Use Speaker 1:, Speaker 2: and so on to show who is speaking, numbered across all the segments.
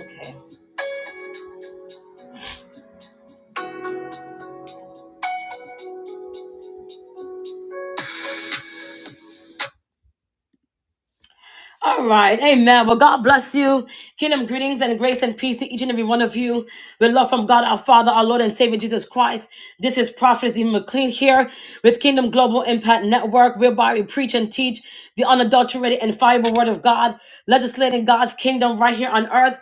Speaker 1: Okay. All right. Amen. Well, God bless you. Kingdom greetings and grace and peace to each and every one of you. With love from God, our Father, our Lord and Savior Jesus Christ. This is Prophet Stephen McLean here with Kingdom Global Impact Network, whereby we preach and teach the unadulterated and fiber word of God, legislating God's kingdom right here on earth.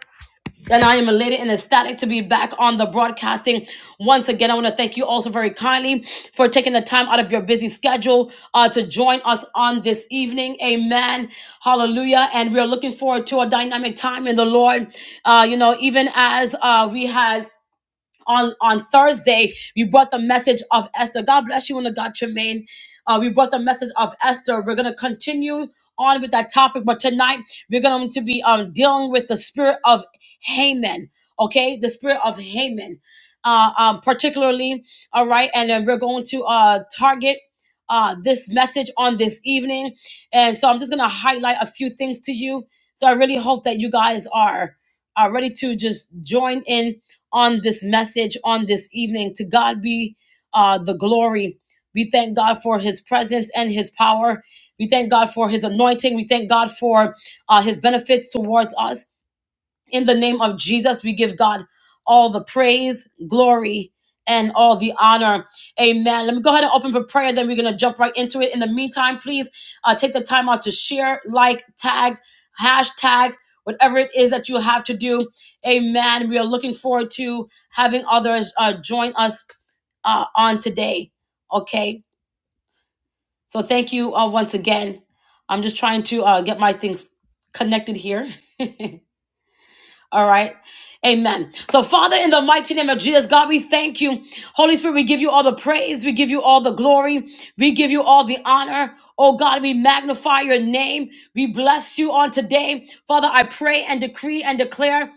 Speaker 1: And I am elated and ecstatic to be back on the broadcasting. Once again, I want to thank you also very kindly for taking the time out of your busy schedule uh, to join us on this evening. Amen. Hallelujah. And we are looking forward to a dynamic time in the Lord. Uh, you know, even as uh, we had on on Thursday, we brought the message of Esther. God bless you, and the God Tremaine. Uh, we brought the message of Esther. We're gonna continue on with that topic, but tonight we're going to be um dealing with the spirit of Haman. Okay, the spirit of Haman, uh, um, particularly. All right, and then we're going to uh target. Uh, this message on this evening. And so I'm just going to highlight a few things to you. So I really hope that you guys are, are ready to just join in on this message on this evening. To God be uh, the glory. We thank God for his presence and his power. We thank God for his anointing. We thank God for uh, his benefits towards us. In the name of Jesus, we give God all the praise, glory, and all the honor. Amen. Let me go ahead and open for prayer, then we're going to jump right into it. In the meantime, please uh, take the time out to share, like, tag, hashtag, whatever it is that you have to do. Amen. We are looking forward to having others uh, join us uh, on today. Okay. So thank you uh, once again. I'm just trying to uh, get my things connected here. All right. Amen. So, Father, in the mighty name of Jesus, God, we thank you. Holy Spirit, we give you all the praise. We give you all the glory. We give you all the honor. Oh, God, we magnify your name. We bless you on today. Father, I pray and decree and declare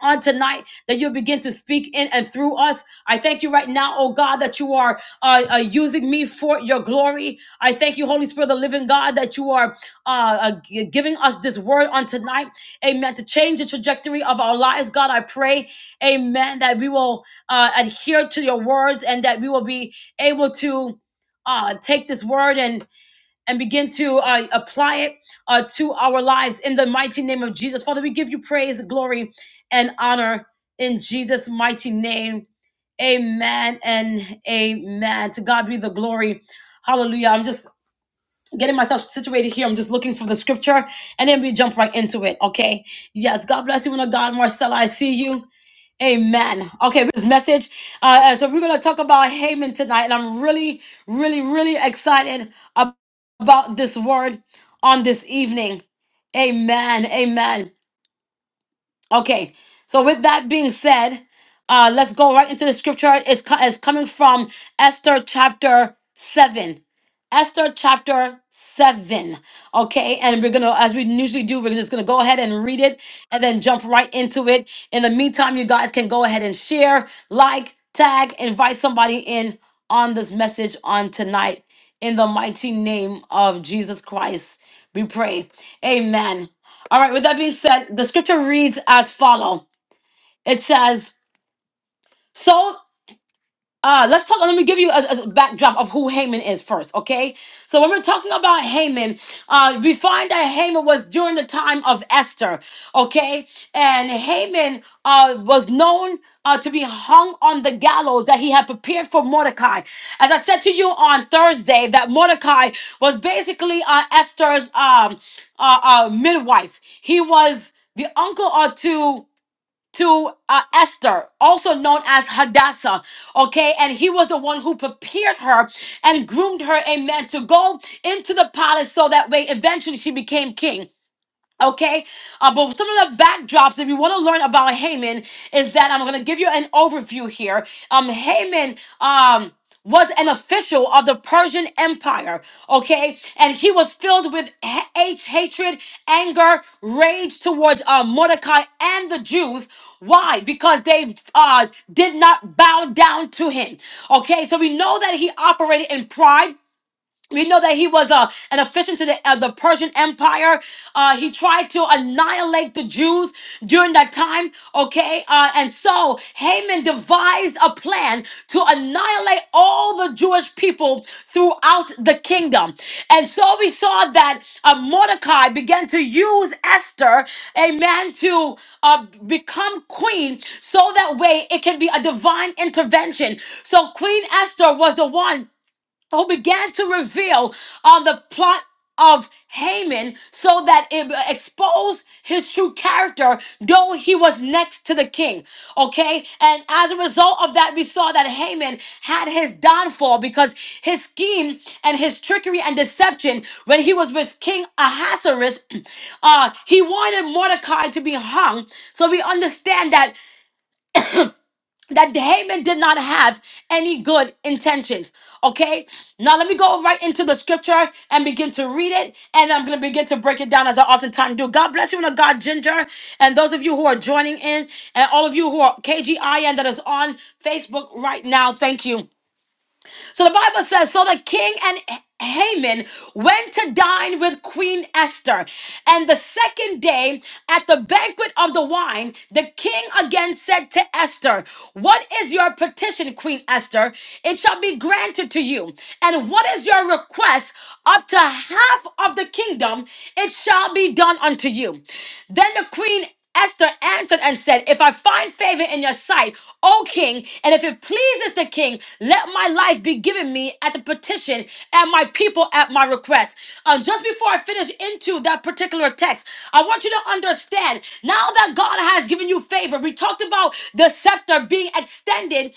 Speaker 1: on tonight that you'll begin to speak in and through us. I thank you right now, oh God, that you are uh, uh, using me for your glory. I thank you, Holy Spirit, of the living God, that you are uh, uh, gi- giving us this word on tonight. Amen. To change the trajectory of our lives, God, I pray, amen, that we will uh, adhere to your words and that we will be able to uh, take this word and and begin to uh, apply it uh, to our lives in the mighty name of Jesus. Father, we give you praise, glory, and honor in Jesus' mighty name. Amen and amen. To God be the glory. Hallelujah. I'm just getting myself situated here. I'm just looking for the scripture and then we jump right into it. Okay. Yes. God bless you, woman of God, Marcella. I see you. Amen. Okay, this message. Uh, uh, so we're going to talk about Haman tonight, and I'm really, really, really excited ab- about this word on this evening. Amen. Amen. Okay. So with that being said, uh, let's go right into the scripture. It's, co- it's coming from Esther chapter seven. Esther chapter 7. Okay, and we're gonna, as we usually do, we're just gonna go ahead and read it and then jump right into it. In the meantime, you guys can go ahead and share, like, tag, invite somebody in on this message on tonight. In the mighty name of Jesus Christ, we pray. Amen. All right, with that being said, the scripture reads as follow. It says, So. Uh, let's talk. Let me give you a, a backdrop of who Haman is first, okay? So when we're talking about Haman, uh, we find that Haman was during the time of Esther, okay? And Haman uh, was known uh, to be hung on the gallows that he had prepared for Mordecai. As I said to you on Thursday, that Mordecai was basically uh, Esther's um, uh, uh, midwife. He was the uncle or two to uh, Esther, also known as Hadassah, okay? And he was the one who prepared her and groomed her, amen, to go into the palace so that way eventually she became king. Okay, uh, but some of the backdrops, if you want to learn about Haman, is that I'm going to give you an overview here. Um, Haman, um, was an official of the Persian Empire, okay? And he was filled with ha- hate, hatred, anger, rage towards uh, Mordecai and the Jews. Why? Because they uh, did not bow down to him, okay? So we know that he operated in pride we know that he was uh, an official to the, uh, the Persian Empire. Uh, he tried to annihilate the Jews during that time, okay? Uh, and so Haman devised a plan to annihilate all the Jewish people throughout the kingdom. And so we saw that uh, Mordecai began to use Esther, amen, to uh, become queen so that way it can be a divine intervention. So Queen Esther was the one who began to reveal on the plot of Haman so that it exposed his true character, though he was next to the king. Okay? And as a result of that, we saw that Haman had his downfall because his scheme and his trickery and deception when he was with King Ahasuerus, uh, he wanted Mordecai to be hung. So we understand that that Haman did not have any good intentions. Okay, now let me go right into the scripture and begin to read it, and I'm gonna begin to break it down as I oftentimes do. God bless you, and God Ginger, and those of you who are joining in, and all of you who are KGIN that is on Facebook right now. Thank you. So the Bible says, so the king and Haman went to dine with Queen Esther. And the second day, at the banquet of the wine, the king again said to Esther, What is your petition, Queen Esther? It shall be granted to you. And what is your request? Up to half of the kingdom, it shall be done unto you. Then the queen Esther answered and said, If I find favor in your sight, O king, and if it pleases the king, let my life be given me at the petition and my people at my request. Um, just before I finish into that particular text, I want you to understand now that God has given you favor, we talked about the scepter being extended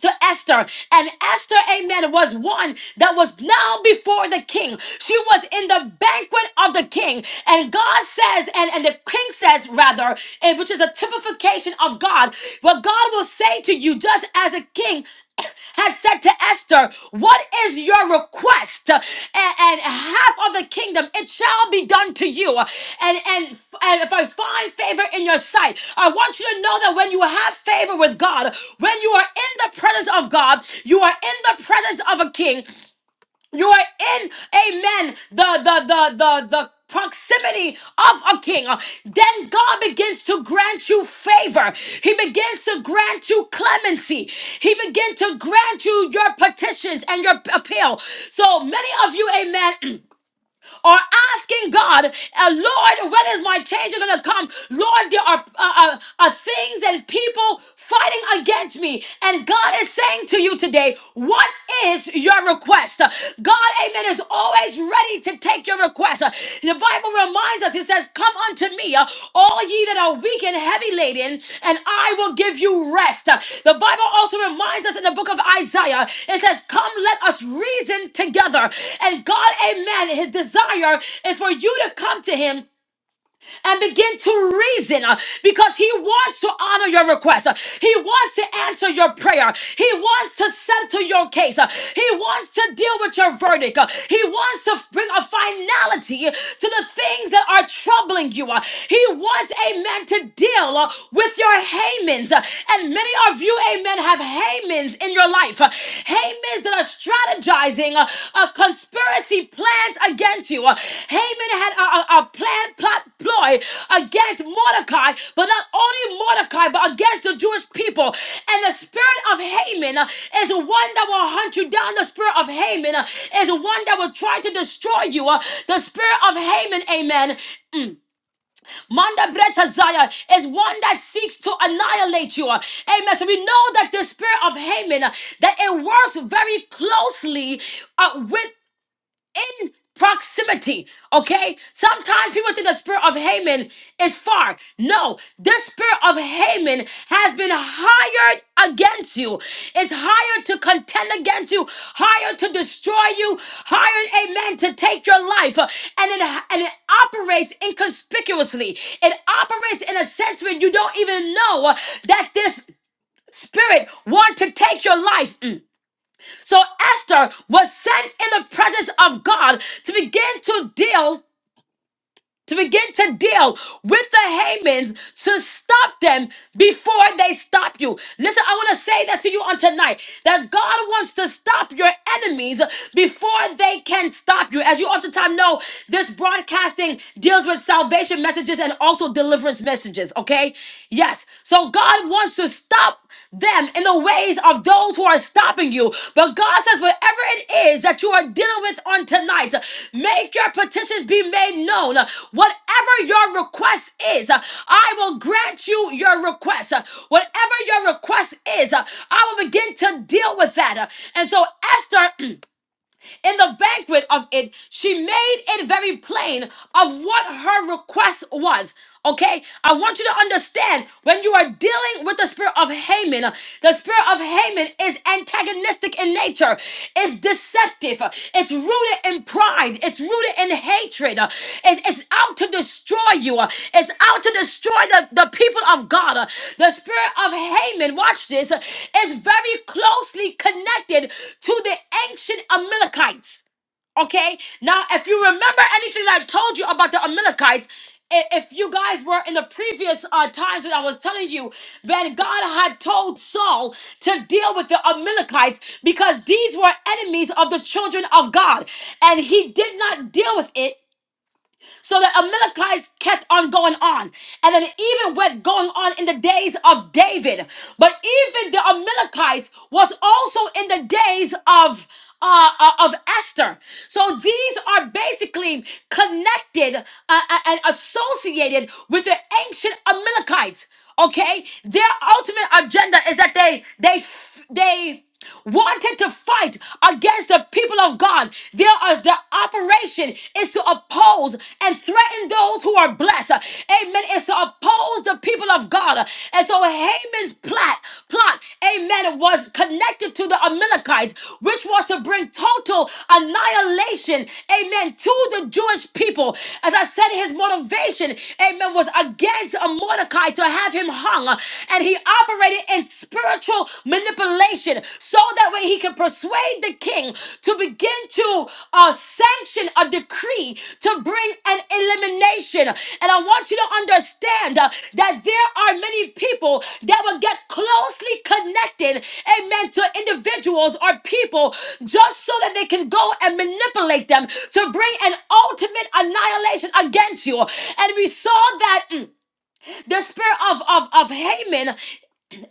Speaker 1: to Esther. And Esther, amen, was one that was now before the king. She was in the banquet of the king. And God says, and, and the king says, rather, and which is a typification of God, what God will say to you, just as a king had said to Esther, What is your request? Uh, And, half of the kingdom, it shall be done to you. Uh, And, and, and if I find favor in your sight, I want you to know that when you have favor with God, when you are in the presence of God, you are in the presence of a king. You are in, amen, the, the, the, the, the proximity of a king. Then God begins to grant you favor. He begins to grant you clemency. He begins to grant you your petitions and your appeal. So many of you, amen. are asking God, uh, Lord, when is my change going to come? Lord, there are uh, uh, uh, things and people fighting against me. And God is saying to you today, what is your request? God, amen, is always ready to take your request. The Bible reminds us, it says, Come unto me, uh, all ye that are weak and heavy laden, and I will give you rest. Uh, The Bible also reminds us in the book of Isaiah, it says, Come, let us reason together. And God, amen, his desire is for you to come to him and begin to reason uh, because He wants to honor your request. Uh, He wants to answer your prayer. He wants to settle your case. Uh, He wants to deal with your verdict. Uh, He wants to bring a finality to the things that are troubling you. Uh, He wants, amen, to deal uh, with your Hamans. Uh, And many of you, amen, have Hamans in your life life. Uh, Hamans that are strategizing uh, uh, conspiracy plans against you. Uh, Haman had a, a, a plan, plot, ploy against Mordecai, but not only Mordecai, but against the Jewish people. And the spirit of Haman uh, is one that will hunt you down. The spirit of Haman uh, is one that will try to destroy you. Uh, The spirit of Haman, amen, Manda Breta Zaya is one that seeks to annihilate you. Amen. So we know that the spirit of Haman, uh, that it works very closely uh, with in proximity. Okay? Sometimes people think the spirit of Haman is far. No, this spirit of Haman has been hired against you. It's hired to contend against you, hired to destroy you, hired, amen, to take your life. Uh, And it ha- and it operates inconspicuously. It operates in a sense where you don't even know uh, that this spirit want to take your life. Mm. So Esther was sent in the presence of God to begin to deal to begin to deal with the Hamans to stop them before they stop you. Listen, I want to say that to you on tonight that God wants to stop your enemies before they can stop you. As you oftentimes know, this broadcasting deals with salvation messages and also deliverance messages, okay? Yes. So God wants to stop them in the ways of those who are stopping you. But God says, whatever it is that you are dealing with on tonight, make your petitions be made known. Whatever your request is, I will grant you your request. Whatever your request is, I will begin to deal with that. And so, Esther. In the banquet of it, she made it very plain of what her request was. Okay, I want you to understand when you are dealing with the spirit of Haman, the spirit of Haman is antagonistic in nature, it's deceptive, it's rooted in pride. It's rooted in hatred. Uh, it- it's out to destroy you. Uh, It's out to destroy the, the people of God. Uh, The spirit of Haman, watch this, uh, is very closely connected to the ancient Amalekites. Okay. Now, if you remember anything that I told you about the Amalekites, i- if you guys were in the previous uh, times when I was telling you that God had told Saul to deal with the Amalekites because these were enemies of the children of God, and he did not deal with it so the Amalekites kept on going on. And then it even went going on in the days of David. But even the Amalekites was also in the days of uh, uh, of Esther. So these are basically connected uh, uh, and associated with the ancient Amalekites. Okay, their ultimate agenda is that they they f- they wanted to fight against the people of God. Their uh, the operation is to oppose and threaten those who are blessed. Amen. Is to oppose the people of God. And so Haman's plot plot, amen, was connected to the Amalekites, which was to bring total annihilation, amen, to the Jewish people. As I said, his motivation, amen, was against a Mordecai to have him hung, and he operated in spiritual manipulation so that way he could persuade the king to begin to uh, sanction a decree to bring an elimination. And I want you to understand uh, that there are many people that will get closely connected, amen, to individuals or people just so that they can go and manipulate them to bring an ultimate annihilation against you. And we saw that. mm, the spirit of, of, of Haman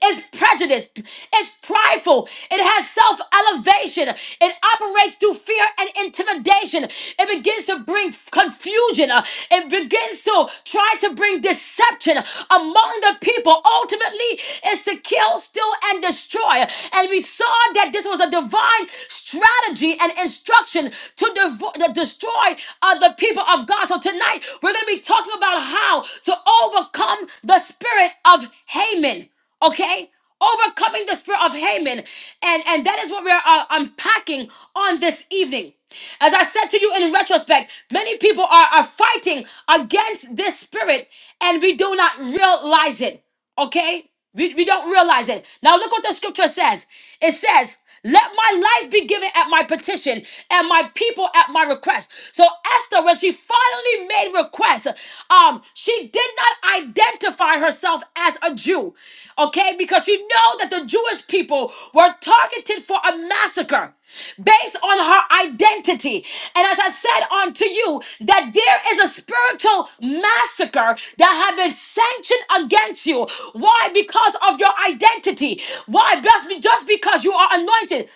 Speaker 1: it's prejudiced. It's prideful. It has self elevation. It operates through fear and intimidation. It begins to bring f- confusion. Uh, It begins to try to bring deception among the people. Ultimately, it's to kill, steal, and destroy. And we saw that this was a divine strategy and instruction to, devo- to destroy uh, the people of God. So tonight, we're going to be talking about how to overcome the spirit of Haman okay overcoming the spirit of haman and and that is what we are uh, unpacking on this evening as i said to you in retrospect many people are, are fighting against this spirit and we do not realize it okay we, we don't realize it now look what the scripture says it says let my life be given at my petition and my people at my request so esther when she finally silently made requests. Um, she did not identify herself as a Jew, okay, because she know that the Jewish people were targeted for a massacre based on her identity. And as I said unto you, that there is a spiritual massacre that have been sanctioned against you. Why? Because of your identity. Why? Just be- just because you are anointed.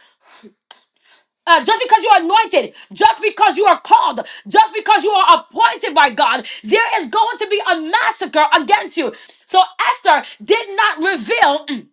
Speaker 1: Uh, just because you are anointed, just because you are called, just because you are appointed by God, there is going to be a massacre against you. So Esther did not reveal mm,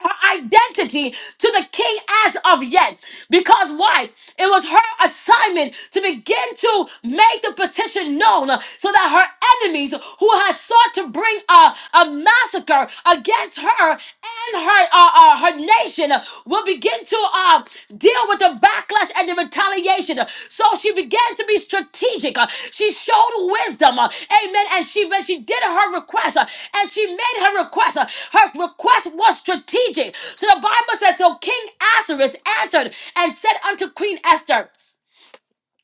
Speaker 1: her identity to the king as of yet. Because why? It was her assignment to begin to make the petition known uh, so that her enemies who had sought to bring a, a massacre against her and her, uh, uh, her nation uh, will begin to uh, uh, deal with the backlash and the retaliation. So she began to be strategic. Uh, She showed wisdom. uh, Amen. And she when she did her request uh, and she made her request. uh, Her request was strategic. So the Bible says, so King Ahasuerus answered and said unto Queen Esther.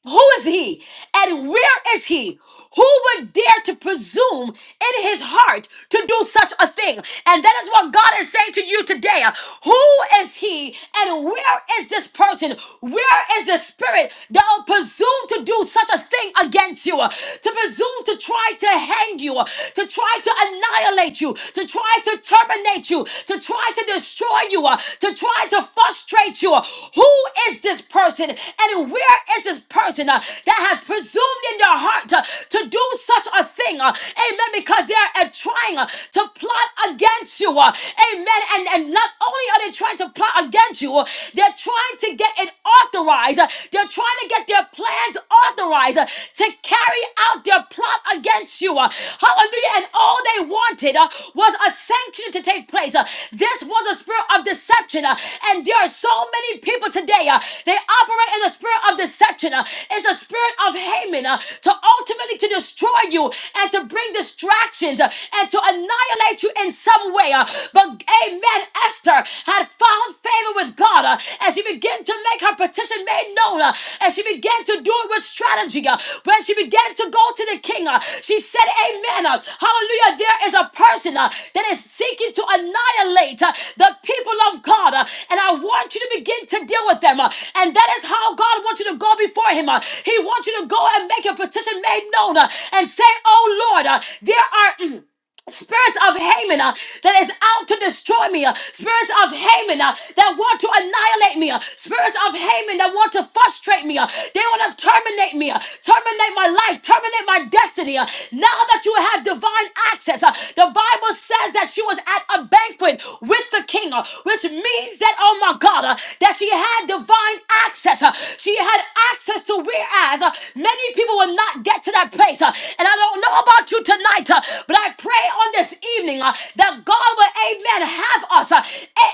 Speaker 1: Who is he? And where is he? Who would dare to presume in his heart to do such a thing? And that is what God is saying to you today. Who is he? And where is this person? Where is the spirit that will presume to do such a thing against you? To presume to try to hang you, to try to annihilate you, to try to terminate you, to try to to destroy you, uh, to try to frustrate you. Who is this person and where is this person uh, that has presumed in their heart uh, to do such a thing? uh, Amen. Because they're uh, trying uh, to plot against you. uh, Amen. And, and not only are they trying to plot against you, uh, they're trying to get it authorized. uh, They're trying to get their plans authorized uh, to carry out their plot against you. uh, Hallelujah. And all they wanted uh, was a sanction to take place. uh, This was a spirit of deception. uh, And there are so many people today, uh, they operate in the spirit of deception. uh, It's a spirit of Haman uh, to ultimately to destroy you and to bring distractions uh, and to annihilate you in some way. uh, But amen, Esther had found favor with God uh, as she began to make her petition made known, uh, as she began to do it with strategy, uh, when she began to go to the king, uh, she said, Amen. uh, hallelujah. There is a person uh, that is seeking to annihilate uh, the people of God, uh, and I want you to begin to deal with them. uh, and that is how God wants you to go before Him. uh, he wants you to go and make your petition made known uh, and say, Oh Lord, uh, there are. Mm, Spirits of Haman uh, that is out to destroy me. uh, spirits of Haman uh, that want to annihilate me. uh, spirits of Haman that want to frustrate me. uh, they want to terminate me, uh, terminate my life, terminate my destiny. uh. now that you have divine access, uh, the Bible says that she was at a banquet with the king, uh, which means that, oh my God, uh, that she had divine access. uh. she had access to whereas uh, many people were people will not get to that place. uh, And I don't know about you tonight, uh, but I pray on this evening uh, that God will, amen, have us uh,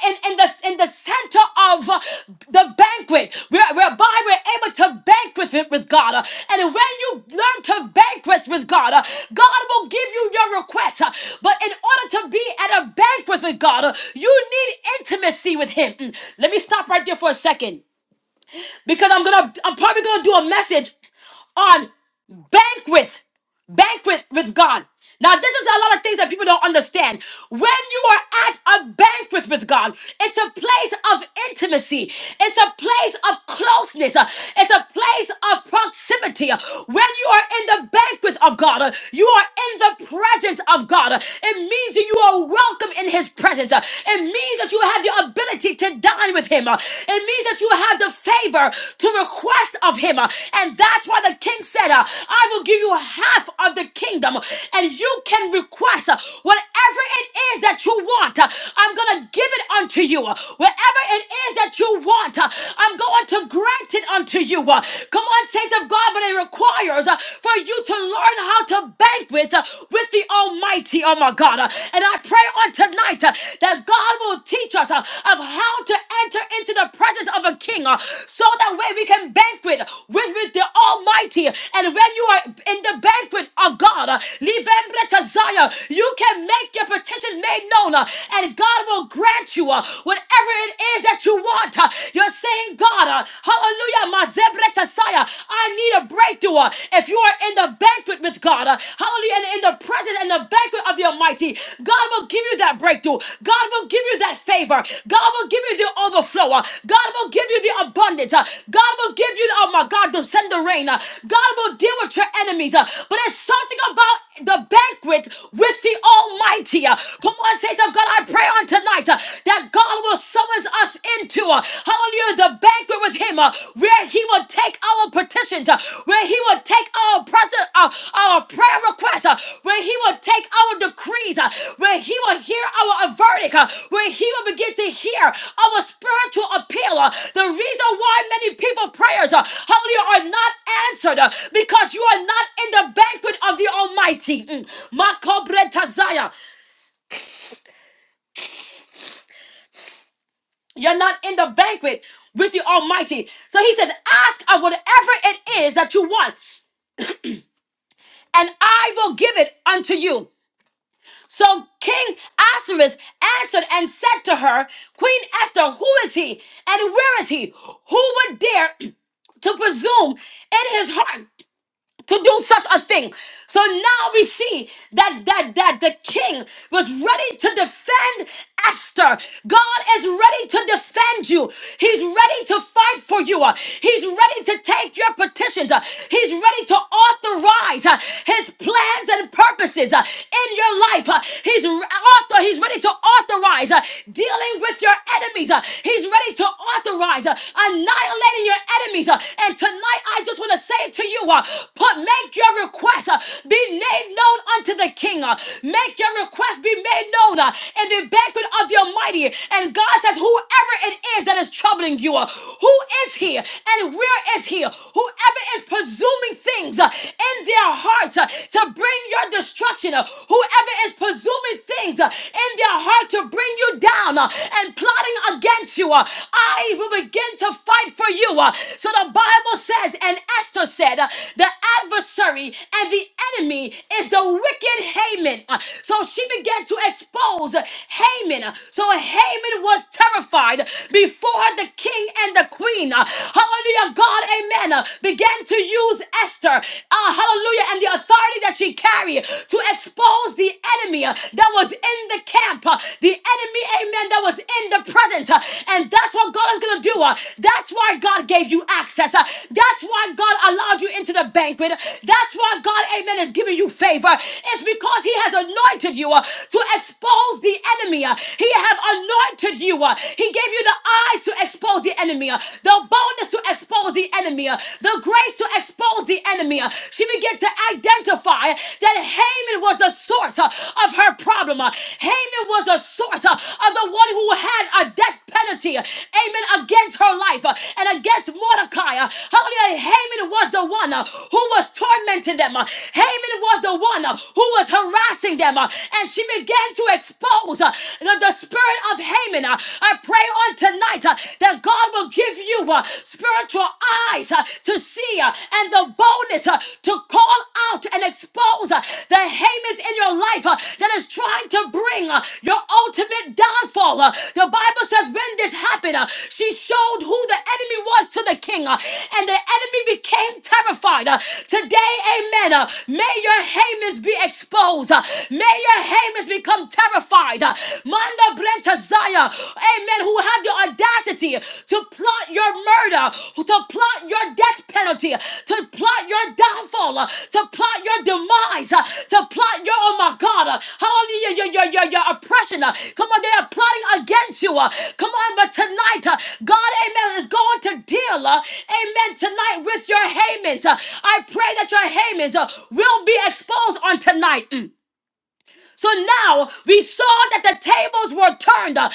Speaker 1: in, in, the, in the center of uh, the banquet, where, whereby we're able to banquet it with God. uh, And when you learn to banquet with God, uh, God will give you your request. uh, But in order to be at a banquet with God, uh, you need intimacy with Him. Mm, Let me stop right there for a second because I'm gonna I'm probably gonna do a message on banquet, banquet with God. Now, this is a lot of things that people don't understand. When you are at a banquet with God, it's a place of intimacy. It's a place of closeness. Uh, It's a place of proximity. Uh, When you are in the banquet of God, uh, you are in the presence of God. Uh, It means you are welcome in His presence. Uh, It means means that you have your ability to dine with him. Uh, It means that you have the favor to request of him. Uh, And that's why the king said, uh, I will give you half of the kingdom and you can request uh, whatever it is that you want. Uh, I'm going to give it unto you. Uh, Whatever it is that you want, uh, I'm going to grant it unto you. Uh, Come on, saints of God, but it requires uh, for you to learn how to banquet with the Almighty, oh my God. Uh, And I pray on tonight uh, that God will teach us uh, of how to enter into the presence of a king uh, so that way we can banquet with, with the Almighty. And when you are in the banquet of God, uh, Livembre Tazaya, you can make your petitions made known uh, and God will grant you uh, whatever it is that you want. uh, You're saying, God, uh, hallelujah, my Zebre Tazaya, I need a breakthrough. Uh, If you are in the banquet with God, uh, hallelujah, and in the presence and the banquet of the Almighty, God will give you that breakthrough. God will give you that favor. God will give you the overflow. Uh, God will give you the abundance. Uh, God will give you, the, oh my God, to send the rain. Uh, God will deal with your enemies. Uh, But it's something about the banquet with the Almighty. Uh, Come on, saints of God, I pray on tonight uh, that God will summons us into, uh, hallelujah, the banquet with Him, uh, where He will take our petitions, uh, where He will take our, present, uh, our prayer requests, uh, where He will take take our decrees, uh, where He will hear our uh, verdict, uh, where He will begin to hear our spiritual appeal. uh, The reason why many people prayers, uh, hallelujah, are not answered uh, because you are not in the banquet of the Almighty. Mm. Makobretazaya. You're not in the banquet with the Almighty. So He said, "Ask of whatever it is that you want." And I will give it unto you. So King Ahasuerus answered and said to her, Queen Esther, who is he and where is he? Who would dare to presume in his heart to do such a thing. So now we see that that that the king was ready to defend Esther. God is ready to defend you. He's ready to fight for you. Uh, He's ready to take your petitions. Uh, He's ready to authorize uh, his plans and purposes uh, in your life. Uh, He's re- author he's ready to authorize uh, dealing with your enemies. Uh, He's ready to authorize uh, annihilating annihilating your enemies. Uh, And tonight, I just want to say to you, uh, put make your request uh, be made known unto the King. uh, Make your request be made known uh, in the banquet of the Almighty. And God says, whoever it is that is troubling you, uh, who is here and where is he? Whoever is presuming things uh, in their hearts uh, to bring your destruction, uh, whoever is presuming things uh, in their heart to bring you down, uh, uh, and plotting against you. uh, I will begin to fight for you. uh. So the Bible says, and Esther said, uh, the adversary and the enemy is the wicked Haman. Uh, So she began to expose uh, Haman. Uh, So Haman was terrified before the king and the queen. Uh, Hallelujah. God, amen. uh, Began to use Esther, uh, hallelujah, and the authority that she carried to expose was the enemy uh, that was in the camp, uh, the enemy, amen, that was in the presence. uh, And that's what God is going to do. uh, That's why God gave you access. uh, That's why God allowed you into the banquet. That's why God, amen, is giving you favor. It's because He has anointed you uh, to expose the enemy. uh, He have anointed you. uh, He gave you the eyes to expose the enemy, uh, the boldness to expose the enemy, uh, the grace to expose the enemy enemy. Uh, She began to identify that Haman was the source uh, of her problem. Uh, Haman was the source uh, of the one who had a death penalty, uh, amen, against her life uh, and against Mordecai. Uh, Hallelujah. Haman was the one uh, who was tormenting them. Uh, Haman was the one uh, who was harassing them. uh, And she began to expose uh, the, the spirit of Haman. Uh, I pray on tonight uh, that God will give you you uh, spiritual eyes uh, to see uh, and the boldness uh, to call out and expose uh, the Hamans in your life uh, that is trying to bring uh, your ultimate downfall. uh. the Bible says when this happened, uh, she showed who the enemy was to the king, uh, and the enemy became terrified. uh. today, amen. uh, may your Hamans be exposed. uh. may your Hamans become terrified. Uh, Manda to Zion, amen, who had the audacity to plot your murder, to plot your death penalty, to plot your downfall, uh, to plot your demise, uh, to plot your, oh my God, uh, hallelujah, your, your, your, your oppression. uh, Come on, they are plotting against you. uh, Come on, but tonight, uh, God, amen, is going to deal, uh, amen, tonight with your Hamans. uh, I pray that your Hamans uh, will be exposed on tonight. Mm. So now we saw that the tables were turned. Uh, uh,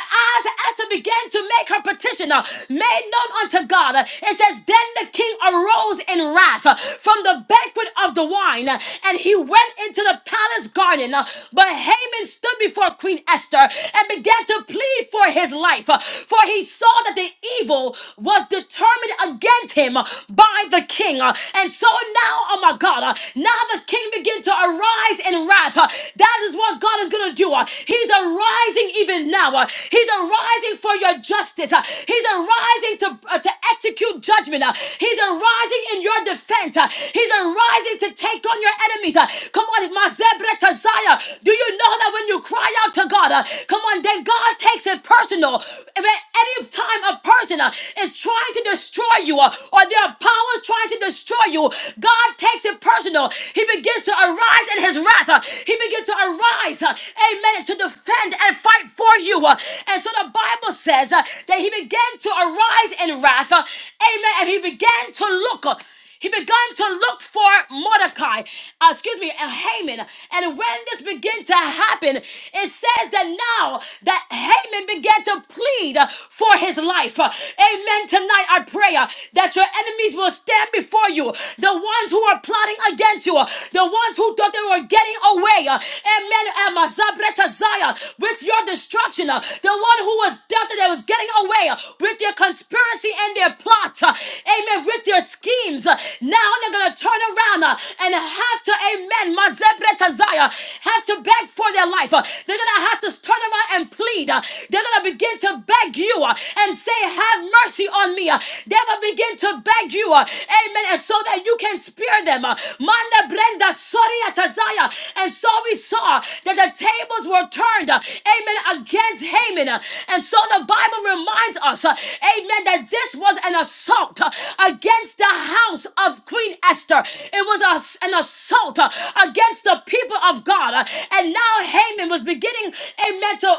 Speaker 1: as Esther began to make her petition uh, made known unto God, uh, it says, Then the king arose in wrath uh, from the banquet of the wine, uh, and he went into the palace garden. uh, But Haman stood before Queen Esther and began to plead for his life, uh, for he saw that the evil was determined against him uh, by the king. Uh, And so now, oh my God, uh, now now The king begin to arise in wrath. Uh, That is what God is going to do. Uh, He's arising even now. Uh, He's arising for your justice. Uh, He's arising to, uh, to execute judgment. Uh, He's arising in your defense. Uh, He's arising to take on your enemies. Uh, Come on, my zebra Mazebretazaya. Do you know? know that when you cry out to God, uh, come on, then God takes it personal. If at any time a person uh, is trying to destroy you uh, or their powers trying to destroy you, God takes it personal. He begins to arise in his wrath. uh, he begins to arise, uh, amen, to defend and fight for you. uh, and so the Bible says uh, that he began to arise in wrath, uh, amen, and he began to look. uh, he began to look for Mordecai, uh, excuse me, uh, Haman. And when this began to happen, it says that now that Haman began to plead uh, for his life. Uh, Amen. Tonight, I pray uh, that your enemies will stand before you. The ones who are plotting against you, uh, the ones who thought they were getting away. uh, Amen. Amazabreta Zaya, With your your destruction, uh, the one who was death that was getting away uh, with their conspiracy and their plot, uh, amen, with their schemes. uh, Now they're going to turn around uh, and have to, amen, mazebretazaya, have to beg for their life. uh, They're going to have to turn around and plead. uh, They're going to begin to beg you uh, and say, have mercy on me. uh, They will begin to beg you, uh, amen, and so so that you can spare them. Uh, Manda Brenda Soria Tazaya. And so we saw that the tables were turned, uh, amen, against Haman. Uh, And so the Bible reminds us, uh, amen, that this was an assault uh, against the house of Queen Esther. It was an assault uh, against the people of God. Uh, And now Haman was beginning, amen, to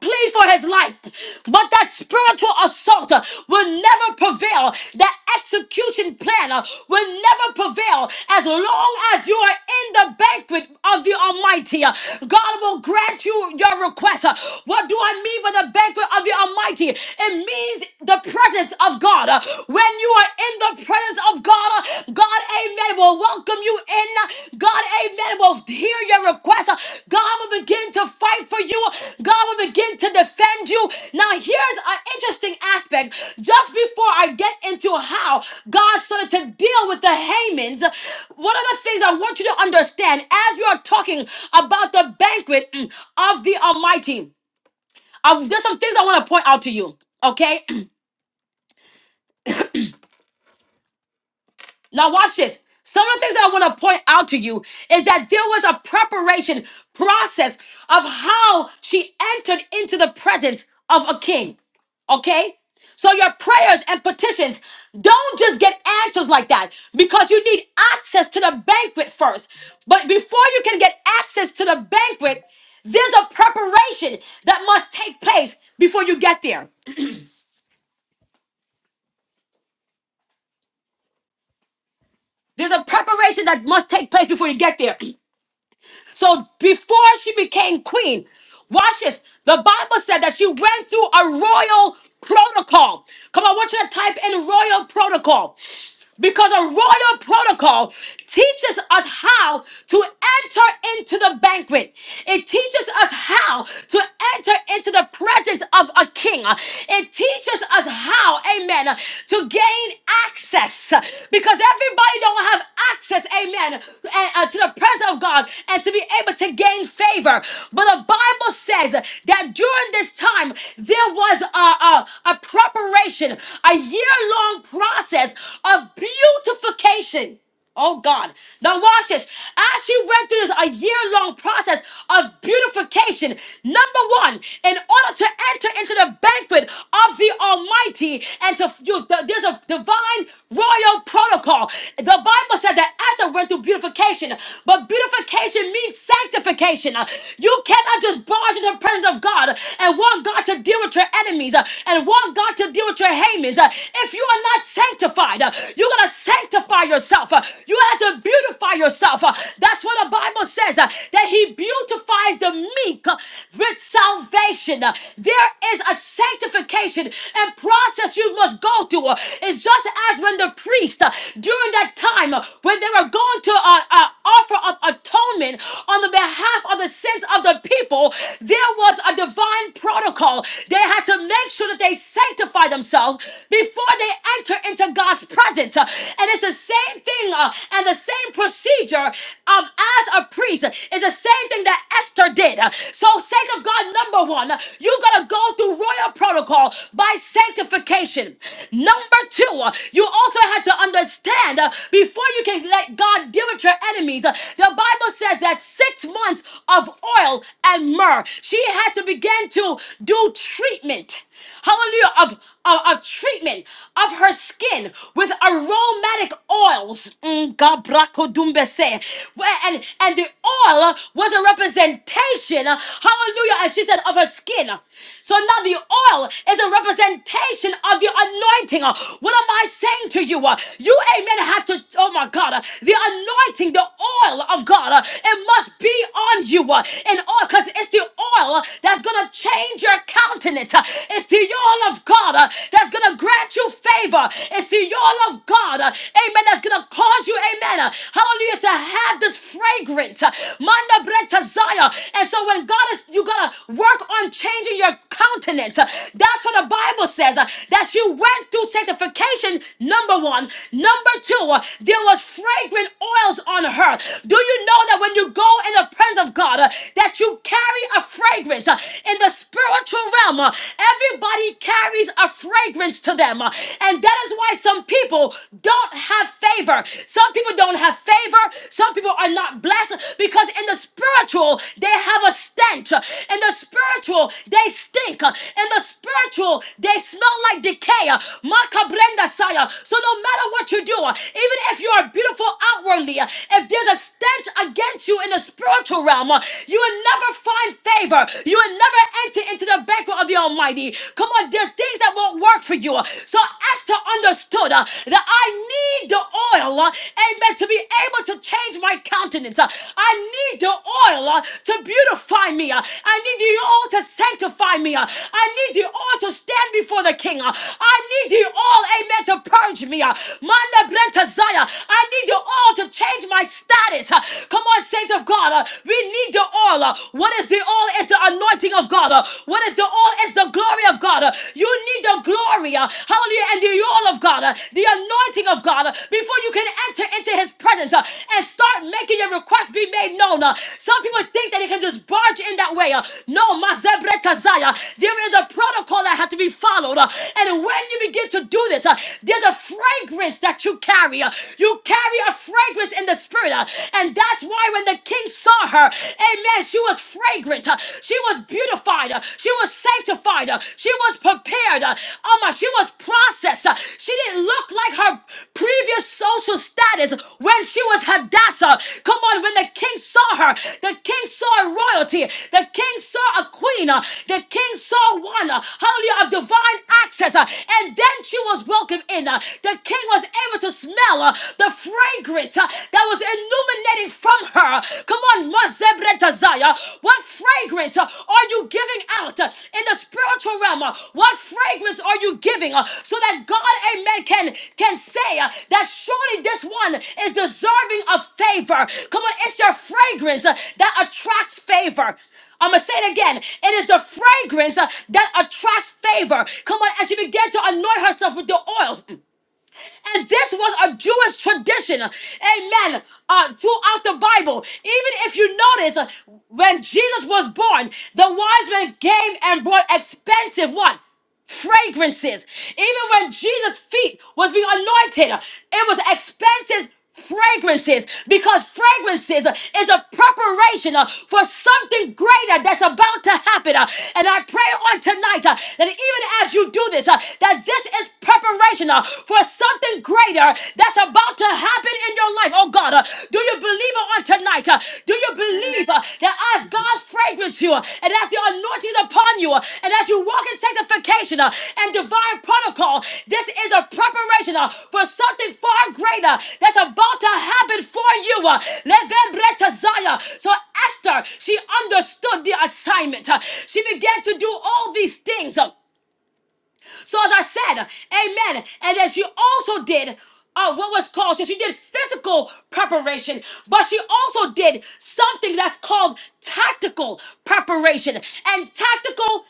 Speaker 1: plead for his life. But that spiritual assault uh, will never prevail. That execution plan uh, will never prevail as long as you are in the banquet of the Almighty. uh, God will grant you your request. Uh, What do I mean by the banquet of the Almighty? It means the presence of God. Uh, When you are in the presence of God, uh, God, amen, will welcome you in. God, amen, will hear your request. God will begin to fight for you. God will begin to defend you. Now, here's an interesting aspect. Just before I get into how God started to deal with the Hamans, one of the things I want you to understand as we are talking about the banquet mm, of the Almighty, uh, there's some things I want to point out to you, okay? Now, watch this. Some of the things that I want to point out to you is that there was a preparation process of how she entered into the presence of a king. Okay? So, your prayers and petitions don't just get answers like that because you need access to the banquet first. But before you can get access to the banquet, there's a preparation that must take place before you get there. There's a preparation that must take place before you get there. So before she became queen, watch this. The Bible said that she went through a royal protocol. Come on, I want you to type in royal protocol. Because a royal protocol teaches us how to enter into the banquet. It teaches us how to enter into the presence of a king. It teaches us how, amen, to gain access. Because everybody don't have access, amen, eh, uh, to the presence of God and to be able to gain favor. But the Bible says that during this time, there was a, a, a preparation, a year long process of beautification. Oh God. Now watch this. As she went through this a year-long process of beautification, number one, in order to enter into the banquet of the Almighty and to you, th- there's a divine royal protocol. The Bible said that Esther went through beautification, but but beautification means sanctification. Uh, You cannot just barge into the presence of God and want God to deal with your enemies uh, and want God to deal with your Hamans. Uh, If you are not sanctified, uh, you gotta sanctify yourself. Uh, You have to beautify yourself. Uh, That's what the Bible says uh, that He beautifies the meek uh, with salvation. Uh, There is a sanctification and process you must go through. Uh, It's just as when the priest uh, during that time uh, when they were going to uh, uh, offer up atonement on the behalf of the sins of the people, there was a divine protocol. They had to make sure that they sanctify themselves before they enter into God's presence. Uh, And it's the same thing uh, and the same procedure um, as a priest. It's the same thing that Esther did. Uh, So, saints of God, number one, uh, you got to go through royal protocol by sanctification. Number two, uh, you also had to understand uh, before you can let God deal with destroyed her enemies. Uh, The Bible says that six months of oil and myrrh, she had to begin to do treatment. Hallelujah, of, of, of treatment of her skin with aromatic oils. Mm, gabrakodumbese. Where- And, and the oil was a representation, hallelujah, as she said, of her skin. So now the oil is a representation of your anointing. What am I saying to you? You, amen, have to, oh my God, the anointing, the oil of God, uh, it must be on you. uh, And all because it's the oil that's gonna change your countenance. uh, It's the oil of God uh, that's gonna grant you favor. It's the oil of God, uh, amen, that's gonna cause you, amen, uh, hallelujah, to have this fragrant uh, manda breta zaya. And so when God is, you're gonna work on changing your countenance. uh, That's what the Bible says uh, that she went through sanctification, number one. Number two, uh, there was fragrant oils on her. Do you know that when you go in the presence of God, uh, that you carry a fragrance uh, in the spiritual realm? uh, everybody carries a fragrance to them. uh, and that is why some people don't have favor. Some people don't have favor. Some people are not blessed because in the spiritual, they have a stench. uh, In the spiritual, they stink. uh, In the spiritual, they smell like decay. uh, Makabrenda saya. So no matter what you do, uh, even if you are beautiful outwardly, uh, if there's a stench against you in the spiritual realm, uh, you will never find favor. You will never enter into the banquet of the Almighty. Come on, there are things that won't work for you. So Esther understood uh, that I need the oil, uh, amen, to be able to change my countenance. Uh, I need the oil uh, to beautify me. Uh, I need the oil to sanctify me. Uh, I need the oil to stand before the king. Uh, I need the oil, amen, to purge me. Uh, Manda Mount Zion. I need the oil to change my status. Uh, Come on, saints of God. Uh, We need the oil. Uh, What is the oil? It's the anointing of God. Uh, What is the oil? It's the glory of God. Uh, You need the glory. uh, Hallelujah. And the oil of God. uh, The anointing of God. uh, Before you can enter into his presence uh, and start making your request be made known. uh, Some people think that they can just barge in that way. uh, No, Mazebret Kazaya. There is a protocol that has to be followed. uh, And when you begin to do this, uh, there's a fragrance fragrance that you carry. uh, You carry a fragrance in the spirit. uh, And that's why when the king saw her, amen, she was fragrant. uh, She was beautified. uh, She was sanctified. uh, She was prepared. uh, Oh my, she was processed. uh, She didn't look like her previous social status when she was Hadassah. Come on, when the king saw her, the king saw a royalty. The king saw a queen. uh, The king saw one. uh, Hallelujah of divine access. uh, And then she was welcomed in. uh, The the king was able to smell uh, the fragrance uh, that was illuminating from her. Come on, Mazebretazaya. What fragrance uh, are you giving out uh, in the spiritual realm? uh? What fragrance are you giving uh, so that God, amen, can, can say uh, that surely this one is deserving of favor? Come on, it's your fragrance uh, that attracts favor. I'm gonna say it again. It is the fragrance uh, that attracts favor. Come on, as she began to anoint herself with the oils. And this was a Jewish tradition, amen, uh, throughout the Bible. Even if you notice, uh, when Jesus was born, the wise men came and brought expensive what? fragrances. Even when Jesus' feet was being anointed, it was expensive fragrances because fragrances uh, is a preparation uh, for something greater that's about to happen uh, and i pray on tonight uh, that even as you do this uh, that this is preparation uh, for something greater that's about to happen in your life oh god uh, do you believe it on tonight uh, do you believe uh, that us God's fragrance here, and as the anointing is upon you, and as you walk in sanctification uh, and divine protocol, this is a preparation uh, for something far greater that's about to happen for you. uh, Levenbretazaya. So Esther, she understood the assignment. uh, She began to do all these things. uh, so as I said, amen. And as she also did uh, what was called, so she did physical preparation, but she also did something that's called tactical preparation. And tactical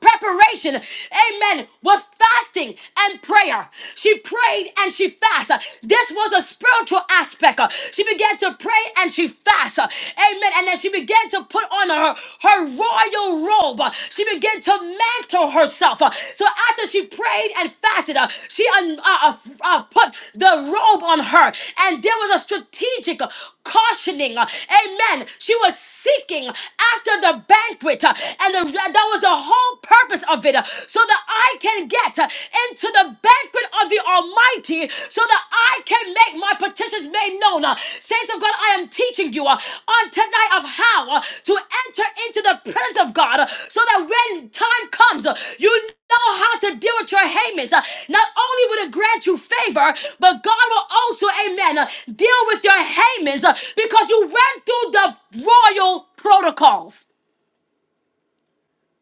Speaker 1: preparation, amen, was fasting and prayer. She prayed and she fasted. This was a spiritual aspect. Uh, She began to pray and she fasted. Amen. And then she began to put on her, her royal robe. Uh, She began to mantle herself. Uh, So after she prayed and fasted, uh, she un- uh, uh, f- uh, put the robe on her. And there was a strategic uh, cautioning. uh, Amen. She was seeking after the banquet. uh, And the the- that was the whole purpose of it uh, so that I can get uh, into the banquet of the Almighty so that I can make my petitions made known. Uh, Saints of God, I am teaching you uh, on tonight of how uh, to enter into the presence of God uh, so that when time comes, uh, you know how to deal with your Hamans. Uh, Not only will it grant you favor, but God will also, amen, uh, deal with your Hamans uh, because you went through the royal protocols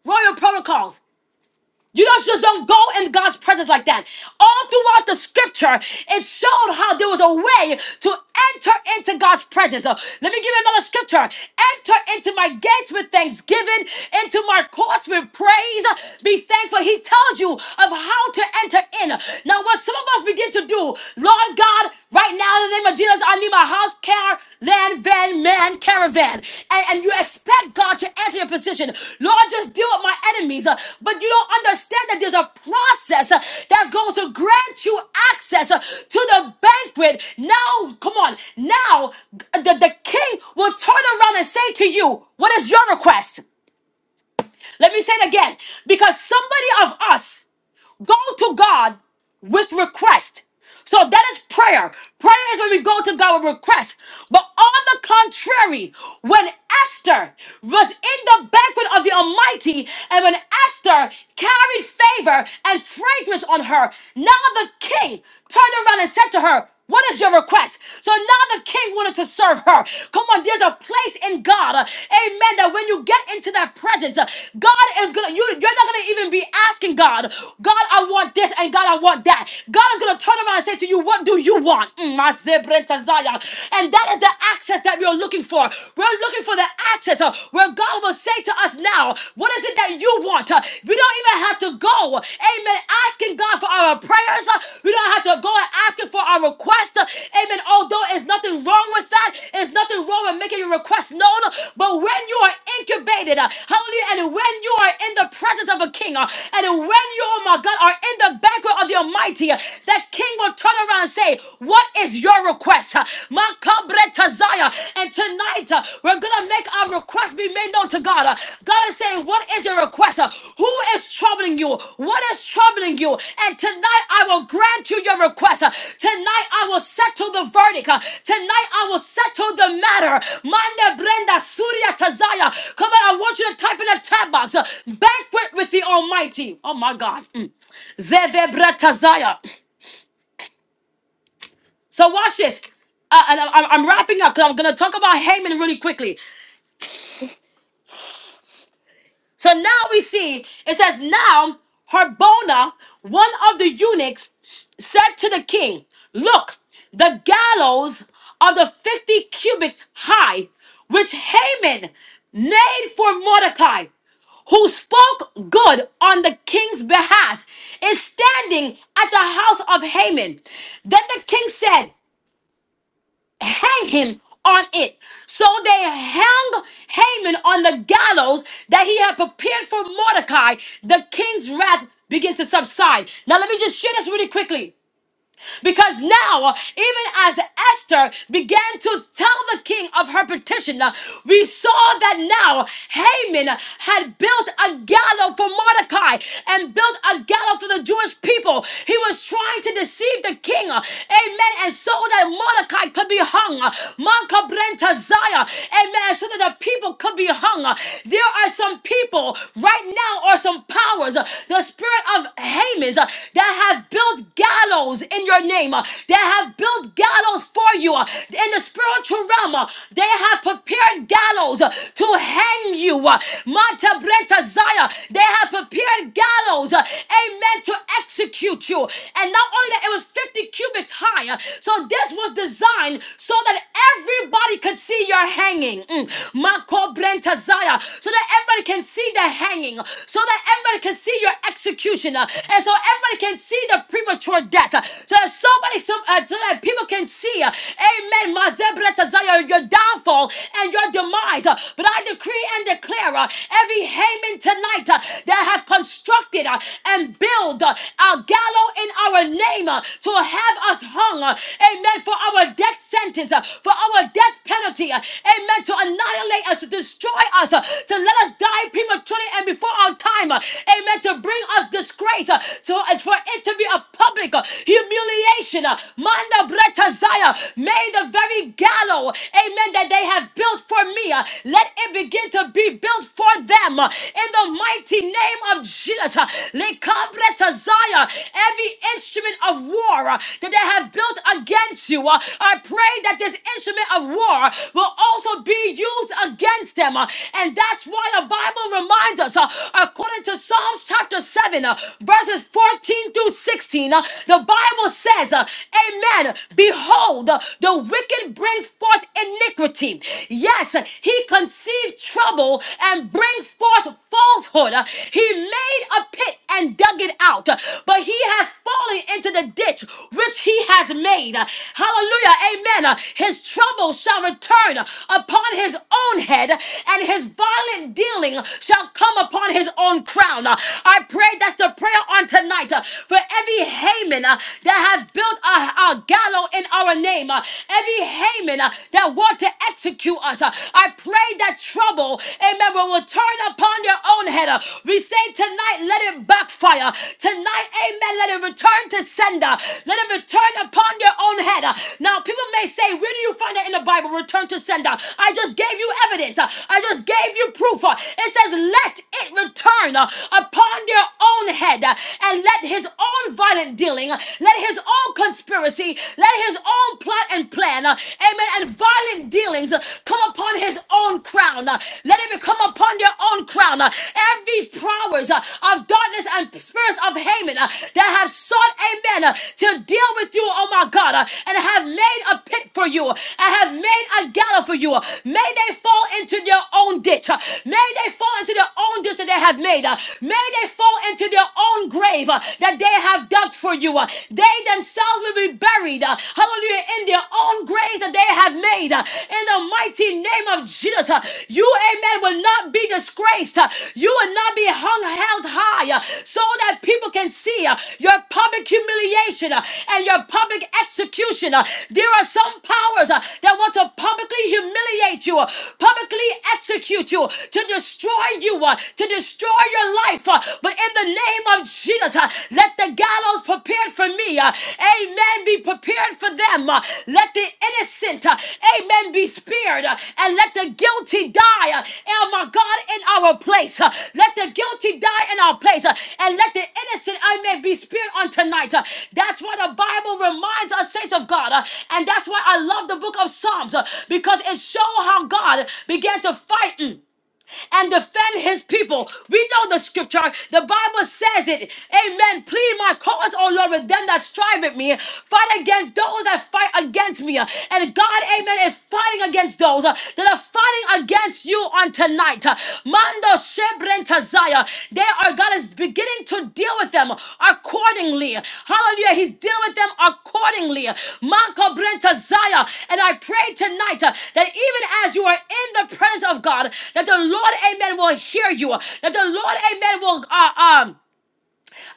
Speaker 1: royal protocols. You don't just don't go in God's presence like that. All throughout the scripture, it showed how there was a way to enter into God's presence. Uh, let me give you another scripture. Enter into my gates with thanksgiving, into my courts with praise. Uh, Be thankful. He tells you of how to enter in. Now, what some of us begin to do, Lord God, right now, in the name of Jesus, I need my house, car, land, van, man, caravan. And, and you expect God to answer your position. Lord, just deal with my enemies. Uh, But you don't understand that there's a process uh, that's going to grant you access uh, to the banquet. Now, come on. Now, the, the king will turn around and say to you, What is your request? Let me say it again because somebody of us go to God with request. So that is prayer. Prayer is when we go to God with request. But on the contrary, when Esther was in the banquet of the Almighty, and when Esther carried favor and fragrance on her, now the king turned around and said to her, what is your request? So now the king wanted to serve her. Come on, there's a place in God, uh, amen, that when you get into that presence, uh, God is gonna, you, you're not gonna even be asking God, God, I want this and God, I want that. God is gonna turn around and say to you, What do you want? Mm, my zebrenta zaya. And that is the access that we're looking for. We're looking for the access uh, where God will say to us now, What is it that you want? Uh, we don't even have to go, amen, asking God for our for our prayers. Uh, We don't have to go and ask him for our request. Amen. Although there's nothing wrong with that, there's nothing wrong with making your request known. But when you are incubated, uh, hallelujah, and when you are in the presence of a king, uh, and when you, oh my God, are in the banquet of the Almighty, uh, that king will turn around and say, What is your request? Uh, My Kabretazaya. And tonight, uh, we're going to make our requests be made known to God. Uh, God is saying, What is your request? Uh, Who is troubling you? What is troubling you? And tonight I will grant you your request. Uh, Tonight I will settle the verdict. Uh, Tonight I will settle the matter. Manda Brenda Surya Tazaya. Come on, I want you to type in the chat box. uh, Banquet with the Almighty. Oh my God. Mm. Zevebra Tazaya. So watch this. Uh, and I- I'm, I'm wrapping up because I'm going to talk about Haman really quickly. So now we see it says, Now Harbona, one of the eunuchs, said to the king, Look, the gallows are the 50 cubits high, which Haman made for Mordecai, who spoke good on the king's behalf, is standing at the house of Haman. Then the king said, hang him on it. So they hung Haman on the gallows that he had prepared for Mordecai. The king's wrath began to subside. Now, let me just share this really quickly. Because now, even as Esther began to tell the king of her petition, we saw that now Haman had built a gallows for Mordecai and built a gallows for the Jewish people. He was trying to deceive the king, amen, and so that Mordecai could be hung. Mankabrenta Zaya, amen, and so that the people could be hung. There are some people right now, or some powers, the spirit of Haman that have built gallows gallows in your name, uh, that have built gallows for you uh, in the spiritual realm. uh, They have prepared gallows uh, to hang you. uh, Manta Brenta Zaya. They have prepared gallows, uh, amen, to execute you. And not only that, it was 50 cubits high. uh, So this was designed so that everybody could see your hanging. Mm. Mako Brenta Zaya. So that everybody can see the hanging. So that everybody can see your execution. uh, And so everybody can see speak the premature death uh, so that somebody, some, uh, so that people can see, uh, amen, my Zebretazaya, your downfall and your demise. uh, But I decree and declare uh, every Haman tonight uh, that have constructed uh, and built uh, our gallows in our name uh, to have us hung, uh, amen, for our death sentence, uh, for our death penalty, uh, amen, to annihilate us, to destroy us, uh, to let us die prematurely and before our time, uh, amen, to bring us disgrace, uh, to so as for it to be a public uh, humiliation, uh, Manda Bretazaya, may the very gallow, amen, that they have built for me, uh, let it begin to be built for them uh, in the mighty name of Jesus. uh, Lekabretazaya, Every instrument of war uh, that they have built against you, uh, I pray that this instrument of war will also be used against them. uh, And that's why the Bible reminds us, uh, according to Psalms chapter 7, uh, verses 14 through 16, uh, the Bible says, uh, Amen. Behold, uh, the wicked brings forth iniquity. Yes, he conceived trouble and brings forth falsehood. Uh, He made a pit and dug it out, uh, but he has fallen into the ditch which he has made. Uh, Hallelujah. Amen. Uh, His trouble shall return upon his own head, and his violent dealing shall come upon his own crown. Uh, I pray that's the prayer on tonight uh, for every Haman uh, that have built a, a gallows in our name, uh, every Haman uh, that want to execute us. uh, I pray that trouble, amen, will return upon their own head. uh. We say tonight, let it backfire. Tonight, amen, let it return to sender. Let it return upon their own head. uh. Now, people may say, where do you find that in the Bible? Return to sender. I just gave you evidence. uh, I just gave you proof. uh. It says, let it return turn uh, upon their own head uh, and let his own violent dealing, uh, let his own conspiracy, let his own plot and plan, uh, amen, and violent dealings uh, come upon his own crown. uh, Let it become upon their own crown. uh, Every powers uh, of darkness and spirits of Haman uh, that have sought, amen, uh, to deal with you, oh my God, uh, and have made a pit for you, and have made a gallows for you. May they fall into their own ditch. uh, May they fall into their own own decision they have made. Uh, May they fall into their own grave uh, that they have dug for you. Uh, They themselves will be buried, uh, hallelujah, in their own graves that they have made. uh, In the mighty name of Jesus, Uh, you, amen, will not be disgraced. Uh, You will not be hung held high uh, so that people can see uh, your public humiliation uh, and your public execution. uh. There are some powers uh, that want to publicly humiliate you, uh, publicly execute you, to destroy destroy you, uh, to destroy your life. uh, But in the name of Jesus, uh, let the gallows prepared for me, uh, amen, be prepared for them. uh, Let the innocent, uh, amen, be spared, uh, and let the guilty die, uh, oh my God, in our place. uh, Let the guilty die in our place, uh, and let the innocent, amen, be spared on tonight. uh, That's what the Bible reminds us, saints of God, uh, and that's why I love the book of Psalms, uh, because it shows how God began to fight. mm, and defend his people. We know the scripture. The Bible says it. Amen. Plead my cause, O Lord, with them that strive with me. Fight against those that fight against me. And God, amen, is fighting against those uh, that are fighting against you on tonight. Uh, Mando Uzziah. They are, God is beginning to deal with them accordingly. Hallelujah. He's dealing with them accordingly. Manka Brenta Zaya. And I pray tonight uh, that even as you are in the presence of God, that the Lord, amen, will hear you. That the Lord, amen, will, uh, um,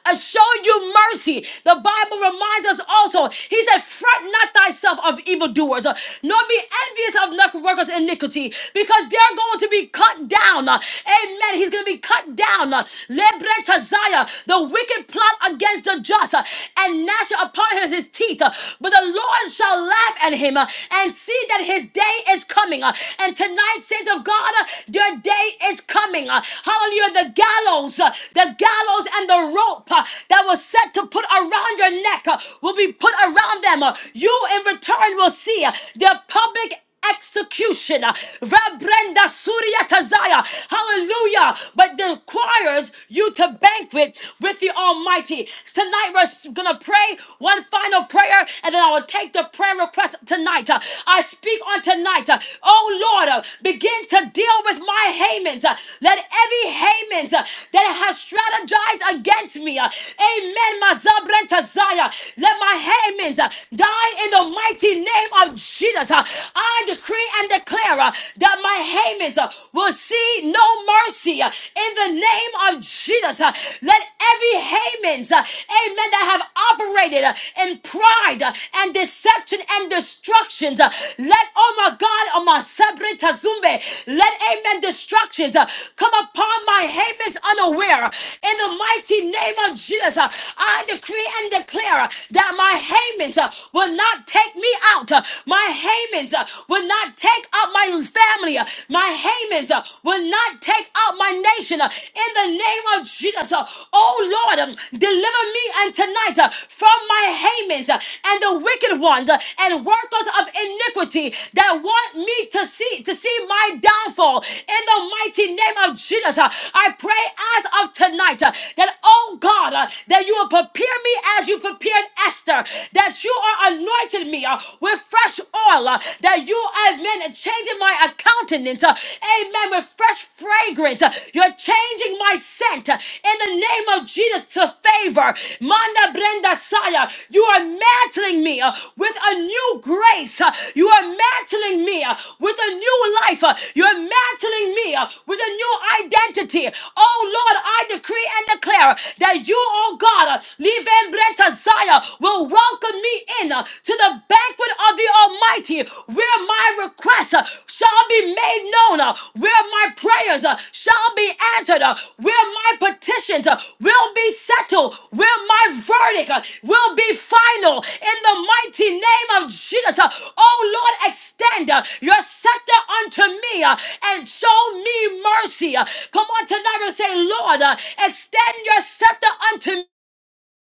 Speaker 1: uh, show you mercy. The Bible reminds us also, he said, Fret not thyself of evildoers, uh, nor be envious of knuckle workers' in iniquity, because they're going to be cut down. uh, Amen. He's going to be cut down. uh, Lebretazaya, The wicked plot against the just, uh, and gnash upon him his teeth. uh, But the Lord shall laugh at him uh, and see that his day is coming. uh, And tonight, saints of God, uh, your day is is coming. Uh, Hallelujah. The gallows, uh, the gallows and the rope uh, that was set to put around your neck uh, will be put around them. Uh, You in return will see uh, their public execution. Rebrenda Surya Tazaya. Hallelujah. But the choirs you to banquet with the Almighty. Tonight we're going to pray one final prayer and then I will take the prayer request tonight. Uh, I speak on tonight. Uh, Oh Lord, uh, begin to deal with my Hamans. Uh, Let every Hamans uh, that has strategized against me, uh, amen, my Zabrenta Zion, let my Hamans uh, die in the mighty name of Jesus. Uh, I decree and declare uh, that my Hamans uh, will see no mercy uh, in the name of Jesus. Uh, Let every Hamans, uh, amen, that have operated frustrated uh, in pride uh, and deception and destructions. uh, Let, oh my God, oh my sabre tazumbe, let amen destructions uh, come upon my Haman's unaware. In the mighty name of Jesus, uh, I decree and declare uh, that my Haman's uh, will not take me out. uh, My Haman's uh, will not take out my family. uh, My Haman's uh, will not take out my nation. uh, In the name name of Jesus. uh, Oh Lord, um, deliver me and tonight uh, from my Hamans uh, and the wicked ones uh, and workers of iniquity that want me to see to see my downfall. In the mighty name of Jesus, uh, I pray as of tonight uh, that oh God, uh, that you will prepare me as you prepared Esther, that you are anointing me uh, with fresh oil, uh, that you have been changing my account countenance. uh, Amen. With fresh fragrance. Uh, You're changing my scent uh, in the name of Jesus to favor. Manda Brenda Saya. You are mantling me uh, with a new grace. uh, You are mantling me uh, with a new life. uh, You're mantling me uh, with a new identity. Oh Lord, I decree and declare that you, oh God, uh, Liven Brenta Zaya, will welcome me in uh, to the the banquet of the Almighty, where my requests uh, shall be made known, uh, where my prayers uh, shall be answered, uh, where my petitions uh, will be settled, where my verdict uh, will be final. In the mighty name of Jesus, uh, oh Lord, extend uh, your scepter unto me uh, and show me mercy. uh. Come on tonight and say, Lord, uh, extend your scepter unto me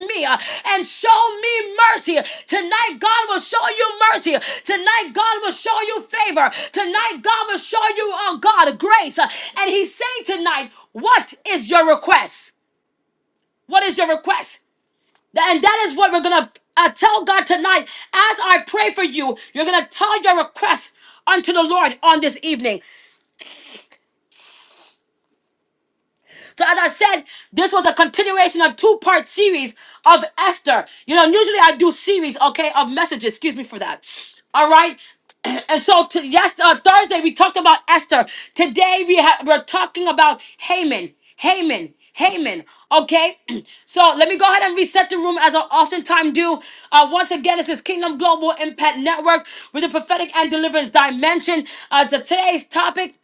Speaker 1: me uh, and show me mercy. Tonight, God will show you mercy. Tonight, God will show you favor. Tonight, God will show you on God grace. Uh, And He's saying tonight, What is your request? What is your request? Th- And that is what we're gonna uh, tell God tonight. As I pray for you, you're gonna tell your request unto the Lord on this evening. So as I said, this was a continuation of two-part series of Esther. You know, usually I do series, okay, of messages. Excuse me for that. All right. And so to, yes, uh, Thursday we talked about Esther. Today we ha- we're talking about Haman. Haman. Haman. Okay. so let me go ahead and reset the room as I oftentimes do. Uh, once again, this is Kingdom Global Impact Network with the prophetic and deliverance dimension. Uh, to today's topic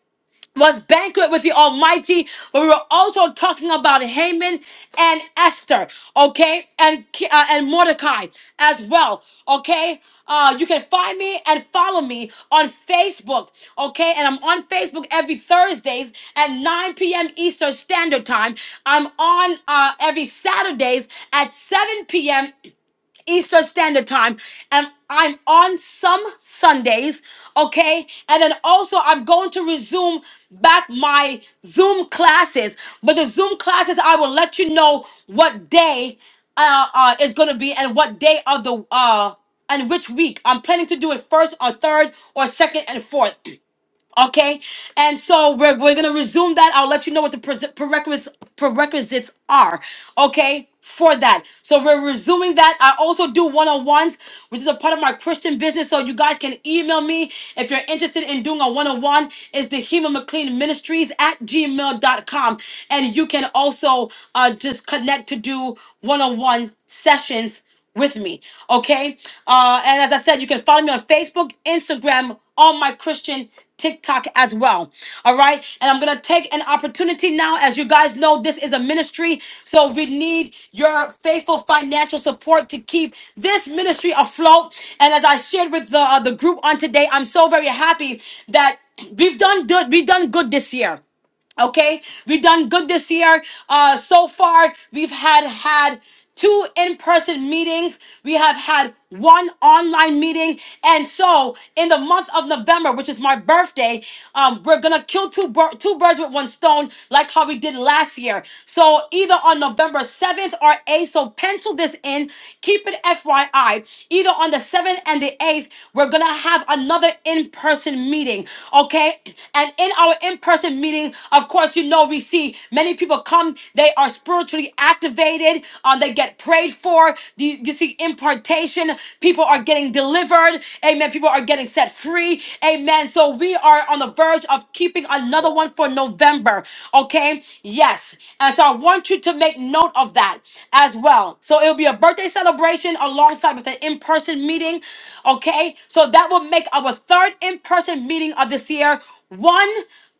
Speaker 1: was banquet with the Almighty, but we were also talking about Haman and Esther, okay, and Ki- uh, and Mordecai as well, okay. Uh, you can find me and follow me on Facebook, okay? And I'm on Facebook every Thursdays at 9 p.m. Eastern Standard Time. I'm on uh, every Saturdays at 7 p.m. Eastern Standard Time, and I'm on some Sundays, okay? And then also, I'm going to resume back my Zoom classes, but the Zoom classes, I will let you know what day uh, uh, is going to be and what day of the uh, and which week. I'm planning to do it first or third or second and fourth. Okay, and so we're, we're gonna resume that. I'll let you know what the pres- prerequisites prerequisites are. Okay, for that. So we're resuming that. I also do one on ones, which is a part of my Christian business. So you guys can email me if you're interested in doing a one on one. It's the Hema McLean Ministries at gmail.com, and you can also uh, just connect to do one on one sessions with me. Okay. Uh, and as I said, you can follow me on Facebook, Instagram, on my Christian TikTok as well. All right. And I'm going to take an opportunity now. As you guys know, this is a ministry. So we need your faithful financial support to keep this ministry afloat. And as I shared with the, uh, the group on today, I'm so very happy that we've done good. We've done good this year. Okay, we've done good this year. Uh, so far, we've had had two in-person meetings. We have had one online meeting, and so in the month of November, which is my birthday, um, we're gonna kill two bir- two birds with one stone, like how we did last year. So either on November seventh or eighth. So pencil this in. Keep it FYI. I I, either on the 7th and the 8th, we're going to have another in person meeting, okay? And in our in person meeting, of course, you know, we see many people come, they are spiritually activated, um, they get prayed for. You, you see impartation, people are getting delivered, amen. People are getting set free, amen. So we are on the verge of keeping another one another one for November. Okay. Yes. And so I want you to make note of that as well. So it'll be a birthday celebration alongside with an in person meeting. Okay. So that will make our third in person meeting of this year, one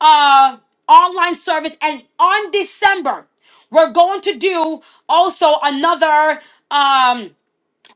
Speaker 1: uh, online service. And on December, we're going to do also another. Um,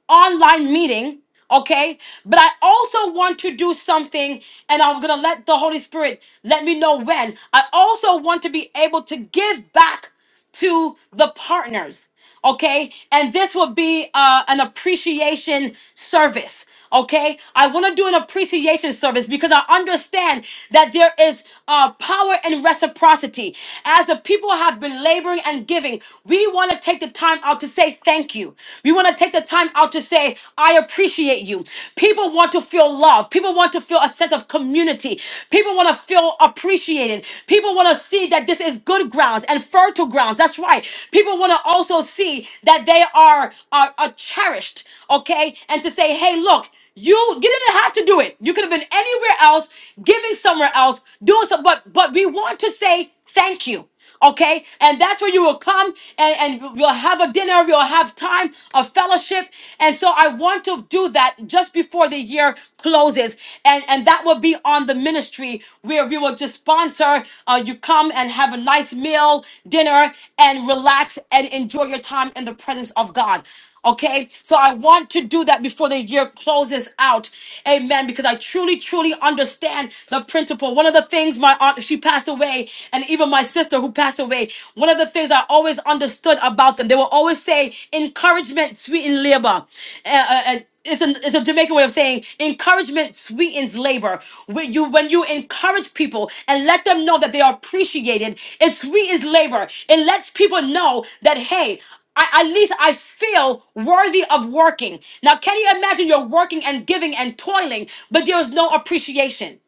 Speaker 1: online meeting, okay? But I also want to do something, and I'm gonna let the Holy Spirit let me know when. I also want to be able to give back to the partners, okay? And this will be uh, an appreciation service. Okay, I want to do an appreciation service because I understand that there is uh, power in reciprocity. As the people have been laboring and giving, we want to take the time out to say thank you. We want to take the time out to say, I appreciate you. People want to feel love. People want to feel a sense of community. People want to feel appreciated. People want to see that this is good grounds and fertile fertile grounds. That's right. People want to also see that they are, are are cherished, okay? And to say, hey, look, you you didn't have to do it. You could have been anywhere else, giving somewhere else, doing something, but but we want to say thank you. Okay, and that's where you will come and, and we will have a dinner, we will have time of fellowship. And so I want to do that just before the year closes services, and and that will be on the ministry where we will just sponsor. Uh, you come and have a nice meal, dinner, and relax and enjoy your time in the presence of God. Okay, so I want to do that before the year closes out. Amen. Because I truly, truly understand the principle. One of the things my aunt, she passed away, and even my sister who passed away, one of the things I always understood about them, they will always say, encouragement, sweet and labor. Uh, uh, and it's a, it's a Jamaican way of saying encouragement sweetens labor. When you when you encourage people and let them know that they are appreciated, it sweetens labor. It lets people know that hey, I, at least I feel worthy of working. Now, can you imagine you're working and giving and toiling, but there is no appreciation?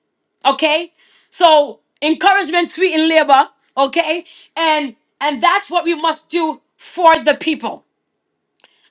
Speaker 1: okay so encouragement sweet in labor okay and and that's what we must do for the people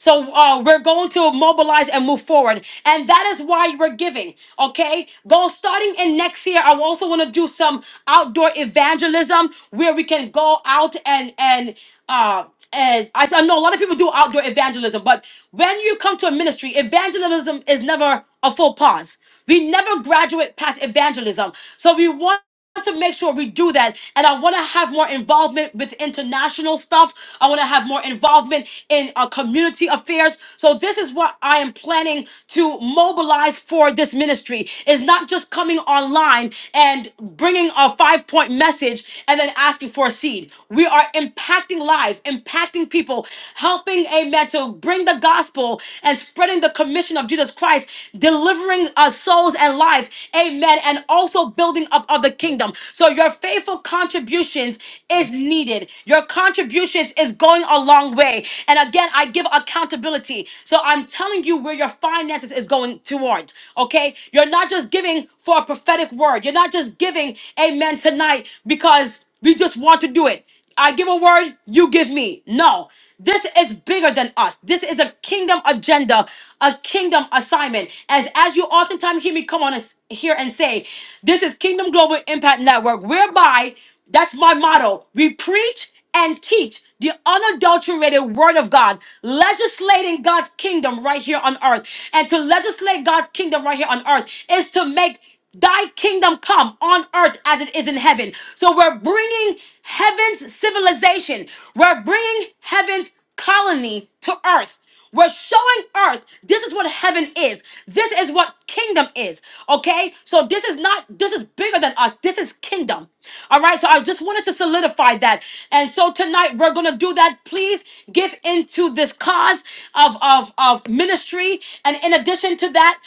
Speaker 1: so uh, we're going to mobilize and move forward, and that is why we're giving. Okay, go starting in next year. I also want to do some outdoor evangelism where we can go out and and. Uh, and I, I know a lot of people do outdoor evangelism, but when you come to a ministry, evangelism is never a full pause. We never graduate past evangelism. So we want to make sure we do that and i want to have more involvement with international stuff i want to have more involvement in uh, community affairs so this is what i am planning to mobilize for this ministry is not just coming online and bringing a five point message and then asking for a seed we are impacting lives impacting people helping amen to bring the gospel and spreading the commission of jesus christ delivering us souls and lives lives. Amen. And also building up of the kingdom. So your faithful contributions is needed. Your contributions is going a long way. And again, I give accountability. So I'm telling you where your finances is going toward. Okay. You're not just giving for a prophetic word. You're not just giving amen tonight because we just want to do it. I give a word, you give me. No, this is bigger than us. This is a kingdom agenda, a kingdom assignment. As as you oftentimes hear me come on us here and say, this is Kingdom Global Impact Network, whereby that's my motto. We preach and teach the unadulterated word of God, legislating God's kingdom right here on earth. And to legislate God's kingdom right here on earth is to make Thy kingdom come on earth as it is in heaven. So we're bringing heaven's civilization, we're bringing heaven's colony to earth. We're showing earth this is what heaven is. This is what kingdom is. Okay? So this is not, this is bigger than us. This is kingdom. All right? So I just wanted to solidify that. And so tonight we're going to do that. Please give into this cause of, of, of ministry. And in addition to that,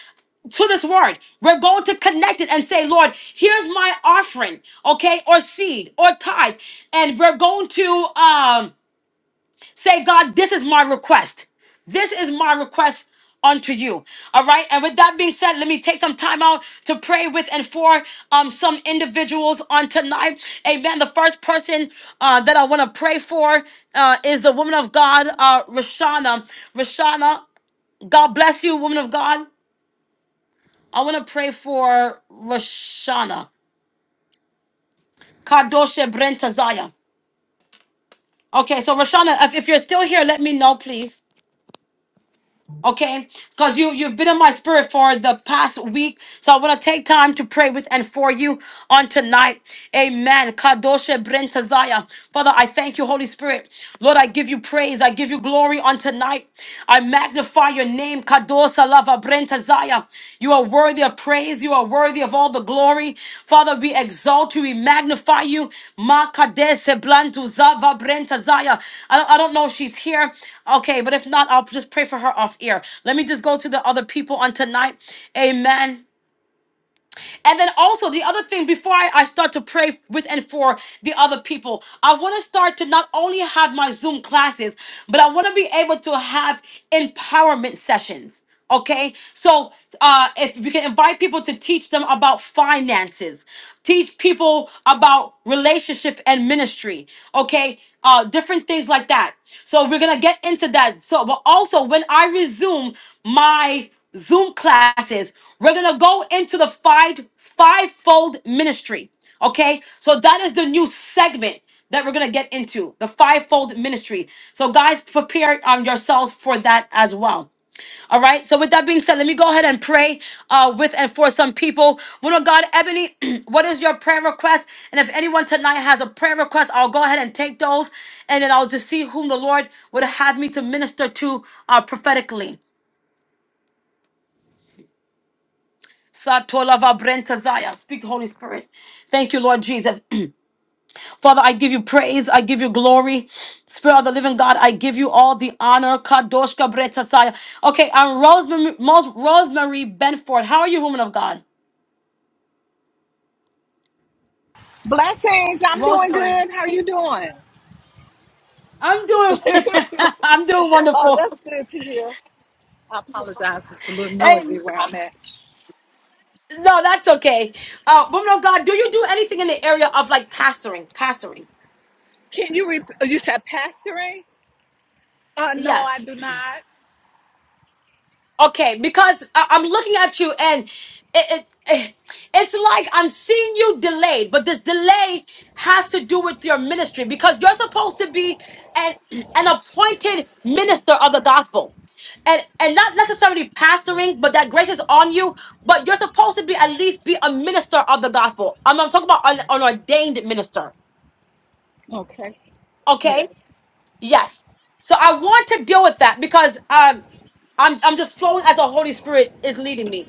Speaker 1: to this word. We're going to connect it and say, Lord, here's my offering, okay, or seed or tithe. And we're going to um, say, God, this is my request. This is my request unto you. All right. And with that being said, let me take some time out to pray with and for um, some individuals on tonight. Amen. The first person uh, that I want to pray for uh, is the woman of God, uh, Rashana. Rashana, God bless you, woman of God. I want to pray for Roshana. Kadoshe Brentazaya. Okay, so Roshana, if, if you're still here, let me know, please. okay because you you've been in my spirit for the past week so i want to take time to pray with and for you on tonight amen kadosha brentazaya father i thank you holy spirit lord i give you praise i give you glory on tonight i magnify your name kadosa lava brentazaya you are worthy of praise you are worthy of all the glory father we exalt you we magnify you Ma kadese blantuza va brentazaya i don't I don't know if she's here Okay, but if not, I'll just pray for her off air. Let me just go to the other people on tonight. Amen. And then also the other thing before I, I start to pray with and for the other people, I want to start to not only have my Zoom classes, but I want to be able to have empowerment sessions. Okay, so uh, if we can invite people to teach them about finances, teach people about relationship and ministry, okay, uh, different things like that. So we're gonna get into that. So, but also when I resume my Zoom classes. We're gonna go into the five fivefold ministry. Okay, so that is the new segment that we're gonna get into the fivefold ministry. So guys, prepare um, yourselves for that as well. All right. So with that being said, let me go ahead and pray uh, with and for some people. Woman of God, Ebony, what is your prayer request? And if anyone tonight has a prayer request, I'll go ahead and take those, and then I'll just see whom the Lord would have me to minister to uh, prophetically. Satolava Brentazaya. Speak, Holy Spirit. Thank you, Lord Jesus. Father, I give you praise. I give you glory. Spirit of the living God, I give you all the honor. Kadoshka Brentazaya. Okay, I'm Rosemary, Mos- Rosemary Benford. How are you, woman of God?
Speaker 2: Blessings. I'm doing
Speaker 1: Rosemary.
Speaker 2: good. How are you doing?
Speaker 1: I'm doing I'm doing
Speaker 2: Oh,
Speaker 1: wonderful.
Speaker 2: that's good to hear. I apologize. It's a little
Speaker 1: And
Speaker 2: noisy where I'm at.
Speaker 1: no, that's okay. Uh, woman of God, do you do anything in the area of like pastoring? Pastoring.
Speaker 2: Can you rep- oh, you said pastoring? Uh, no, I
Speaker 1: Yes.
Speaker 2: do not.
Speaker 1: Okay, because I- I'm looking at you and it, it eh, it's like I'm seeing you delayed, but this delay has to do with your ministry because you're supposed to be an an appointed minister of the gospel. And and not necessarily pastoring, but that grace is on you. But you're supposed to be at least be a minister of the gospel. I'm, I'm talking about an, an ordained minister.
Speaker 2: Okay.
Speaker 1: Okay?
Speaker 2: Yes.
Speaker 1: Yes. So I want to deal with that because um I'm I'm just flowing as the Holy Spirit is leading me.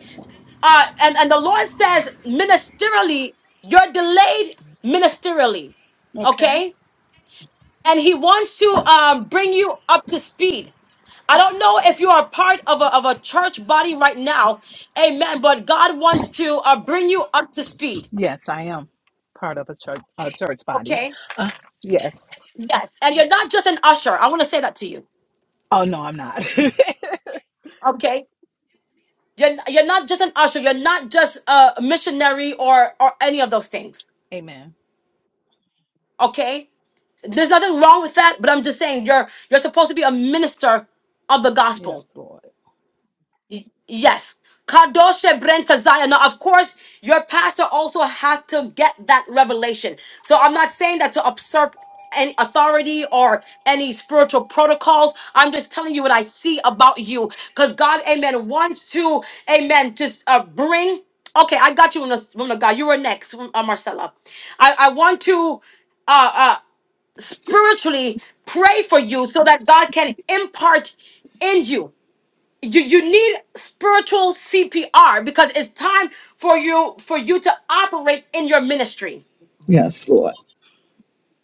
Speaker 1: Uh, and, and the Lord says, ministerially, you're delayed ministerially.
Speaker 2: Okay.
Speaker 1: Okay? And He wants to um, bring you up to speed. I don't know if you are part of a, of a church body right now. Amen. But God wants to uh, bring you up to speed.
Speaker 2: Yes, I am part of a church a church body.
Speaker 1: Okay?
Speaker 2: Uh, yes.
Speaker 1: Yes. And you're not just an usher. I want to say that to you.
Speaker 2: Oh no, I'm not.
Speaker 1: Okay? You're, you're not just an usher. You're not just a missionary or, or any of those things.
Speaker 2: Amen.
Speaker 1: Okay? There's nothing wrong with that, but I'm just saying you're you're supposed to be a minister of the
Speaker 2: Yes,
Speaker 1: gospel.
Speaker 2: Lord.
Speaker 1: Yes. Kadoshe Brenta Zion. Now, of course, your pastor also have to get that revelation. So I'm not saying that to usurp any authority or any spiritual protocols. I'm just telling you what I see about you. Because God, amen, wants to, amen, just uh, bring. Okay, I got you, woman of woman of God. You were next, uh, Marcella. I, I want to. uh. uh, spiritually pray for you so that God can impart in you. You, you need spiritual CPR because it's time for you for you to operate in your ministry.
Speaker 2: Yes, Lord.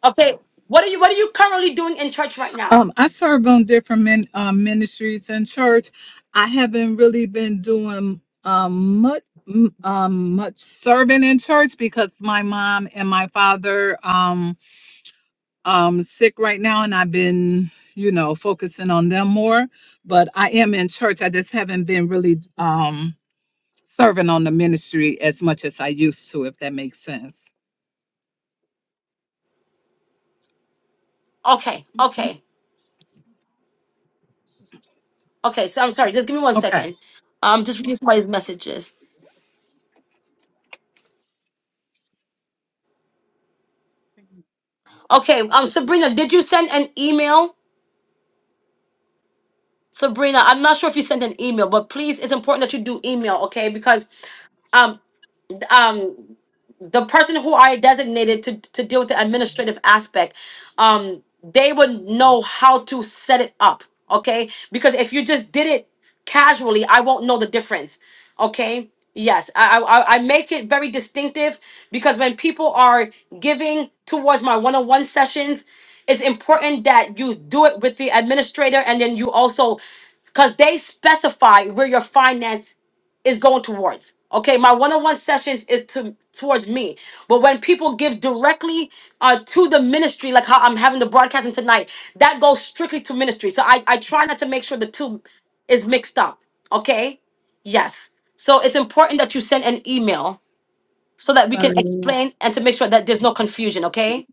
Speaker 1: Okay. What are you what are you currently doing in church right now?
Speaker 2: Um, I serve on different min, um, ministries in church. I haven't really been doing um, much m- um, much serving in church because my mom and my father um, um sick right now, and I've been you know focusing on them more. But I am in church. I just haven't been really um, serving on the ministry as much as I used to, if that makes sense.
Speaker 1: Okay, okay, okay. So I'm sorry, just give me one
Speaker 2: Okay.
Speaker 1: second. Um just reading somebody's messages. Okay, um Sabrina, did you send an email? Sabrina, I'm not sure if you sent an email, but please it's important that you do email, okay? Because um um the person who I designated to to deal with the administrative aspect, um, they would know how to set it up. Okay, because if you just did it casually, I won't know the difference. Okay. Yes, I, I I I make it very distinctive because when people are giving towards my one-on-one sessions, it's important that you do it with the administrator and then you also because they specify where your finance is going towards. Okay, my one-on-one sessions is to towards me. But when people give directly uh, to the ministry, like how I'm having the broadcasting tonight, that goes strictly to ministry. So I, I try not to make sure the two is mixed up. Okay? Yes. So it's important that you send an email so that we can
Speaker 3: Sorry,
Speaker 1: explain and to make sure that there's no confusion, okay?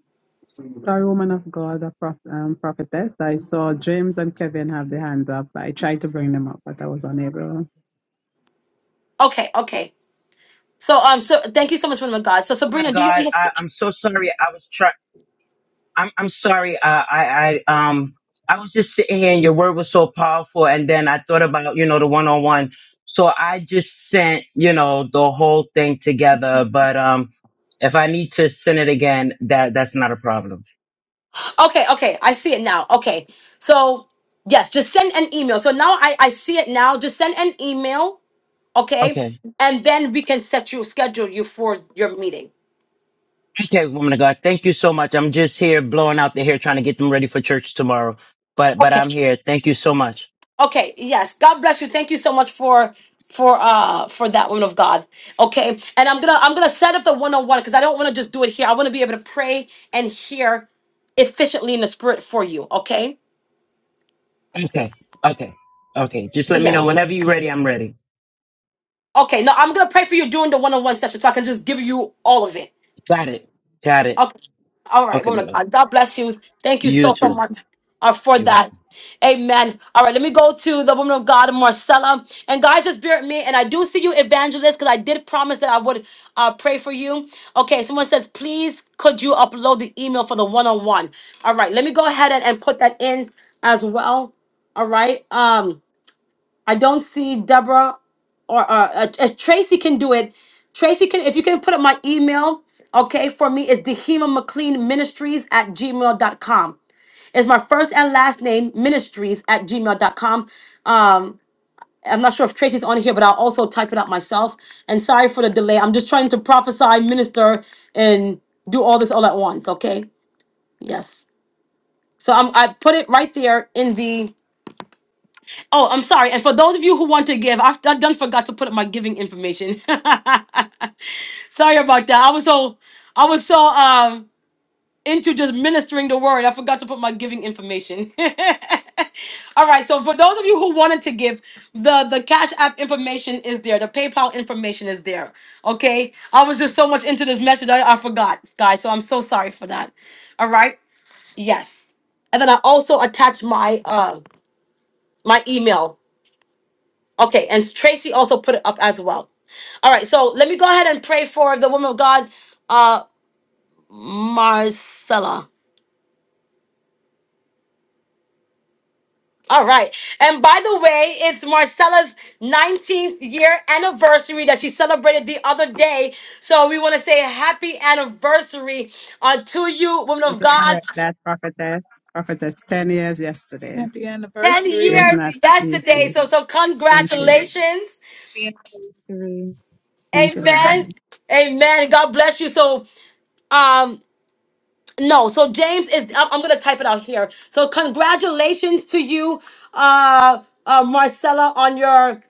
Speaker 3: sorry, woman of God, a prof, um, prophetess. I saw James and Kevin have their hands up. I tried to bring them up, but I was unable.
Speaker 1: Okay, okay. So um so thank you so much, woman of God. So
Speaker 4: Oh my
Speaker 1: Sabrina, do you
Speaker 4: God,
Speaker 1: understand?
Speaker 4: I, I'm so sorry. I was trying. I'm I'm sorry. Uh, I I um I was just sitting here and your word was so powerful, and then I thought about you know the one on one. So I just sent you know the whole thing together. But um, if I need to send it again, that that's not a problem.
Speaker 1: Okay, okay, I see it now. Okay, so yes, just send an email. So now I I see it now. Just send an email, okay,
Speaker 4: Okay.
Speaker 1: and then we can set you schedule you for your meeting.
Speaker 4: Okay, woman of God, thank you so much. I'm just here blowing out the hair, trying to get them ready for church tomorrow. But but
Speaker 1: Okay,
Speaker 4: I'm here. Thank you so much.
Speaker 1: okay, yes. God bless you. Thank you so much for for uh for that woman of God. Okay, and I'm gonna I'm gonna set up the one on one because I don't want to just do it here. I want to be able to pray and hear efficiently in the spirit for you. Okay,
Speaker 4: Okay. Okay. Okay. Just let me know
Speaker 1: yes.
Speaker 4: whenever you're ready. I'm ready.
Speaker 1: Okay, no, I'm gonna pray for you during the one on one session so I can just give you all of it.
Speaker 4: Got it. Got it.
Speaker 1: Okay. All right,
Speaker 4: Okay,
Speaker 1: woman
Speaker 4: my
Speaker 1: of
Speaker 4: love.
Speaker 1: God. God bless you. Thank you
Speaker 4: You
Speaker 1: so, so
Speaker 4: too.
Speaker 1: much uh, for
Speaker 4: You're welcome.
Speaker 1: that. Amen. All right, let me go to the woman of God, Marcella. And guys, just bear with me. And I do see you, evangelist, because I did promise that I would uh, pray for you. Okay, someone says, please could you upload the email for the one on one? All right, let me go ahead and, and put that in as well. All right. Um, I don't see Deborah or uh, uh, uh, Tracy can do it. Tracy can, if you can put up my email, okay, for me, it's Dehema McLean Ministries at gmail dot com. It's my first and last name, ministries at gmail dot com. Um, I'm not sure if Tracy's on here, but I'll also type it out myself. And sorry for the delay. I'm just trying to prophesy, minister, and do all this all at once, okay? Yes. So I'm, I put it right there in the Oh, I'm sorry. And for those of you who want to give, I've I done forgot to put up my giving information. sorry about that. I was so I was so um into just ministering the word. I forgot to put my giving information. All right. So for those of you who wanted to give, the the Cash App information is there. The PayPal information is there. Okay. I was just so much into this message I, I forgot, guys. So I'm so sorry for that. All right. Yes. And then I also attached my uh my email Okay, and Tracy also put it up as well. All right, so let me go ahead and pray for the woman of God, uh, Marcella. All right, and by the way, it's Marcella's 19th year anniversary that she celebrated the other day. So we want to say happy anniversary uh, to you, woman
Speaker 3: I need
Speaker 1: of
Speaker 3: to
Speaker 1: God.
Speaker 3: correct that, prophetess. Prophetess, 10 years yesterday. It
Speaker 2: Happy
Speaker 1: 10
Speaker 3: was
Speaker 2: anniversary.
Speaker 1: years
Speaker 3: not
Speaker 1: yesterday.
Speaker 3: easy.
Speaker 1: So, so
Speaker 3: Thank you.
Speaker 1: congratulations.
Speaker 5: Three and forty-three.
Speaker 3: Thank you very
Speaker 1: Amen.
Speaker 3: much.
Speaker 1: Amen. God bless you. So, um, No, so James is. I'm, I'm gonna type it out here. So congratulations to you, uh, uh, Marcella, on your,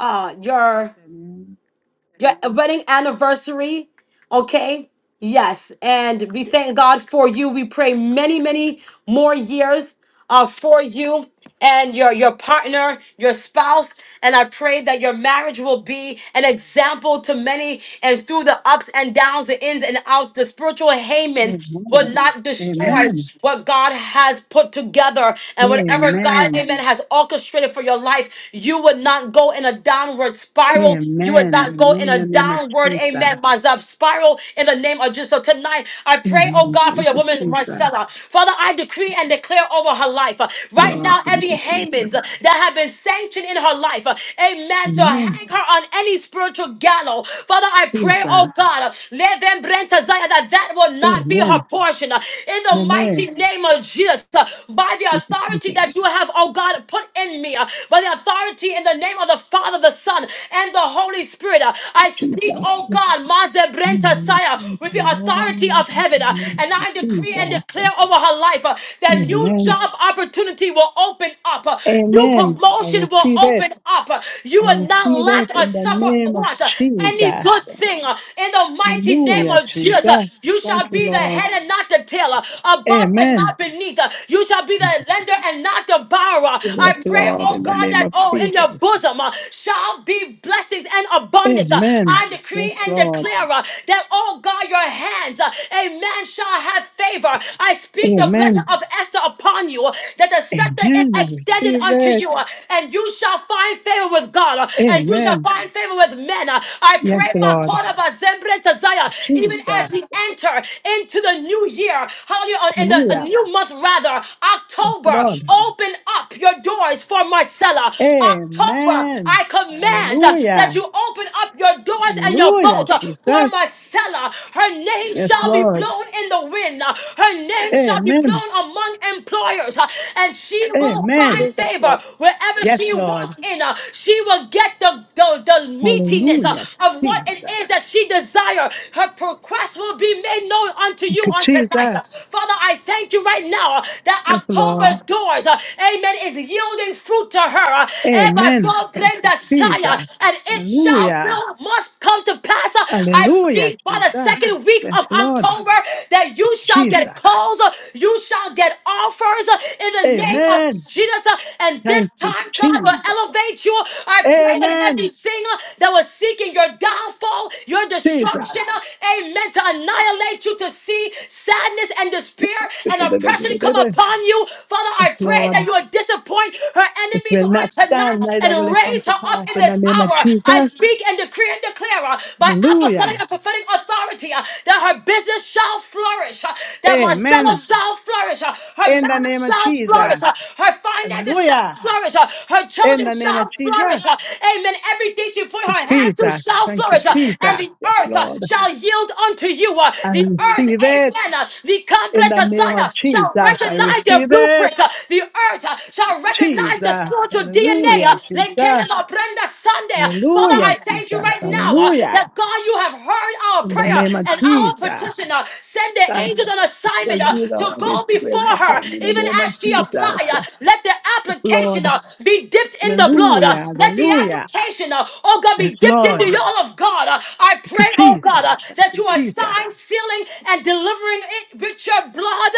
Speaker 1: uh, your
Speaker 3: 10 years.
Speaker 1: your wedding anniversary. Okay? Yes. And we thank God for you. We pray many, many more years uh, for you and your, your partner, your spouse. And I pray that your marriage will be an example to many. And through the ups and downs, the ins and outs, the spiritual Hamans will
Speaker 3: Amen.
Speaker 1: not destroy
Speaker 3: Amen.
Speaker 1: what God has put together. And whatever God,
Speaker 3: Amen. Amen.
Speaker 1: amen, has orchestrated for your life, you would not go in a downward spiral. You would
Speaker 3: Amen.
Speaker 1: not go in
Speaker 3: In
Speaker 1: a
Speaker 3: the name of
Speaker 1: downward,
Speaker 3: Jesus.
Speaker 1: amen, my God, spiral in the name of Jesus. So tonight, I pray, oh
Speaker 3: Amen.
Speaker 1: God, for
Speaker 3: Thank
Speaker 1: your
Speaker 3: you,
Speaker 1: woman,
Speaker 3: Jesus.
Speaker 1: Marcella. Father, I decree and declare over her life. uh, Right
Speaker 3: Lord,
Speaker 1: now,
Speaker 3: thank
Speaker 1: every
Speaker 3: you,
Speaker 1: Haman's
Speaker 3: Jesus.
Speaker 1: uh, that have been sanctioned in her life, uh, amen, to
Speaker 3: Amen.
Speaker 1: hang her on any spiritual gallows. Father, I pray,
Speaker 3: Jesus.
Speaker 1: oh God, uh, let them bring to Zion that that will not be her
Speaker 3: Amen.
Speaker 1: portion. uh, In the
Speaker 3: Amen.
Speaker 1: mighty name of Jesus, uh, by the
Speaker 3: Thank you,
Speaker 1: authority
Speaker 3: Jesus.
Speaker 1: that you have, oh God, put in me, uh, by the authority in the name of the Father, the Son, and the Holy Spirit. Uh, I speak, oh
Speaker 3: Jesus.
Speaker 1: God, Mazebrenta
Speaker 3: Amen.
Speaker 1: Saya,
Speaker 3: Thank
Speaker 1: with
Speaker 3: you,
Speaker 1: the
Speaker 3: Lord.
Speaker 1: authority of heaven. uh,
Speaker 3: Thank
Speaker 1: And
Speaker 3: you,
Speaker 1: I decree and declare
Speaker 3: Jesus.
Speaker 1: over her life uh, that new
Speaker 3: Amen.
Speaker 1: job opportunity will open up, uh, new
Speaker 3: Amen. I
Speaker 1: promotion will
Speaker 3: receive it.
Speaker 1: open up. uh, You
Speaker 3: I
Speaker 1: will not
Speaker 3: receive it
Speaker 1: lack or
Speaker 3: in the
Speaker 1: suffer
Speaker 3: name of
Speaker 1: want uh,
Speaker 3: Jesus.
Speaker 1: any good thing uh, in the mighty name
Speaker 3: Hallelujah,
Speaker 1: of
Speaker 3: Jesus.
Speaker 1: Jesus. uh, You
Speaker 3: Thank
Speaker 1: shall
Speaker 3: you,
Speaker 1: be the
Speaker 3: Lord.
Speaker 1: head and not the tail, uh, above and not
Speaker 3: Amen.
Speaker 1: beneath. uh, You shall be the lender and not the borrower.
Speaker 3: Yes,
Speaker 1: I pray,
Speaker 3: Lord,
Speaker 1: oh
Speaker 3: in the
Speaker 1: God,
Speaker 3: name
Speaker 1: that
Speaker 3: of
Speaker 1: oh in your
Speaker 3: Jesus.
Speaker 1: bosom uh, shall be blessings and abundance. Uh,
Speaker 3: Amen.
Speaker 1: I
Speaker 3: Yes,
Speaker 1: decree and
Speaker 3: Lord.
Speaker 1: declare uh, that, oh God, your hands, uh, amen, shall have favor. I speak the blessing
Speaker 3: Amen.
Speaker 1: of Esther upon you, uh, that the scepter is
Speaker 3: Amen. I
Speaker 1: extended
Speaker 3: receive
Speaker 1: unto
Speaker 3: it.
Speaker 1: you, uh, and you shall find favor with God, uh, and you shall
Speaker 3: Amen.
Speaker 1: find favor with men. uh. I
Speaker 3: Yes,
Speaker 1: pray, my
Speaker 3: Lord.
Speaker 1: God, about Zembre to Zion,
Speaker 3: Jesus.
Speaker 1: even as we enter into the new year, hallelujah, on- in the a
Speaker 3: Hallelujah.
Speaker 1: new month, rather, October,
Speaker 3: Lord.
Speaker 1: open up up your doors for Marcella. October,
Speaker 3: Amen.
Speaker 1: I command uh, that
Speaker 3: Hallelujah.
Speaker 1: you open up your doors and your
Speaker 3: Hallelujah,
Speaker 1: vault uh, for
Speaker 3: Jesus.
Speaker 1: Marcella. Her name
Speaker 3: Yes,
Speaker 1: shall be
Speaker 3: Lord.
Speaker 1: blown in the wind. uh, Her name shall be
Speaker 3: Amen.
Speaker 1: blown among employers, uh, and she will
Speaker 6: So
Speaker 1: find
Speaker 3: Amen.
Speaker 6: they get
Speaker 1: favor
Speaker 6: like
Speaker 1: wherever
Speaker 3: Yes,
Speaker 1: she
Speaker 3: Lord.
Speaker 1: walks in. uh, She will get the, the, the meatiness uh,
Speaker 3: Hallelujah,
Speaker 1: of what
Speaker 3: Jesus.
Speaker 1: it is
Speaker 3: Thank
Speaker 1: that she desires. Her request will be made known unto you
Speaker 3: you,
Speaker 1: on
Speaker 3: Jesus.
Speaker 1: tonight. Uh, Father, I thank you right now uh,
Speaker 3: Yes,
Speaker 1: that
Speaker 3: Lord.
Speaker 1: October's doors, uh, amen, is yielding fruit to her. Uh, Eba
Speaker 3: Amen.
Speaker 1: so
Speaker 3: Thank you,
Speaker 1: brenda saya,
Speaker 3: Jesus.
Speaker 1: and it shall
Speaker 3: Hallelujah.
Speaker 1: will must come to pass. Uh, I
Speaker 3: Hallelujah,
Speaker 1: speak by the
Speaker 3: Jesus.
Speaker 1: second week
Speaker 3: Yes,
Speaker 1: of
Speaker 3: Lord.
Speaker 1: October that you shall
Speaker 3: Jesus.
Speaker 1: get calls, uh, you shall get offers uh, in the name of
Speaker 3: Amen.
Speaker 1: Jesus. uh, And this
Speaker 3: Thank you,
Speaker 1: time, God
Speaker 3: Jesus.
Speaker 1: will elevate you. I pray that
Speaker 3: Amen.
Speaker 1: everything uh, that was seeking your downfall, your
Speaker 3: Jesus.
Speaker 1: destruction, uh, amen, to annihilate you, to see sadness and despair fear and oppression come upon you. Father,
Speaker 3: Yes,
Speaker 1: I pray
Speaker 3: Lord.
Speaker 1: that you will disappoint her
Speaker 3: It
Speaker 1: enemies
Speaker 3: will
Speaker 1: on
Speaker 3: not stand,
Speaker 1: tonight
Speaker 3: neither
Speaker 1: and
Speaker 3: will it come
Speaker 1: raise
Speaker 3: to
Speaker 1: her up
Speaker 3: pass
Speaker 1: in
Speaker 3: in the
Speaker 1: this
Speaker 3: name of
Speaker 1: hour. I
Speaker 3: Jesus.
Speaker 1: speak and decree and declare uh, by
Speaker 3: Hallelujah.
Speaker 1: apostolic and prophetic authority uh, that her business shall flourish, uh, that Marcella
Speaker 3: Amen.
Speaker 1: shall flourish, uh, her
Speaker 3: In the
Speaker 1: marriage
Speaker 3: name of
Speaker 1: shall flourish,
Speaker 3: Jesus.
Speaker 1: uh, her finances shall
Speaker 3: Hallelujah.
Speaker 1: flourish, uh, her
Speaker 3: In
Speaker 1: children
Speaker 3: the name
Speaker 1: shall
Speaker 3: of Jesus.
Speaker 1: flourish. uh, Amen. Everything she put
Speaker 3: Thank you,
Speaker 1: her hand to
Speaker 3: Jesus.
Speaker 1: shall
Speaker 3: Thank you,
Speaker 1: flourish, uh, and
Speaker 3: Jesus.
Speaker 1: the
Speaker 3: Yes,
Speaker 1: earth uh,
Speaker 3: Lord.
Speaker 1: shall yield unto you. uh,
Speaker 3: I
Speaker 1: The earth,
Speaker 3: receive it
Speaker 1: amen, uh, the
Speaker 3: in the
Speaker 1: Kambreta
Speaker 3: name
Speaker 1: Zion
Speaker 3: of
Speaker 1: shall
Speaker 3: Jesus. I
Speaker 1: recognize your
Speaker 3: receive it.
Speaker 1: blueprint. uh, The earth uh, shall recognize the
Speaker 3: Jesus.
Speaker 1: spiritual DNA.
Speaker 3: Hallelujah,
Speaker 1: uh,
Speaker 3: Jesus.
Speaker 1: Lekelema Brenda Sunday. uh, Father,
Speaker 3: Hallelujah,
Speaker 1: I thank you
Speaker 3: Jesus.
Speaker 1: right now uh,
Speaker 3: Hallelujah.
Speaker 1: that God, you have heard our
Speaker 3: In the
Speaker 1: prayer
Speaker 3: name of
Speaker 1: and our
Speaker 3: Jesus.
Speaker 1: petition. uh, Send the
Speaker 3: Thank
Speaker 1: angels
Speaker 3: you.
Speaker 1: on
Speaker 3: It shall
Speaker 1: assignment
Speaker 3: be,
Speaker 1: uh, to
Speaker 3: Lord. It
Speaker 1: go
Speaker 3: will
Speaker 1: before her,
Speaker 3: happen in the
Speaker 1: even
Speaker 3: name of
Speaker 1: as she apply. uh,
Speaker 3: Jesus.
Speaker 1: Let the
Speaker 3: Yes,
Speaker 1: application
Speaker 3: Lord.
Speaker 1: uh, be dipped in the blood. uh,
Speaker 3: Hallelujah.
Speaker 1: Let the
Speaker 3: Hallelujah.
Speaker 1: application, uh, oh God,
Speaker 3: Yes,
Speaker 1: be dipped in the
Speaker 3: Lord.
Speaker 1: oil of God. uh, I
Speaker 3: Thank you,
Speaker 1: pray, oh
Speaker 3: Jesus.
Speaker 1: God, uh,
Speaker 3: Thank
Speaker 1: that
Speaker 3: you,
Speaker 1: you are
Speaker 3: Jesus.
Speaker 1: signing, sealing, and delivering it with your blood.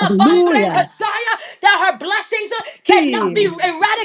Speaker 3: Hallelujah.
Speaker 1: Zaya, That her blessings cannot be
Speaker 3: Seal.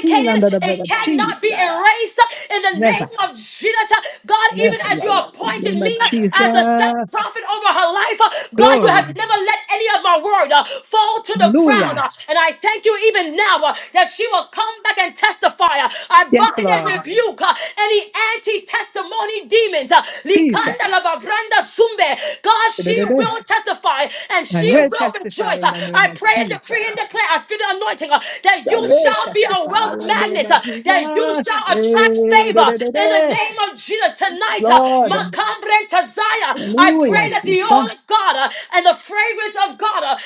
Speaker 3: Seal under the blood
Speaker 1: it
Speaker 3: of Jesus.
Speaker 1: cannot be erased. In the
Speaker 3: Never.
Speaker 1: name of Jesus, God,
Speaker 3: Never.
Speaker 1: even as you
Speaker 3: Lord. In the
Speaker 1: appointed
Speaker 3: name of
Speaker 1: me as a set
Speaker 3: Jesus.
Speaker 1: prophet over her life, God, you have
Speaker 3: Glory.
Speaker 1: never let any of my word uh, fall to the ground.
Speaker 3: Hallelujah.
Speaker 1: uh, And I thank you even now uh, that she will come back and testify. uh, I
Speaker 3: Yes,
Speaker 1: bind and
Speaker 3: Lord.
Speaker 1: rebuke uh, any anti testimony demons. Uh,
Speaker 3: Jesus.
Speaker 1: Likanda la branda sumbe. God, she
Speaker 3: Da-da-da-da.
Speaker 1: will testify and
Speaker 3: I
Speaker 1: she
Speaker 3: will
Speaker 1: will
Speaker 3: testify
Speaker 1: rejoice.
Speaker 3: in
Speaker 1: Uh,
Speaker 3: the name
Speaker 1: I
Speaker 3: of
Speaker 1: pray and
Speaker 3: Jesus. I
Speaker 1: decree and declare, I feel the anointing uh, that you
Speaker 3: will
Speaker 1: shall be a
Speaker 3: testify
Speaker 1: wealth
Speaker 3: in the name
Speaker 1: magnet, uh,
Speaker 3: of
Speaker 1: that you
Speaker 3: Jesus.
Speaker 1: shall attract
Speaker 3: Eh,
Speaker 1: favor in the
Speaker 3: da-da-da-da.
Speaker 1: name of Jesus tonight. uh,
Speaker 3: Lord.
Speaker 1: Makambre tazaya. I
Speaker 3: Hallelujah,
Speaker 1: pray that the
Speaker 3: Jesus.
Speaker 1: oil of God uh, and the fragrance of God, uh,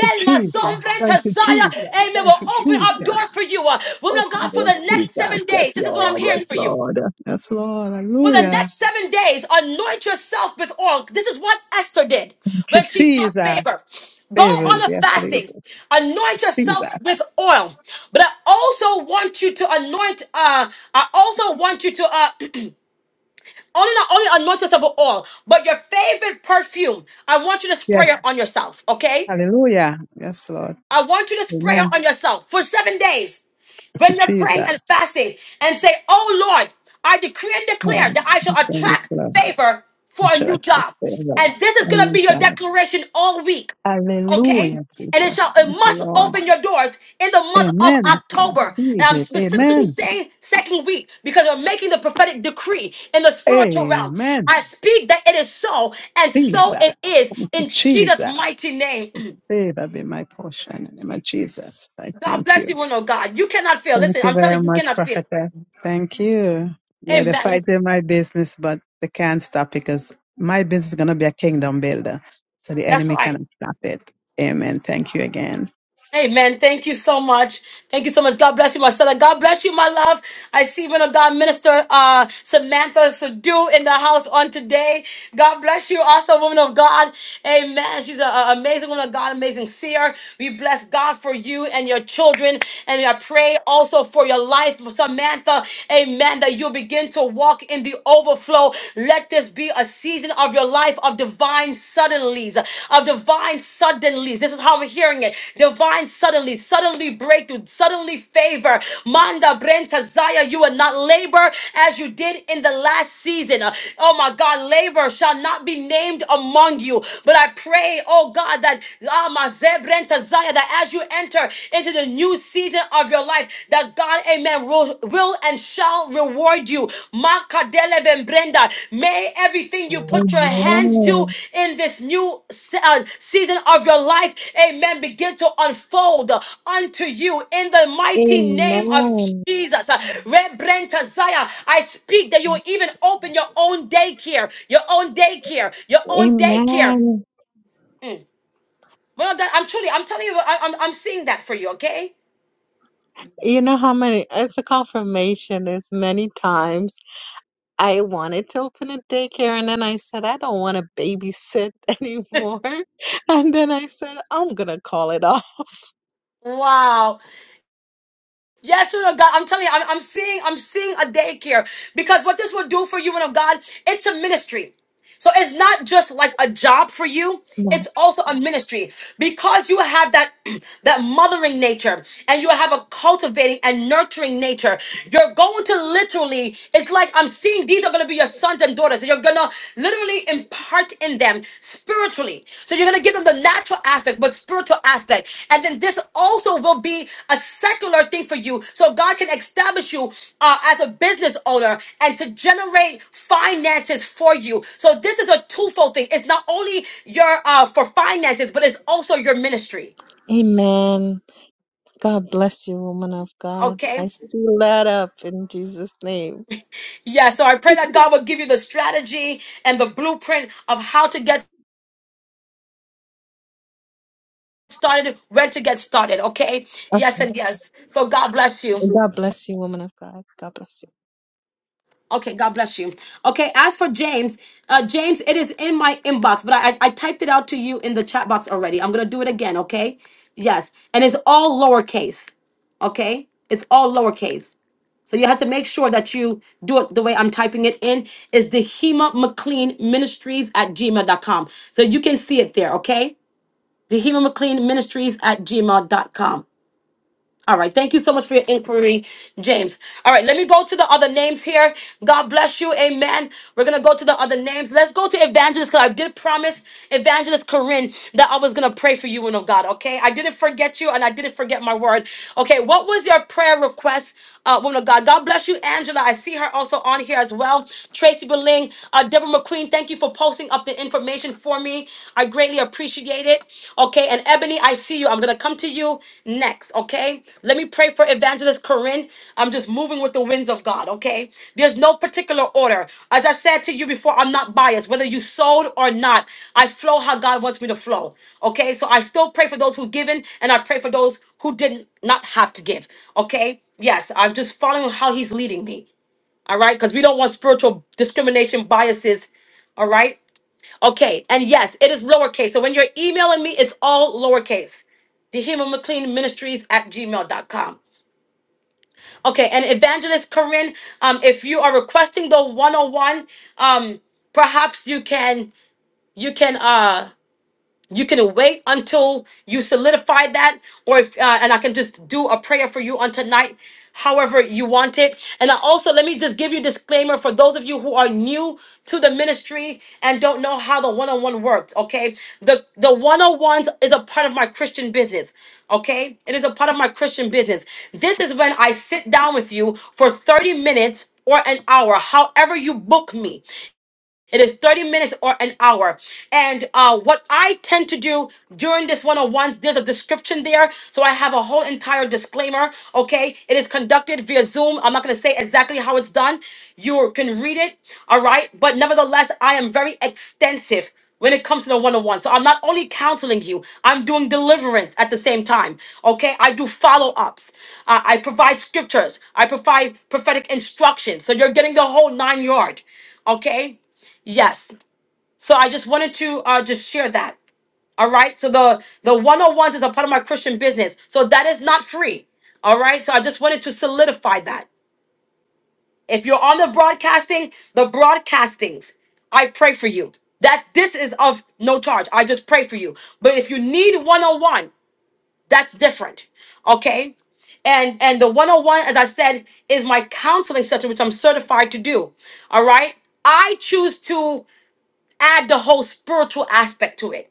Speaker 3: you,
Speaker 1: my
Speaker 3: Jesus.
Speaker 1: sombre
Speaker 3: Thank you,
Speaker 1: tazaya,
Speaker 3: Jesus.
Speaker 1: amen,
Speaker 3: Thank
Speaker 1: will
Speaker 3: you,
Speaker 1: open up
Speaker 3: Jesus.
Speaker 1: doors for you. uh, Woman of
Speaker 3: Open
Speaker 1: God, for
Speaker 3: Lord
Speaker 1: the
Speaker 3: Jesus.
Speaker 1: next seven
Speaker 3: Yes,
Speaker 1: days, this is what I'm
Speaker 3: Lord. Yes,
Speaker 1: hearing for you.
Speaker 3: Lord. Yes, Lord.
Speaker 1: For the
Speaker 3: Hallelujah.
Speaker 1: next seven days, anoint yourself with oil. This is what Esther did
Speaker 3: Thank
Speaker 1: when
Speaker 3: you,
Speaker 1: she sought
Speaker 3: Jesus.
Speaker 1: favor. Go
Speaker 3: Favors.
Speaker 1: on a
Speaker 3: Yes,
Speaker 1: fasting.
Speaker 3: Jesus.
Speaker 1: Anoint
Speaker 3: Jesus.
Speaker 1: yourself with oil. But I also want you to anoint. Uh, I also want you to uh, only not only anoint yourself with oil, but your favorite perfume. I want you to spray
Speaker 3: Yes.
Speaker 1: it on yourself. Okay.
Speaker 3: Hallelujah. Yes, Lord.
Speaker 1: I want you to spray it
Speaker 3: Amen.
Speaker 1: on yourself for seven days
Speaker 3: Thank you,
Speaker 1: when you're praying
Speaker 3: Jesus.
Speaker 1: and fasting and say, Oh Lord, I decree and declare
Speaker 3: Lord.
Speaker 1: that I
Speaker 3: we
Speaker 1: shall
Speaker 3: thank you,
Speaker 1: attract
Speaker 3: Lord.
Speaker 1: favor for
Speaker 3: We
Speaker 1: a
Speaker 3: shall
Speaker 1: new
Speaker 3: accept
Speaker 1: job.
Speaker 3: favor
Speaker 1: And this is
Speaker 3: from
Speaker 1: going
Speaker 3: your
Speaker 1: to be your
Speaker 3: side.
Speaker 1: declaration all week, okay?
Speaker 3: Hallelujah,
Speaker 1: And it
Speaker 3: Jesus.
Speaker 1: shall, it
Speaker 3: Thank you,
Speaker 1: must
Speaker 3: Lord.
Speaker 1: open your doors in the month of
Speaker 3: Amen. I
Speaker 1: October. And
Speaker 3: receive
Speaker 1: I'm
Speaker 3: it.
Speaker 1: specifically
Speaker 3: Amen.
Speaker 1: saying second week because we're making the prophetic decree in the spiritual realm.
Speaker 3: Amen.
Speaker 1: I speak that it is so, and
Speaker 3: Jesus.
Speaker 1: so it is
Speaker 3: Thank you,
Speaker 1: in Jesus'
Speaker 3: Jesus.
Speaker 1: mighty name.
Speaker 3: Favor be my portion in the name of Jesus. I
Speaker 1: God
Speaker 3: thank
Speaker 1: bless
Speaker 3: you.
Speaker 1: you, woman of God. You cannot fail.
Speaker 3: Thank
Speaker 1: Listen,
Speaker 3: you
Speaker 1: I'm telling
Speaker 3: very
Speaker 1: you, you
Speaker 3: much,
Speaker 1: cannot fail.
Speaker 3: Prophetess. Thank you. Yeah, they're
Speaker 1: Amen.
Speaker 3: fighting my business, but they can't stop it because my business is going to be a kingdom builder. So the
Speaker 1: That's
Speaker 3: enemy
Speaker 1: right.
Speaker 3: cannot stop it. Amen. Thank you again.
Speaker 1: Amen. Thank you so much. Thank you so much. God bless you, my son. God bless you, my love. I see woman of God minister uh, Samantha Sadu in the house on today. God bless you, also woman of God. Amen. She's an amazing woman of God, amazing seer. We bless God for you and your children, and I pray also for your life, Samantha. Amen. That you'll begin to walk in the overflow. Let this be you a season of your life of divine suddenlies, of divine suddenlies. This is how we're hearing it. Divine suddenly, suddenly breakthrough, suddenly favor. Manda Brenta Zaya, you will not labor as you did in the last season. Oh my God, labor shall not be named among you. But I pray, oh God, that Ah, Maze Brenta Zaya, that as you enter into the new season of your life, that God, amen, will, will and shall reward you. Makadele Brenda, may everything you put your hands to
Speaker 7: Amen.
Speaker 1: in this new se- uh, season of your life, amen, begin to unfold unto you in the mighty name of
Speaker 7: Amen.
Speaker 1: Jesus. Uh, Rebrenta Zaya, I speak that you will even open your own daycare, your own daycare, your own daycare.
Speaker 7: Amen.
Speaker 1: Well, that I'm truly, I'm telling you, I- I'm, I'm seeing that for you, okay?
Speaker 7: You know how many, it's a confirmation, as many times I wanted to open a daycare, and then I said, I don't want to babysit anymore. And then I said, I'm going to call it off.
Speaker 1: Wow. Yes, woman of God. I'm telling you, I'm, I'm seeing, I'm seeing a daycare because what this will do for you, woman of God, it's a ministry. So it's not just like a job for you; it's
Speaker 7: No.
Speaker 1: also a ministry because you have that that mothering nature, and you have a cultivating and nurturing nature. You're going to literally. It's like I'm seeing these are going to be your sons and daughters gonna literally impart in them spiritually. So you're gonna give them the natural aspect, but spiritual aspect. And then this also will be a secular thing for you. So God can establish you uh, as a business owner and to generate finances for you. So this is a twofold thing. It's not only your uh for finances, but it's also your ministry.
Speaker 7: Amen. God bless you, woman of God.
Speaker 1: Okay.
Speaker 7: I seal that up in Jesus' name.
Speaker 1: Yeah. So I pray that God will give you the strategy and the blueprint of how to get started, where to get started, okay? Yes
Speaker 7: Okay.
Speaker 1: and yes. So God bless you.
Speaker 7: God bless you, woman of God. God bless you.
Speaker 1: Okay, God bless you. Okay, as for James, uh, James, it is in my inbox, but I, I typed it out to you in the chat box already. I'm gonna do it again, okay? Yes, and it's all lowercase, okay? It's all lowercase. So you have to make sure that you do it the way I'm typing it in. Is Dehema McLean Ministries at gmail.com. So you can see it there, okay? Dehema McLean Ministries at gmail.com. All right. Thank you so much for your inquiry, James. All right. Let me go to the other names here. God bless you. Amen. We're going to go to the other names. Let's go to Evangelist because I did promise Evangelist Corinne that I was going to pray for you, woman of God. Okay. I didn't forget you and I didn't forget my word. Okay. What was your prayer request, uh, woman of God? God bless you, Angela. I see her also on here as well. Tracy Beling, uh, Deborah McQueen, thank you for posting up the information for me. Ebony. I greatly appreciate it. Okay, and Ebony, I see you. I'm gonna come to you next. Okay, let me pray for Evangelist Corinne. I'm just moving with the winds of God. Okay, there's no particular order. As I said to you before, I'm not biased. Whether you sold or not, I flow how God wants me to flow. Okay, so I still pray for those who given, and I pray for those who didn't not have to give. Okay, yes, I'm just following how He's leading me. All right, because we don't want spiritual discrimination biases. All right. Okay, and yes, it is lowercase. So when you're emailing me, it's all lowercase. The Human McLean Ministries at gmail.com. Okay, and Evangelist Corinne, um, if you are requesting the 101, um, perhaps you can you can uh you can wait until you solidify that or if uh, and i can just do a prayer for you on tonight however you want it and i also let me just give you disclaimer for those of you who are new to the ministry and don't know how the one-on-one works okay the the one-on-ones is a part of my christian business okay it is a part of my christian business this is when i sit down with you for 30 minutes or an hour, however you book me. It is 30 minutes or an hour. And uh, what I tend to do during this 101, there's a description there. So I have a whole entire disclaimer. Okay. It is conducted via Zoom. I'm not going to say exactly how it's done. You can read it. All right. But nevertheless, I am very extensive when it comes to the one-on-one. So I'm not only counseling you, I'm doing deliverance at the same time. Okay, I do follow-ups. Uh, I provide scriptures. I provide prophetic instructions. So you're getting the whole nine yard. Okay. Yes. So I just wanted to uh, just share that. All right. So the the 101s is a part of my Christian business. So that is not free. All right. So I just wanted to solidify that. If you're on the broadcasting, the broadcastings, I pray for you. That this is of no charge. I just pray for you. But if you need 101, that's different. Okay? And and the 101, as I said, is my counseling session, which I'm certified to do. All right. I choose to add the whole spiritual aspect to it.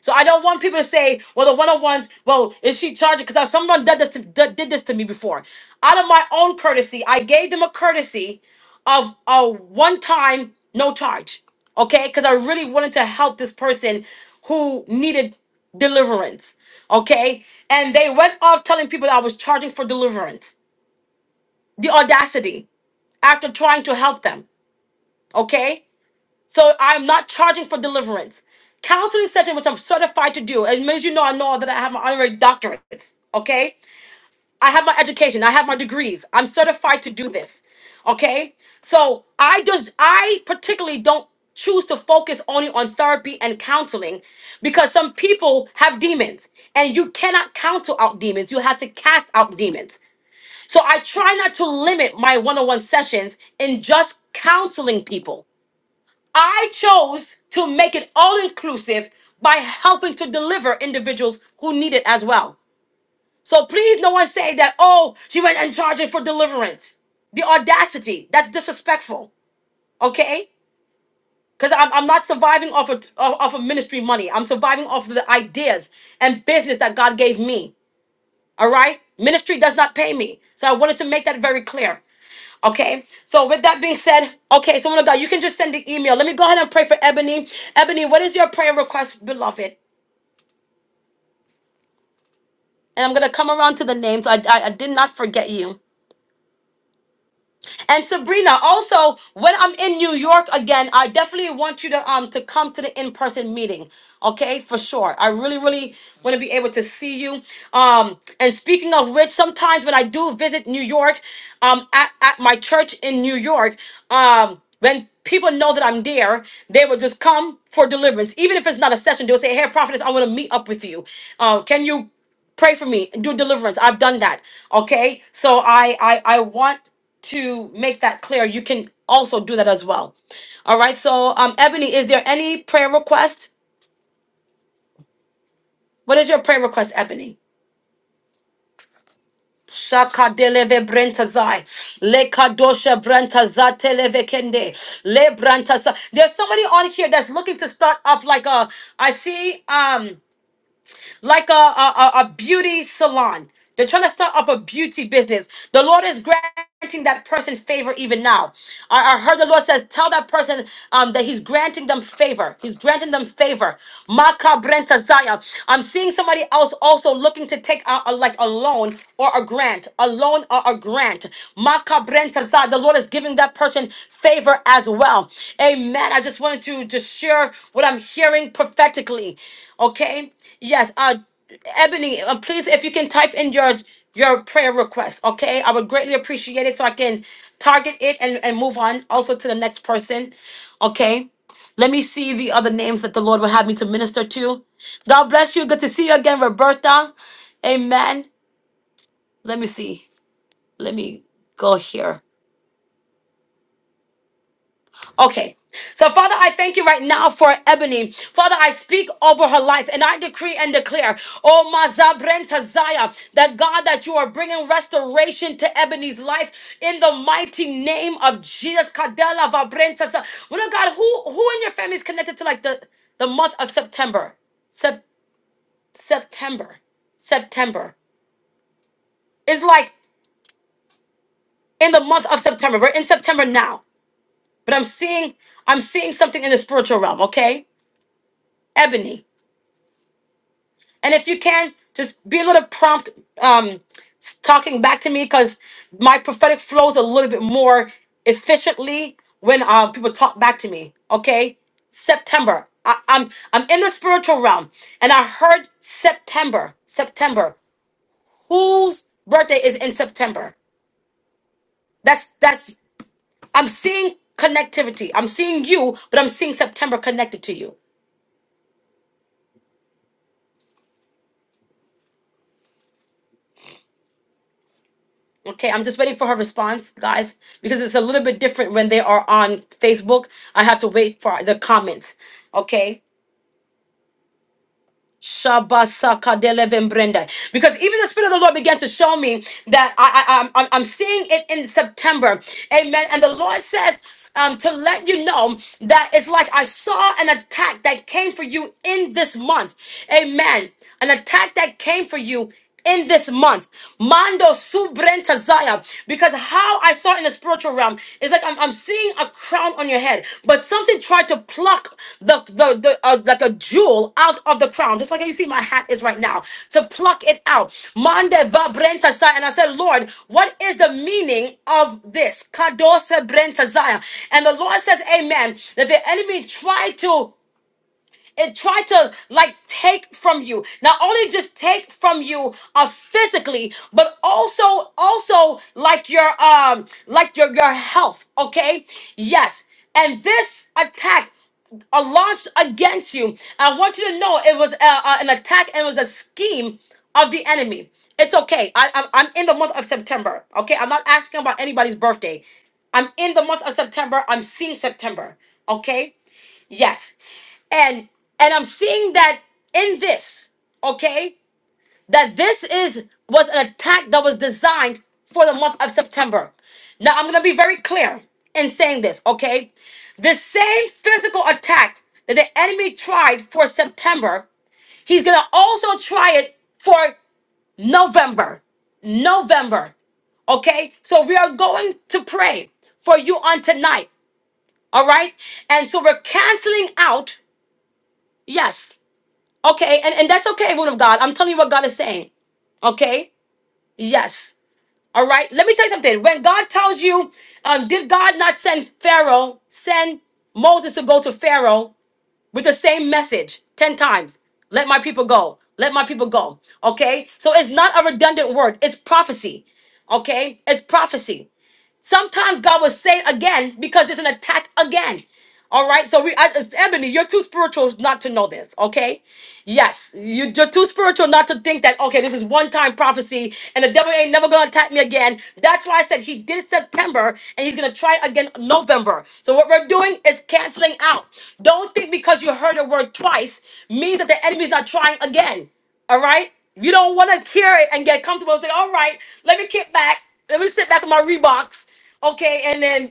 Speaker 1: So I don't want people to say, well, the one-on-ones, well, is she charging? Because someone did this, to, did did this to me before. Out of my own courtesy, I gave them a courtesy of a one-time, no charge. Okay? Because I really wanted to help this person who needed deliverance. Okay? And they went off telling people that I was charging for deliverance. The audacity after trying to help them. Okay? So I'm not charging for deliverance. Counseling session, which I'm certified to do. As many as you know, I know that I have my honorary doctorates. Okay. I have my education. I have my degrees. I'm certified to do this. Okay. So I just, I particularly don't choose to focus only on therapy and counseling because some people have demons and you cannot counsel out demons. You have to cast out demons. So I try not to limit my one on one sessions in just counseling people. I chose to make it all inclusive by helping to deliver individuals who need it as well. So please, no one say that, oh, she went and charging for deliverance. The audacity, that's disrespectful, okay? Because I'm, I'm not surviving off of, off of ministry money. I'm surviving off of the ideas and business that God gave me. All right? Ministry does not pay me. So I wanted to make that very clear. Okay, so with that being said, okay, so woman of God, you can just send the email. Let me go ahead and pray for Ebony. Ebony, what is your prayer request, beloved? And I'm gonna come around to the names. I, I, I did not forget you. And Sabrina, also, when I'm in New York again, I definitely want you to um to come to the in-person meeting. Okay, for sure. I really, really want to be able to see you. Um, and speaking of which, sometimes when I do visit New York, um, at, at my church in New York, um, when people know that I'm there, they will just come for deliverance. Even if it's not a session, they'll say, Hey, prophetess, I want to meet up with you. Uh, can you? pray for me do deliverance i've done that okay so i i i want to make that clear you can also do that as well all right so um ebony is there any prayer request what is your prayer request ebony Shakadeleve brentazai, lekadosha brentazateleve kende, le brentasa. There's somebody on here that's looking to start up like a. I see. Um, like a, a, a a beauty salon. They're trying to start up a beauty business. The Lord is granting that person favor even now. I, I heard the Lord says, tell that person um, that He's granting them favor. He's granting them favor. Makabrenta brenta zaya. I'm seeing somebody else also looking to take a, a- like a loan or a grant, a loan or a grant. Makabrentazad. The Lord is giving that person favor as well. Amen. I just wanted to just share what I'm hearing prophetically. Okay. Yes. Uh, Ebony, uh, please, if you can type in your your prayer request. Okay. I would greatly appreciate it so I can target it and and move on also to the next person. Okay. Let me see the other names that the Lord will have me to minister to. God bless you. Good to see you again, Roberta. Amen. Let me see. Let me go here. Okay. So, Father, I thank you right now for Ebony. Father, I speak over her life and I decree and declare, oh, Mazabrenta Zaya, that God, that you are bringing restoration to Ebony's life in the mighty name of Jesus. Kadela Vabrenta Zaya. Well, God, who, who in your family is connected to like the, the month of September? Sep- September. September. It's like in the month of September. We're in September now, but I'm seeing I'm seeing something in the spiritual realm. Okay, Ebony. And if you can, just be a little prompt um, s- talking back to me because my prophetic flows a little bit more efficiently when um, people talk back to me. Okay, September. I, I'm I'm in the spiritual realm, and I heard September. September. Whose birthday is in September? That's that's. I'm seeing connectivity. I'm seeing you, but I'm seeing September connected to you. Okay, I'm just waiting for her response, guys, because it's a little bit different when they are on Facebook. I have to wait for the comments. Okay. Shabasakadelevembrenda. Because even the Spirit of the Lord began to show me that I, I, I'm, I'm I'm seeing it in September. Amen. And the Lord says, um, to let you know that it's like I saw an attack that came for you in this month. Amen. An attack that came for you in this month. Mando subrentazaya. Because how I saw it in the spiritual realm is like I'm, I'm seeing a crown on your head, but something tried to pluck the the, the uh, like a jewel out of the crown, just like how you see my hat is right now, to pluck it out. Mande vabrentazaya. And I said, Lord, what is the meaning of this? Kadose brentazaya. And the Lord says, Amen, that the enemy tried to it tried to like take from you. Not only just take from you uh physically, but also also like your um like your your health, okay? Yes. And this attack uh, launched against you. I want you to know it was uh, uh, an attack and it was a scheme of the enemy. It's okay. I, I'm, I'm in the month of September. Okay. I'm not asking about anybody's birthday. I'm in the month of September. I'm seeing September. Okay. Yes. And and I'm seeing that in this, okay? That this is was an attack that was designed for the month of September. Now I'm gonna be very clear in saying this, okay? The same physical attack that the enemy tried for September, he's gonna also try it for November. November. Okay? So we are going to pray for you on tonight. All right? And so we're canceling out. Yes. Okay. And, and that's okay, woman of God. I'm telling you what God is saying. Okay. Yes. All right. Let me tell you something. When God tells you, um, did God not send Pharaoh, send Moses to go to Pharaoh with the same message 10 times? Let my people go. Let my people go. Okay. So it's not a redundant word, it's prophecy. Okay. It's prophecy. Sometimes God will say it again because there's an attack again. All right, so we, I, it's Ebony, you're too spiritual not to know this, okay? Yes, you, you're too spiritual not to think that, okay, this is one time prophecy and the devil ain't never going to attack me again. That's why I said he did September and he's going to try again November. So, what we're doing is canceling out. Don't think because you heard a word twice means that the enemy's not trying again. All right? You don't want to hear it and get comfortable and say, all right, let me kick back. Let me sit back in my Reeboks. Okay. And then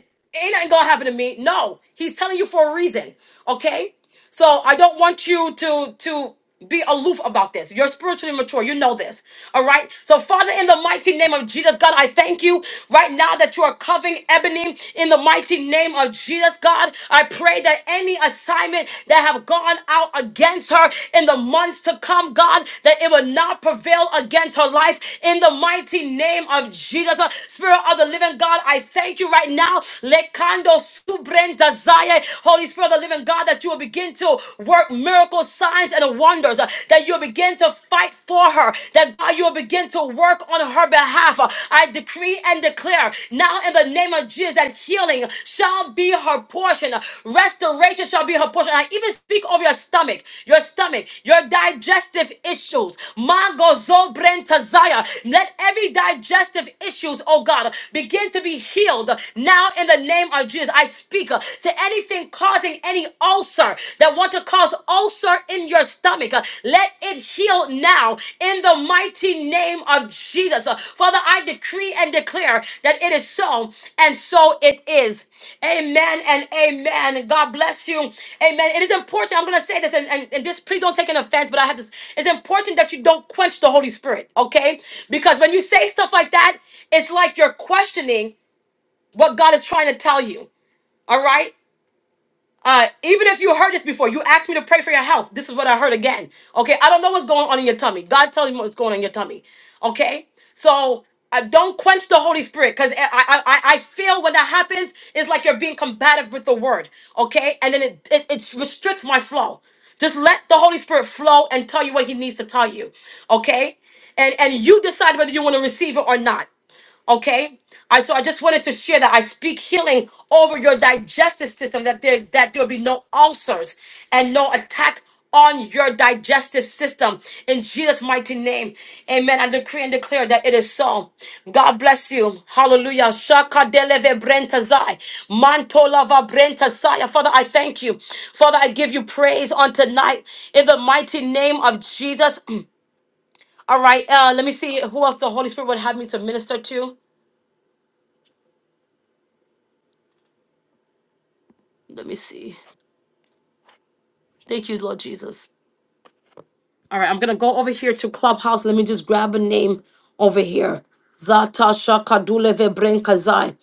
Speaker 1: ain't nothing going to happen to me. No, he's telling you for a reason. Okay? So I don't want you to to be aloof about this. You're spiritually mature. You know this. All right. So, Father, in the mighty name of Jesus, God, I thank you right now that you are covering Ebony in the mighty name of Jesus, God. I pray that any assignment that have gone out against her in the months to come, God, that it will not prevail against her life in the mighty name of Jesus. Spirit of the living God, I thank you right now. Lekando subren desire pray, Holy Spirit of the living God, that you will begin to work miracles, signs, and wonders, uh, that you'll begin to fight for her, that God, you'll begin to work on her behalf. Uh, I decree and declare now in the name of Jesus that healing shall be her portion, uh, restoration shall be her portion. I even speak over your stomach, your stomach, your digestive issues. Mango Zobrentazaya. Let every digestive issues, oh God, begin to be healed now in the name of Jesus. I speak uh, to anything causing any ulcer that want to cause ulcer in your stomach. uh, Let it heal now in the mighty name of Jesus. Uh, Father, I decree and declare that it is so, and so it is. Amen and amen. God bless you. Amen. It is important. I'm going to say this, and, and, and this, please don't take an offense, but I had this. It's important that you don't quench the Holy Spirit, okay? Because when you say stuff like that, it's like you're questioning what God is trying to tell you. All right. Uh, even if you heard this before, you asked me to pray for your health. This is what I heard again. Okay. I don't know what's going on in your tummy. God tell you what's going on in your tummy. Okay. So uh, don't quench the Holy Spirit because I, I I I feel when that happens, it's like you're being combative with the word. Okay. And then it, it, it restricts my flow. Just let the Holy Spirit flow and tell you what he needs to tell you. Okay. And, and you decide whether you want to receive it or not. Okay. I so I just wanted to share that I speak healing over your digestive system that there that there will be no ulcers and no attack on your digestive system in Jesus mighty name. Amen. I decree and declare that it is so. God bless you. Hallelujah. Shaka deleve brentazai. Mantolava brentasai. Father, I thank you. Father, I give you praise on tonight in the mighty name of Jesus. All right. Uh, let me see who else the Holy Spirit would have me to minister to. Let me see. Thank you, Lord Jesus. All right, I'm gonna go over here to Clubhouse. Let me just grab a name over here. Zata Shakaduleve Brenkazai.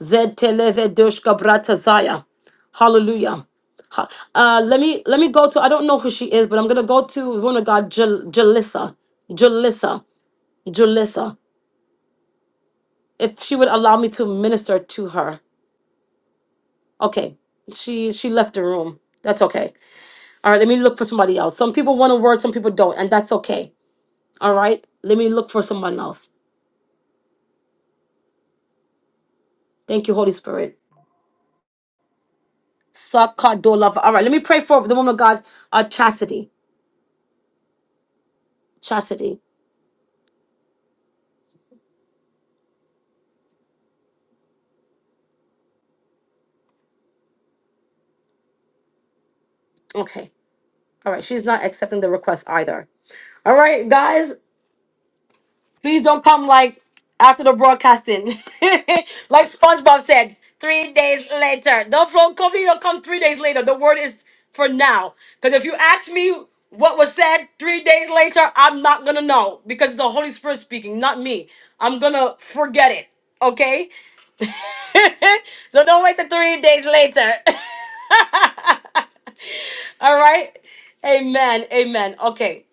Speaker 1: Zeteleve Doshka Bratazaya. Hallelujah. Ha- Uh, let me let me go to I don't know who she is, but I'm gonna go to one of God Jal- Jalissa. Jalissa. Jalissa. If she would allow me to minister to her. Okay. She she left the room. That's okay. All right, let me look for somebody else. Some people want a word, some people don't, and that's okay. All right. Let me look for someone else. Thank you, Holy Spirit. Sakadolava. All right. Let me pray for the woman of God, uh, Chastity. Chastity. Okay. All right. She's not accepting the request either. All right, guys. Please don't come like after the broadcasting. like SpongeBob said, three days later. Don't flow coffee, don't come three days later. The word is for now. Because if you ask me what was said three days later, I'm not gonna know because it's the Holy Spirit speaking, not me. I'm gonna forget it. Okay? so don't wait till three days later. All right? Amen. Amen. Okay.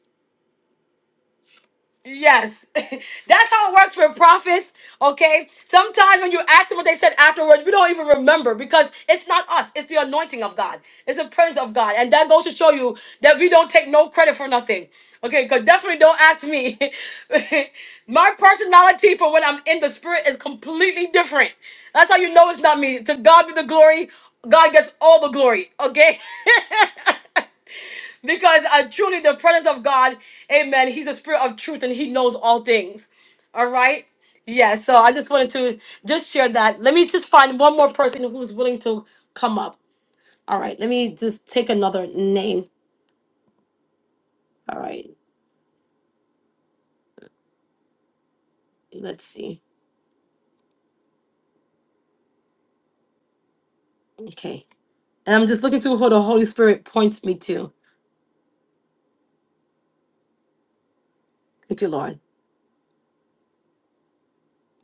Speaker 1: Yes, that's how it works for prophets. Okay, sometimes when you ask them what they said afterwards, we don't even remember because it's not us, it's the anointing of God, it's the presence of God, and that goes to show you that we don't take no credit for nothing. Okay, because definitely don't ask me. My personality for when I'm in the spirit is completely different. That's how you know it's not me. To God be the glory, God gets all the glory. Okay, Because uh, truly, the presence of God, amen, He's a spirit of truth and He knows all things. All right? Yeah, so I just wanted to just share that. Let me just find one more person who's willing to come up. All right, let me just take another name. All right, let's see. Okay. And I'm just looking to who the Holy Spirit points me to. Thank you, Lord.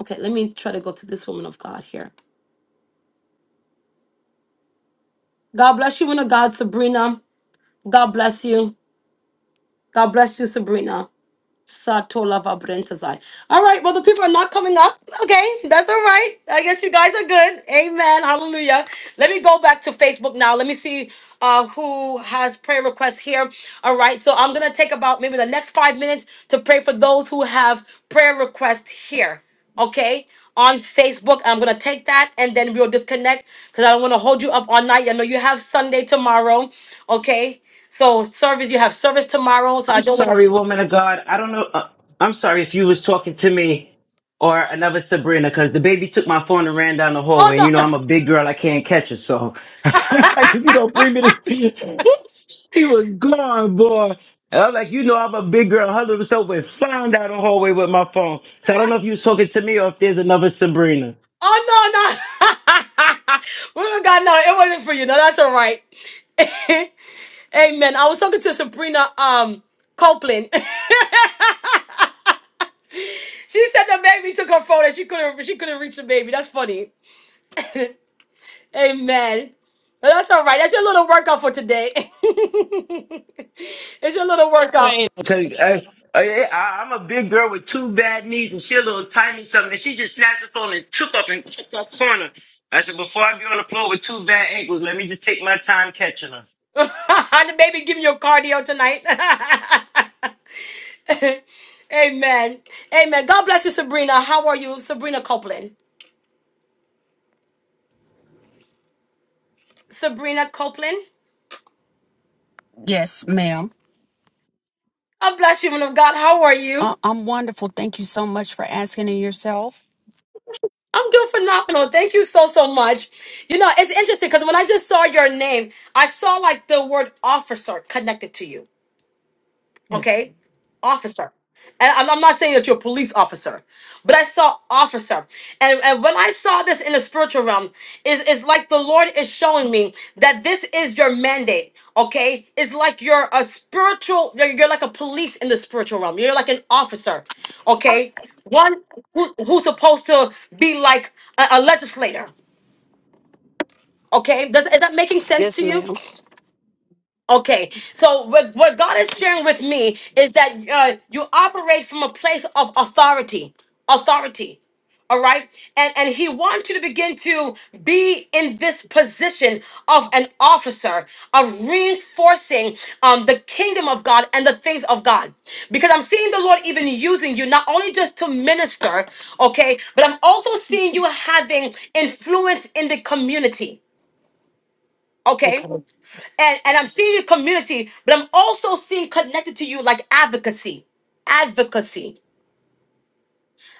Speaker 1: Okay, let me try to go to this woman of God here. God bless you, woman of God, Sabrina. God bless you. God bless you, Sabrina. Satola Vabrentazai. All right, well, the people are not coming up. Okay, that's all right. I guess you guys are good. Amen. Hallelujah. Let me go back to Facebook now. Let me see uh, who has prayer requests here. All right, so I'm going to take about maybe the next five minutes to pray for those who have prayer requests here. Okay, on Facebook, I'm gonna take that and then we'll disconnect because I don't want to hold you up all night. I know you have Sunday tomorrow. Okay, so service, you have service tomorrow, so I
Speaker 4: I'm
Speaker 1: don't want to.
Speaker 4: sorry, woman of God. I don't know. Uh, I'm sorry if you was talking to me or another Sabrina, because the baby took my phone and ran down the
Speaker 1: Oh
Speaker 4: hallway. And
Speaker 1: no!
Speaker 4: you know, I'm a big girl. I can't catch her. So I'm like, if you don't bring me this, she was gone, boy. And I'm like, you know, I'm a big girl. Her little self went flying down the hallway with my phone. So I don't know if you was talking to me or if there's another Sabrina.
Speaker 1: Oh no, no. Women of God, no, it wasn't for you. No, that's all right. Amen. I was talking to Sabrina um Copeland. she said the baby took her phone and she couldn't she couldn't reach the baby. That's funny. Amen. But that's all right. That's your little workout for today. it's your little
Speaker 4: You
Speaker 1: workout.
Speaker 4: ain't okay. Hey, hey, hey, I, I'm a big girl with two bad knees, and she a little tiny something. And she just snatched the phone and took up and kicked that corner. I said, before I be on the floor with two bad ankles, let me just take my time catching her.
Speaker 1: and the baby giving you cardio tonight. Amen. Amen. God bless you, Sabrina. How are you, Sabrina Copeland? Sabrina Copeland.
Speaker 8: Yes, ma'am.
Speaker 1: God bless you, woman of God. How are you?
Speaker 8: I- I'm wonderful. Thank you so much for asking and yourself.
Speaker 1: I'm doing phenomenal. Thank you so so much. You know, it's interesting because when I just saw your name, I saw like the word officer connected to you
Speaker 8: Yes.
Speaker 1: okay officer and i'm I'm not saying that you're a police officer but i saw officer and, and when i saw this in the spiritual realm is it's like the lord is showing me that this is your mandate okay it's like you're a spiritual you're, you're like a police in the spiritual realm you're like an officer okay one who, who's supposed to be like a, a legislator okay Does, is that making sense
Speaker 8: Yes,
Speaker 1: to you
Speaker 8: ma'am.
Speaker 1: Okay, so what, what God is sharing with me is that uh, you operate from a place of authority, authority. All right, and and He wants you to begin to be in this position of an officer of reinforcing um, the kingdom of God and the things of God, because I'm seeing the Lord even using you not only just to minister, okay, but I'm also seeing you having influence in the community. Okay
Speaker 8: Okay.
Speaker 1: and and I'm seeing your community, but I'm also seeing connected to you like advocacy, advocacy.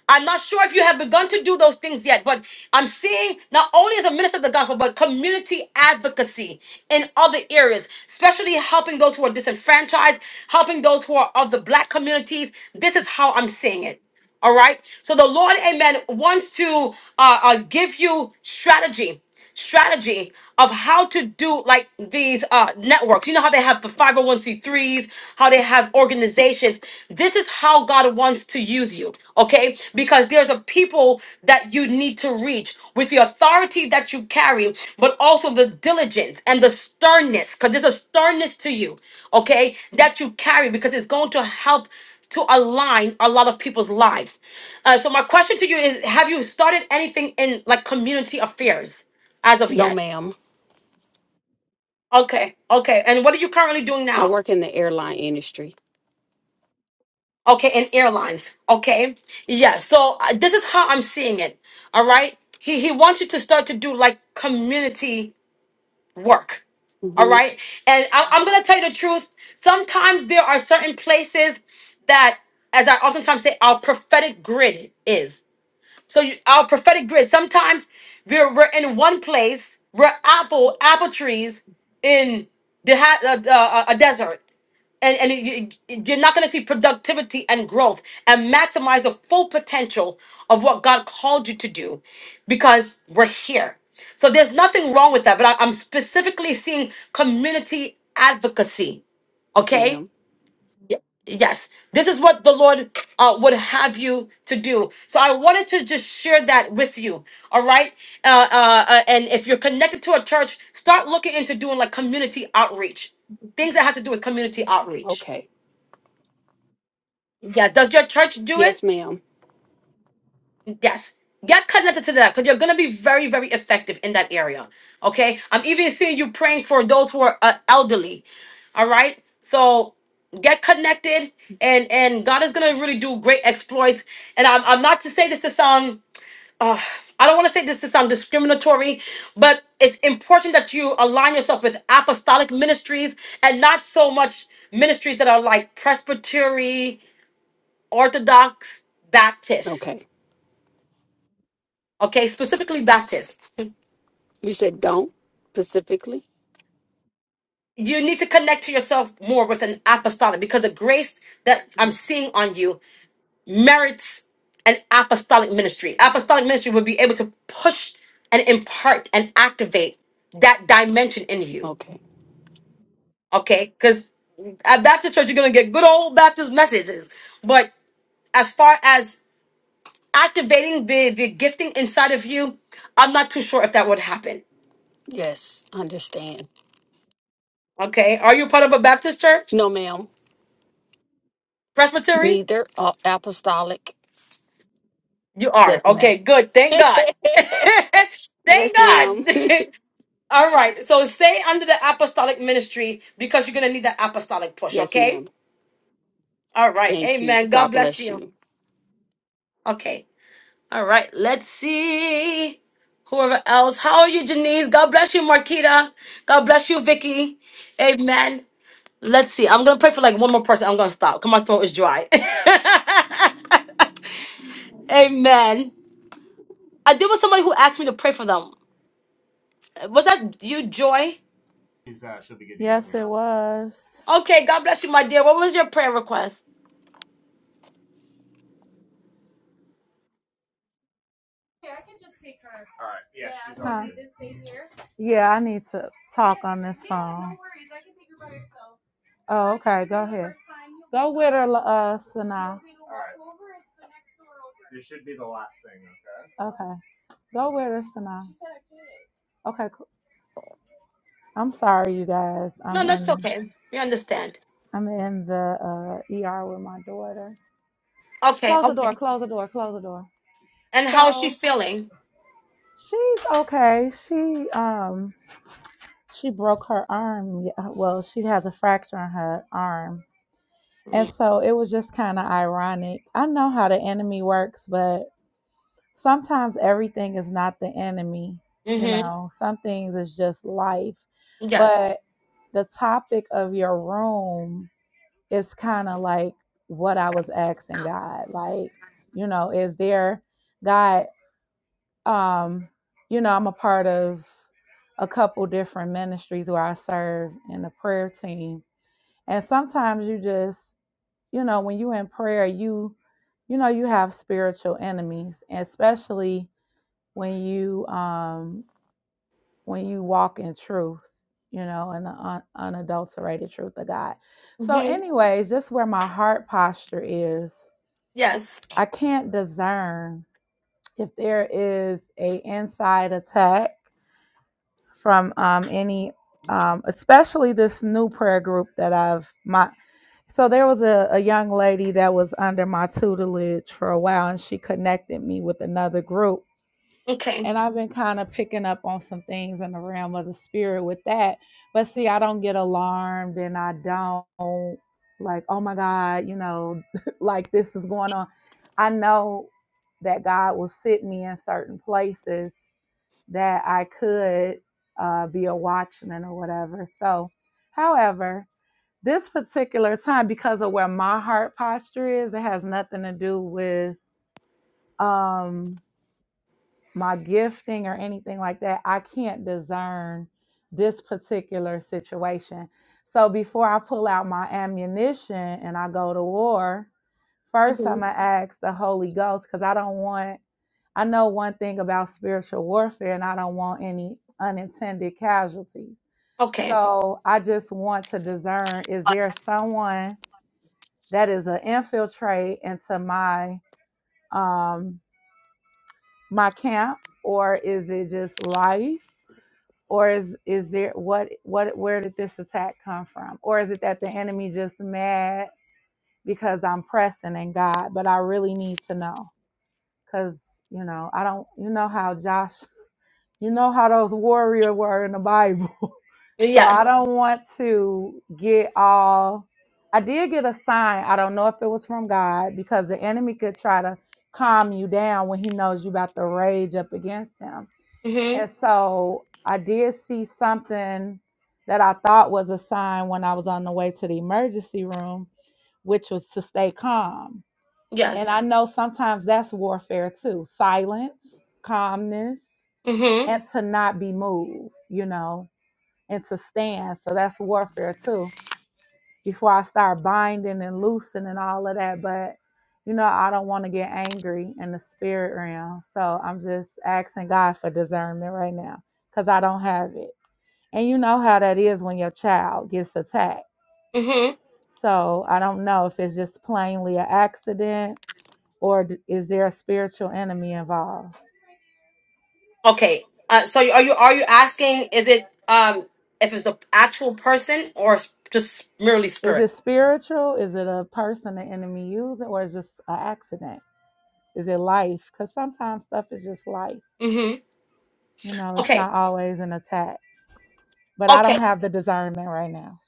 Speaker 1: I'm not sure if you have begun to do those things yet, but I'm seeing not only as a minister of the gospel, but community advocacy in other areas, especially helping those who are disenfranchised, helping those who are of the black communities. This is how I'm seeing it. All right. So the Lord, amen, wants to uh, uh, give you strategy strategy of how to do like these uh, networks. You know how they have the 501c3s, how they have organizations. This is how God wants to use you, okay? Because there's a people that you need to reach with the authority that you carry, but also the diligence and the sternness, because there's a sternness to you, okay, that you carry because it's going to help to align a lot of people's lives. Uh, so my question to you is have you started anything in like community affairs? as of
Speaker 8: No,
Speaker 1: yet.
Speaker 8: ma'am.
Speaker 1: Okay, okay. And what are you currently doing
Speaker 8: I
Speaker 1: now?
Speaker 8: work in the airline industry.
Speaker 1: Okay, in airlines. Okay, yeah. So uh, this is how I'm seeing it. All right. He he wants you to start to do like community work. All
Speaker 8: hmm
Speaker 1: right. And I, I'm gonna tell you the truth. Sometimes there are certain places that, as I oftentimes say, our prophetic grid is. So you, our prophetic grid. Sometimes we're we're in one place. We're apple apple trees in the ha- uh, uh, uh, a desert. and, and you, you- you're not going to see productivity and growth and maximize the full potential of what God called you to do because we're here. So there's nothing wrong with that, but I, I'm specifically seeing community advocacy.
Speaker 8: Yes,
Speaker 1: Okay?
Speaker 8: ma'am.
Speaker 1: Yes. This is what the Lord uh, would have you to do. So I wanted to just share that with you. All right? Uh, uh, uh, and if you're connected to a church, start looking into doing like community outreach. Things that have to do with community outreach
Speaker 8: Okay.
Speaker 1: Yes. Does your church do it?
Speaker 8: Yes, ma'am.
Speaker 1: Yes. Get connected to that because you're going to be very, very effective in that area. Okay. I'm even seeing you praying for those who are uh, elderly. All right. So get connected and and God is going to really do great exploits. And I'm, I'm not to say this to sound, uh, I don't want to say this to sound discriminatory, but it's important that you align yourself with apostolic ministries and not so much ministries that are like Presbytery, Orthodox, Baptist.
Speaker 8: Okay.
Speaker 1: okay, specifically Baptist,
Speaker 8: You said don't specifically?
Speaker 1: you need to connect to yourself more with an apostolic because the grace that I'm seeing on you merits an apostolic ministry. Apostolic ministry will be able to push and impart and activate that dimension in you,
Speaker 8: Okay.
Speaker 1: okay? Because at Baptist church, you're going to get good old Baptist messages, but as far as activating the, the gifting inside of you, I'm not too sure if that would happen.
Speaker 8: Yes, understand.
Speaker 1: Okay. Are you part of a Baptist church?
Speaker 8: No, ma'am.
Speaker 1: Presbytery?
Speaker 8: Neither uh, apostolic.
Speaker 1: You are.
Speaker 8: Yes, ma'am.
Speaker 1: Okay, good. Thank God. Thank
Speaker 8: yes, ma'am.
Speaker 1: God. All right. So stay under the apostolic ministry because you're going to need that apostolic push,
Speaker 8: Yes,
Speaker 1: okay?
Speaker 8: ma'am.
Speaker 1: All right.
Speaker 8: Thank you.
Speaker 1: Amen.
Speaker 8: God
Speaker 1: God bless
Speaker 8: bless
Speaker 1: you.
Speaker 8: you.
Speaker 1: Okay. All right. Let's see. Whoever else. How are you, Janice? God bless you, Marquita. God bless you, Vicky. Amen. Let's see. I'm going to pray for like one more person. I'm going to stop because my throat is dry. Amen. I did with somebody who asked me to pray for them. Was that you, Joy?
Speaker 9: Yes, it was.
Speaker 1: Okay, God bless you, my dear. What was your prayer request?
Speaker 9: Huh. Yeah, I need to Yeah, talk yeah, on this phone. No Oh, okay. Go ahead. Go with her, uh, Sanaa. Okay. Go with her, Sanaa. Okay. cool. I'm sorry, you guys. I'm
Speaker 1: No, that's
Speaker 9: in.
Speaker 1: okay. We understand.
Speaker 9: I'm in the uh, ER with my daughter.
Speaker 1: Okay,
Speaker 9: Close the door.
Speaker 1: okay.
Speaker 9: Close the door. Close the door.
Speaker 1: And how is she
Speaker 9: So
Speaker 1: feeling?
Speaker 9: she's okay. She um. she broke her arm. y- uh, Well, she has a fracture in her arm. And so it was just kind of ironic. I know how the enemy works, but sometimes everything is not the enemy. You
Speaker 1: Mm-hmm.
Speaker 9: know, some things is just life. But
Speaker 1: Yes.
Speaker 9: the topic of your room is kind of like what I was asking God. Like, you know, is there, God, um, you know, I'm a part of a couple different ministries where I serve in the prayer team. And sometimes you just, you know, when you in prayer, you you know, you have spiritual enemies, and especially when you um when you walk in truth, you know, and the un- unadulterated truth of God. So
Speaker 1: Mm-hmm.
Speaker 9: anyways, just where my heart posture is,
Speaker 1: Yes.
Speaker 9: I can't discern if there is a inside attack from um, any, um, especially this new prayer group that I've my. So there was a, a young lady that was under my tutelage for a while, and she connected me with another group
Speaker 1: Okay.
Speaker 9: and I've been kind of picking up on some things in the realm of the spirit with that. But see, I don't get alarmed and I don't like, oh my God, you know, like this is going on. I know that God will sit me in certain places that I could uh, be a watchman or whatever. So, however, this particular time, because of where my heart posture is, it has nothing to do with um my gifting or anything like that. I can't discern this particular situation. So before I pull out my ammunition and I go to war, first
Speaker 1: Mm-hmm.
Speaker 9: I'm going to ask the Holy Ghost because I don't want, I know one thing about spiritual warfare and I don't want any unintended casualties.
Speaker 1: Okay.
Speaker 9: So I just want to discern is there someone that is an infiltrate into my um my camp or is it just life or is is there what what where did this attack come from or is it that the enemy just mad because i'm pressing in god but i really need to know because you know i don't you know how josh you know how those warrior were in the bible so i
Speaker 1: Yes.
Speaker 9: don't want to get all i did get a sign i don't know if it was from god because the enemy could try to calm you down when he knows you about to rage up against him
Speaker 1: Mm-hmm.
Speaker 9: and so I did see something that I thought was a sign when I was on the way to the emergency room, which was to stay calm. And I
Speaker 1: Yes.
Speaker 9: know sometimes that's warfare too silence, calmness,
Speaker 1: Mm-hmm.
Speaker 9: and to not be moved, you know, and to stand. So that's warfare too before I start binding and loosening and all of that. But you know, I don't want to get angry in the spirit realm. So I'm just asking God for discernment right now because I don't have it. And you know how that is when your child gets attacked.
Speaker 1: Mm-hmm.
Speaker 9: So I don't know if it's just plainly an accident or d- is there a spiritual enemy involved?
Speaker 1: Okay. Uh, so are you are you asking? Is it um if it's an actual person or s- just merely
Speaker 9: Is
Speaker 1: spirit?
Speaker 9: it spiritual? Is it a person the enemy using or is it just an accident? Is it life? Because sometimes stuff is just life.
Speaker 1: Mm-hmm.
Speaker 9: You know, it's
Speaker 1: Okay.
Speaker 9: not always an attack. but I don't
Speaker 1: Okay.
Speaker 9: have the discernment right now.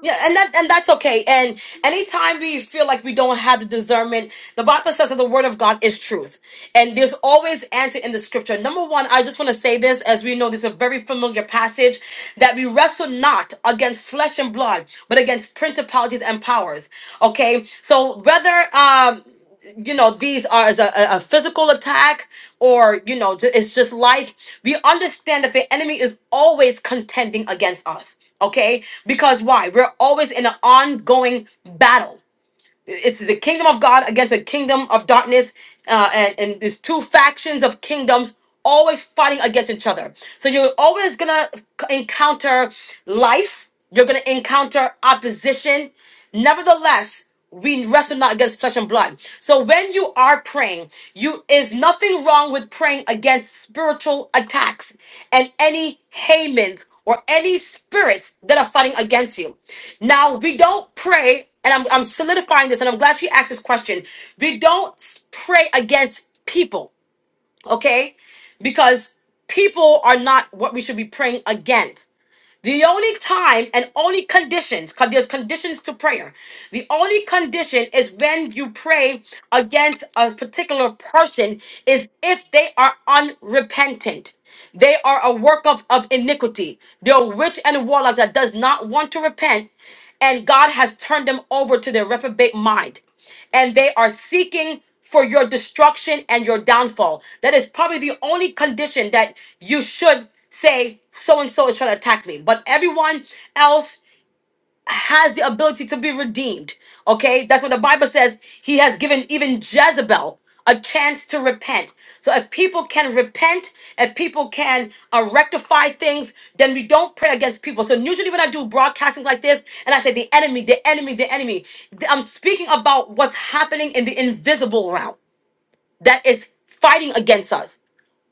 Speaker 1: Yeah, and that and that's okay. And anytime we feel like we don't have the discernment, the Bible says that the word of God is truth. And there's always answer in the scripture. Number one, I just want to say this, as we know this is a very familiar passage, that we wrestle not against flesh and blood, but against principalities and powers. Okay. So whether um you know these are as a, a a physical attack or you know ju- it's just life we understand that the enemy is always contending against us okay because why we're always in an ongoing battle it's the kingdom of God against the kingdom of darkness, uh, and and these two factions of kingdoms always fighting against each other. So you're always gonna encounter life. You're gonna encounter opposition. Nevertheless, we wrestle not against flesh and blood. So when you are praying, you is nothing wrong with praying against spiritual attacks and any Hamans or any spirits that are fighting against you. Now we don't pray and I'm, I'm solidifying this, and I'm glad she asked this question. We don't pray against people, okay? Because people are not what we should be praying against. The only time and only conditions, because there's conditions to prayer. The only condition is when you pray against a particular person, is if they are unrepentant. They are a work of, of iniquity. They're rich and warlock that does not want to repent and God has turned them over to their reprobate mind. And they are seeking for your destruction and your downfall. That is probably the only condition that you should say, so and so is trying to attack me. But everyone else has the ability to be redeemed. Okay, that's what the Bible says. He has given even Jezebel a chance to repent. So if people can repent, if people can uh, rectify things, then we don't pray against people. So usually when I do broadcasting like this, and I say the enemy, the enemy, the enemy, th- I'm speaking about what's happening in the invisible realm that is fighting against us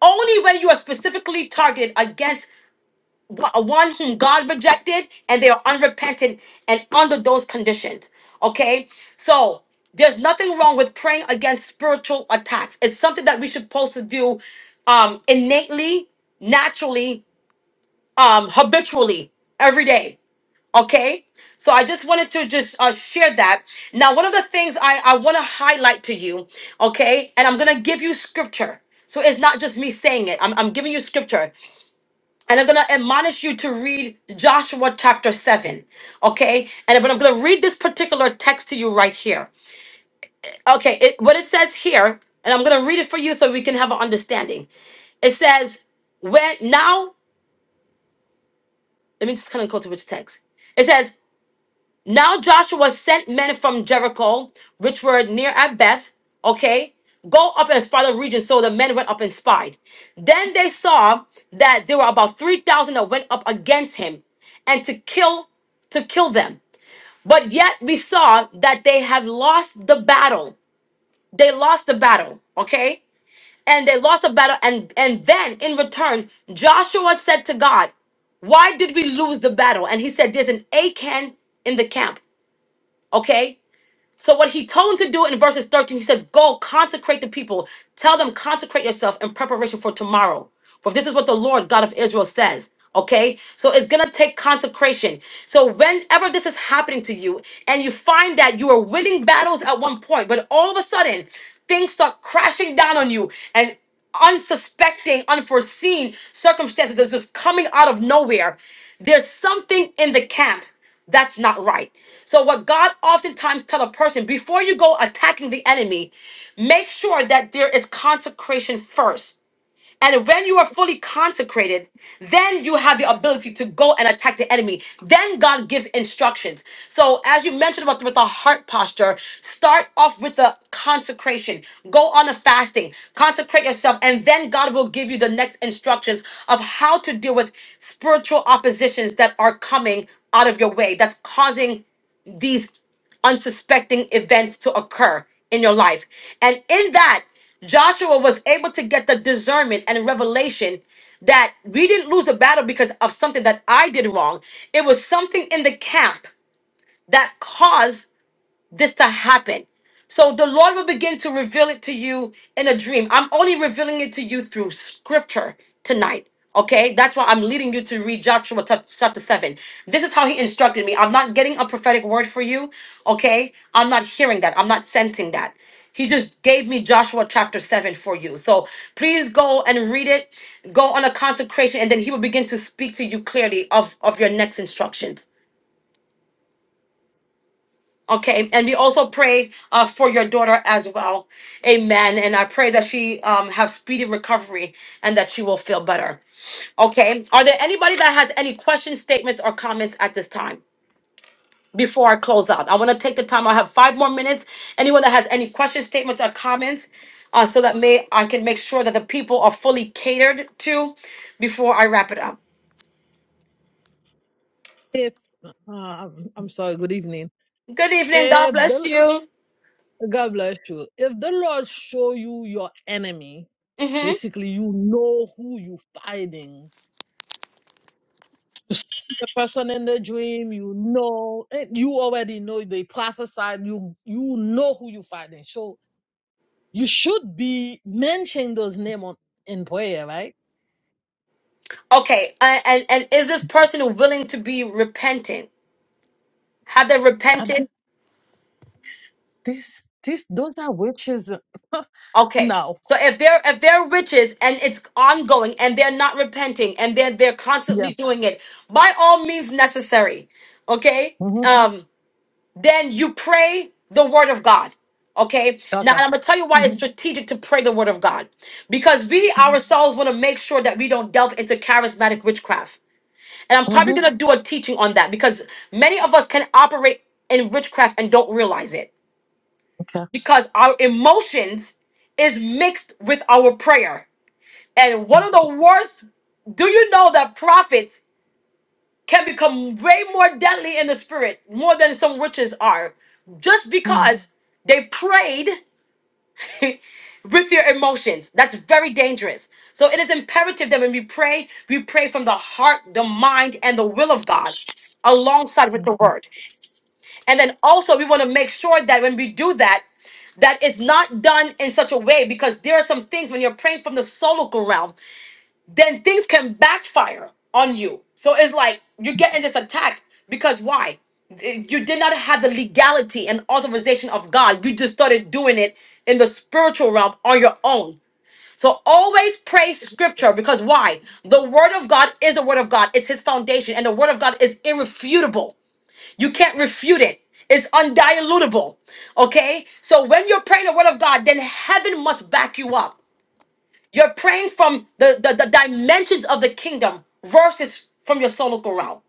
Speaker 1: only when you are specifically targeted against a one whom God rejected, and they are unrepentant and under those conditions. Okay, so there's nothing wrong with praying against spiritual attacks. It's something that we should supposed to do um, innately, naturally, um, habitually every day. Okay, so I just wanted to just uh, share that. Now, one of the things I, I want to highlight to you, okay, and I'm gonna give you scripture. So it's not just me saying it. I'm, I'm giving you scripture. And I'm going to admonish you to read Joshua chapter 7. Okay? And but I'm going to read this particular text to you right here. Okay, it, what it says here, and I'm going to read it for you so we can have an understanding. It says, when now, let me just kind of go to which text. It says, Now Joshua sent men from Jericho, which were near at Beth, okay, go up and spy the region. So the men went up and spied. Then they saw that there were about 3,000 that went up against him and to kill to kill them. But yet we saw that they have lost the battle. They lost the battle, okay? And they lost the battle and and then in return Joshua said to God, why did we lose the battle? And he said, There's an Achan in the camp. Okay? So what he told him to do in verses 13, he says, Go consecrate the people. Tell them, consecrate yourself in preparation for tomorrow. For this is what the Lord God of Israel says. Okay? So it's gonna take consecration. So whenever this is happening to you, and you find that you are winning battles at one point, but all of a sudden things start crashing down on you and unsuspecting, unforeseen circumstances is just coming out of nowhere. There's something in the camp. That's not right. So what God oftentimes tell a person before you go attacking the enemy, make sure that there is consecration first. And when you are fully consecrated, then you have the ability to go and attack the enemy. Then God gives instructions. So, as you mentioned about with the heart posture, start off with the consecration. Go on a fasting, consecrate yourself, and then God will give you the next instructions of how to deal with spiritual oppositions that are coming out of your way, that's causing these unsuspecting events to occur in your life. And in that, Joshua was able to get the discernment and revelation that we didn't lose the battle because of something that I did wrong. It was something in the camp that caused this to happen. So the Lord will begin to reveal it to you in a dream. I'm only revealing it to you through scripture tonight. Okay, that's why I'm leading you to read Joshua chap- chapter 7. This is how he instructed me. I'm not getting a prophetic word for you. Okay, I'm not hearing that. I'm not sensing that. He just gave me Joshua chapter 7 for you. So please go and read it. Go on a consecration, and then he will begin to speak to you clearly of, of your next instructions. Okay, and we also pray uh, for your daughter as well. Amen. And I pray that she um, have speedy recovery and that she will feel better. Okay, are there anybody that has any questions, statements, or comments at this time? Before I close out, I want to take the time. I have five more minutes. Anyone that has any questions, statements, or comments, uh, so that may I can make sure that the people are fully catered to before I wrap it up.
Speaker 10: If um, I'm sorry, good evening.
Speaker 1: Good evening. God
Speaker 10: If
Speaker 1: bless
Speaker 10: the
Speaker 1: you.
Speaker 10: God bless you. If the Lord show you your enemy,
Speaker 1: hmm
Speaker 10: basically you know who you fighting. You see The person in the dream, you know, and you already know they prophesied. You you know who you fighting. So you should be mentioning those names on, in prayer, right?
Speaker 1: Okay, and, and and is this person willing to be repentant? Have they
Speaker 10: I go,
Speaker 1: repented?
Speaker 10: this this those are witches.
Speaker 1: Okay.
Speaker 10: no,
Speaker 1: So if they're if they're riches and it's ongoing and they're not repenting and they're they're
Speaker 10: yeah,
Speaker 1: constantly doing it, by all means necessary. Okay?
Speaker 10: hmm
Speaker 1: Um, then you pray the word of God. Okay. Now
Speaker 10: okay,
Speaker 1: I'm gonna tell you why
Speaker 10: hmm
Speaker 1: it's strategic to pray the word of God. Because we ourselves want to make sure that we don't delve into charismatic witchcraft. And I'm probably
Speaker 10: hmm
Speaker 1: gonna do a teaching on that because many of us can operate in witchcraft and don't realize it
Speaker 10: okay.
Speaker 1: because our emotions is mixed with our prayer. And one of the worst, do you know that prophets can become way more deadly in the spirit, more than some witches are, just
Speaker 10: Um.
Speaker 1: because they prayed with their emotions. That's very dangerous. So it is imperative that when we pray, we pray from the heart, the mind, and the will of God alongside with the word. And then also we want to make sure that when we do that, that it's not done in such a way because there are some things when you're praying from the solical realm, then things can backfire on you. So it's like you're getting this attack because why? You did not have the legality and authorization of God. You just started doing it in the spiritual realm on your own. So always pray scripture because why? The word of God is the word of God. It's his foundation and the word of God is irrefutable. You can't refute it. It's undilutable. Okay? So when you're praying the word of God, then heaven must back you up. You're praying from the, the, the dimensions of the kingdom versus from your solo realm.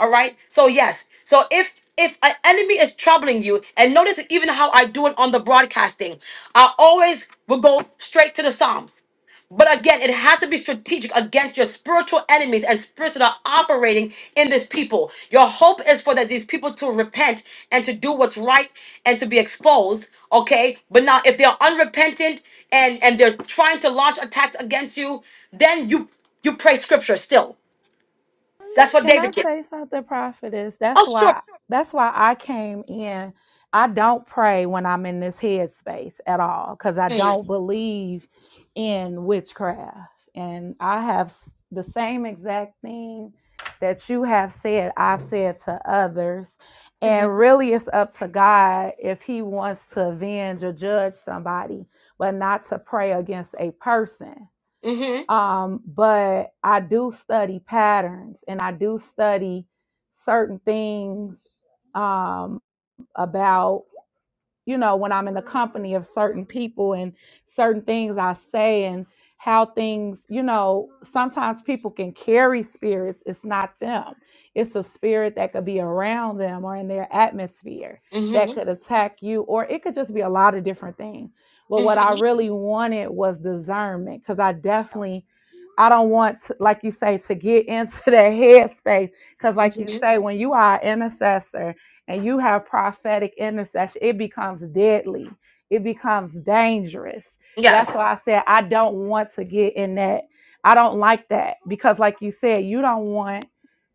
Speaker 1: All right. So yes. So if if an enemy is troubling you, and notice even how I do it on the broadcasting, I always will go straight to the Psalms. But again, it has to be strategic against your spiritual enemies and spirits that are operating in this people. Your hope is for that these people to repent and to do what's right and to be exposed. Okay. But now if they are unrepentant and and they're trying to launch attacks against you, then you you pray scripture still. That's what
Speaker 9: Can
Speaker 1: David
Speaker 9: I
Speaker 1: did.
Speaker 9: say something, prophetess?
Speaker 1: Oh
Speaker 9: That's
Speaker 1: sure.
Speaker 9: why that's why I came in. I don't pray when I'm in this headspace at all because I don't believe in witchcraft. And I have s- the same exact thing that you have said, I've said to others.
Speaker 1: Mhm.
Speaker 9: And really, it's up to God if He wants to avenge or judge somebody, but not to pray against a person
Speaker 1: Mhm.
Speaker 9: um, but I do study patterns and I do study certain things um, about you know, when I'm in the company of certain people and certain things I say and how things, you know, sometimes people can carry spirits. It's not them, it's a spirit that could be around them or in their atmosphere that
Speaker 1: Mhm.
Speaker 9: could attack you, or it could just be a lot of different things. But what I
Speaker 1: Mhm.
Speaker 9: really wanted was discernment because I definitely. I don't want, to, like you say, to get into the headspace. Because, like you
Speaker 1: Mhm.
Speaker 9: say, when you are an intercessor, and you have prophetic intercession, it becomes deadly. It becomes dangerous. That's why
Speaker 1: Yes.
Speaker 9: I said I don't want to get in that. I don't like that because, like you said, you don't want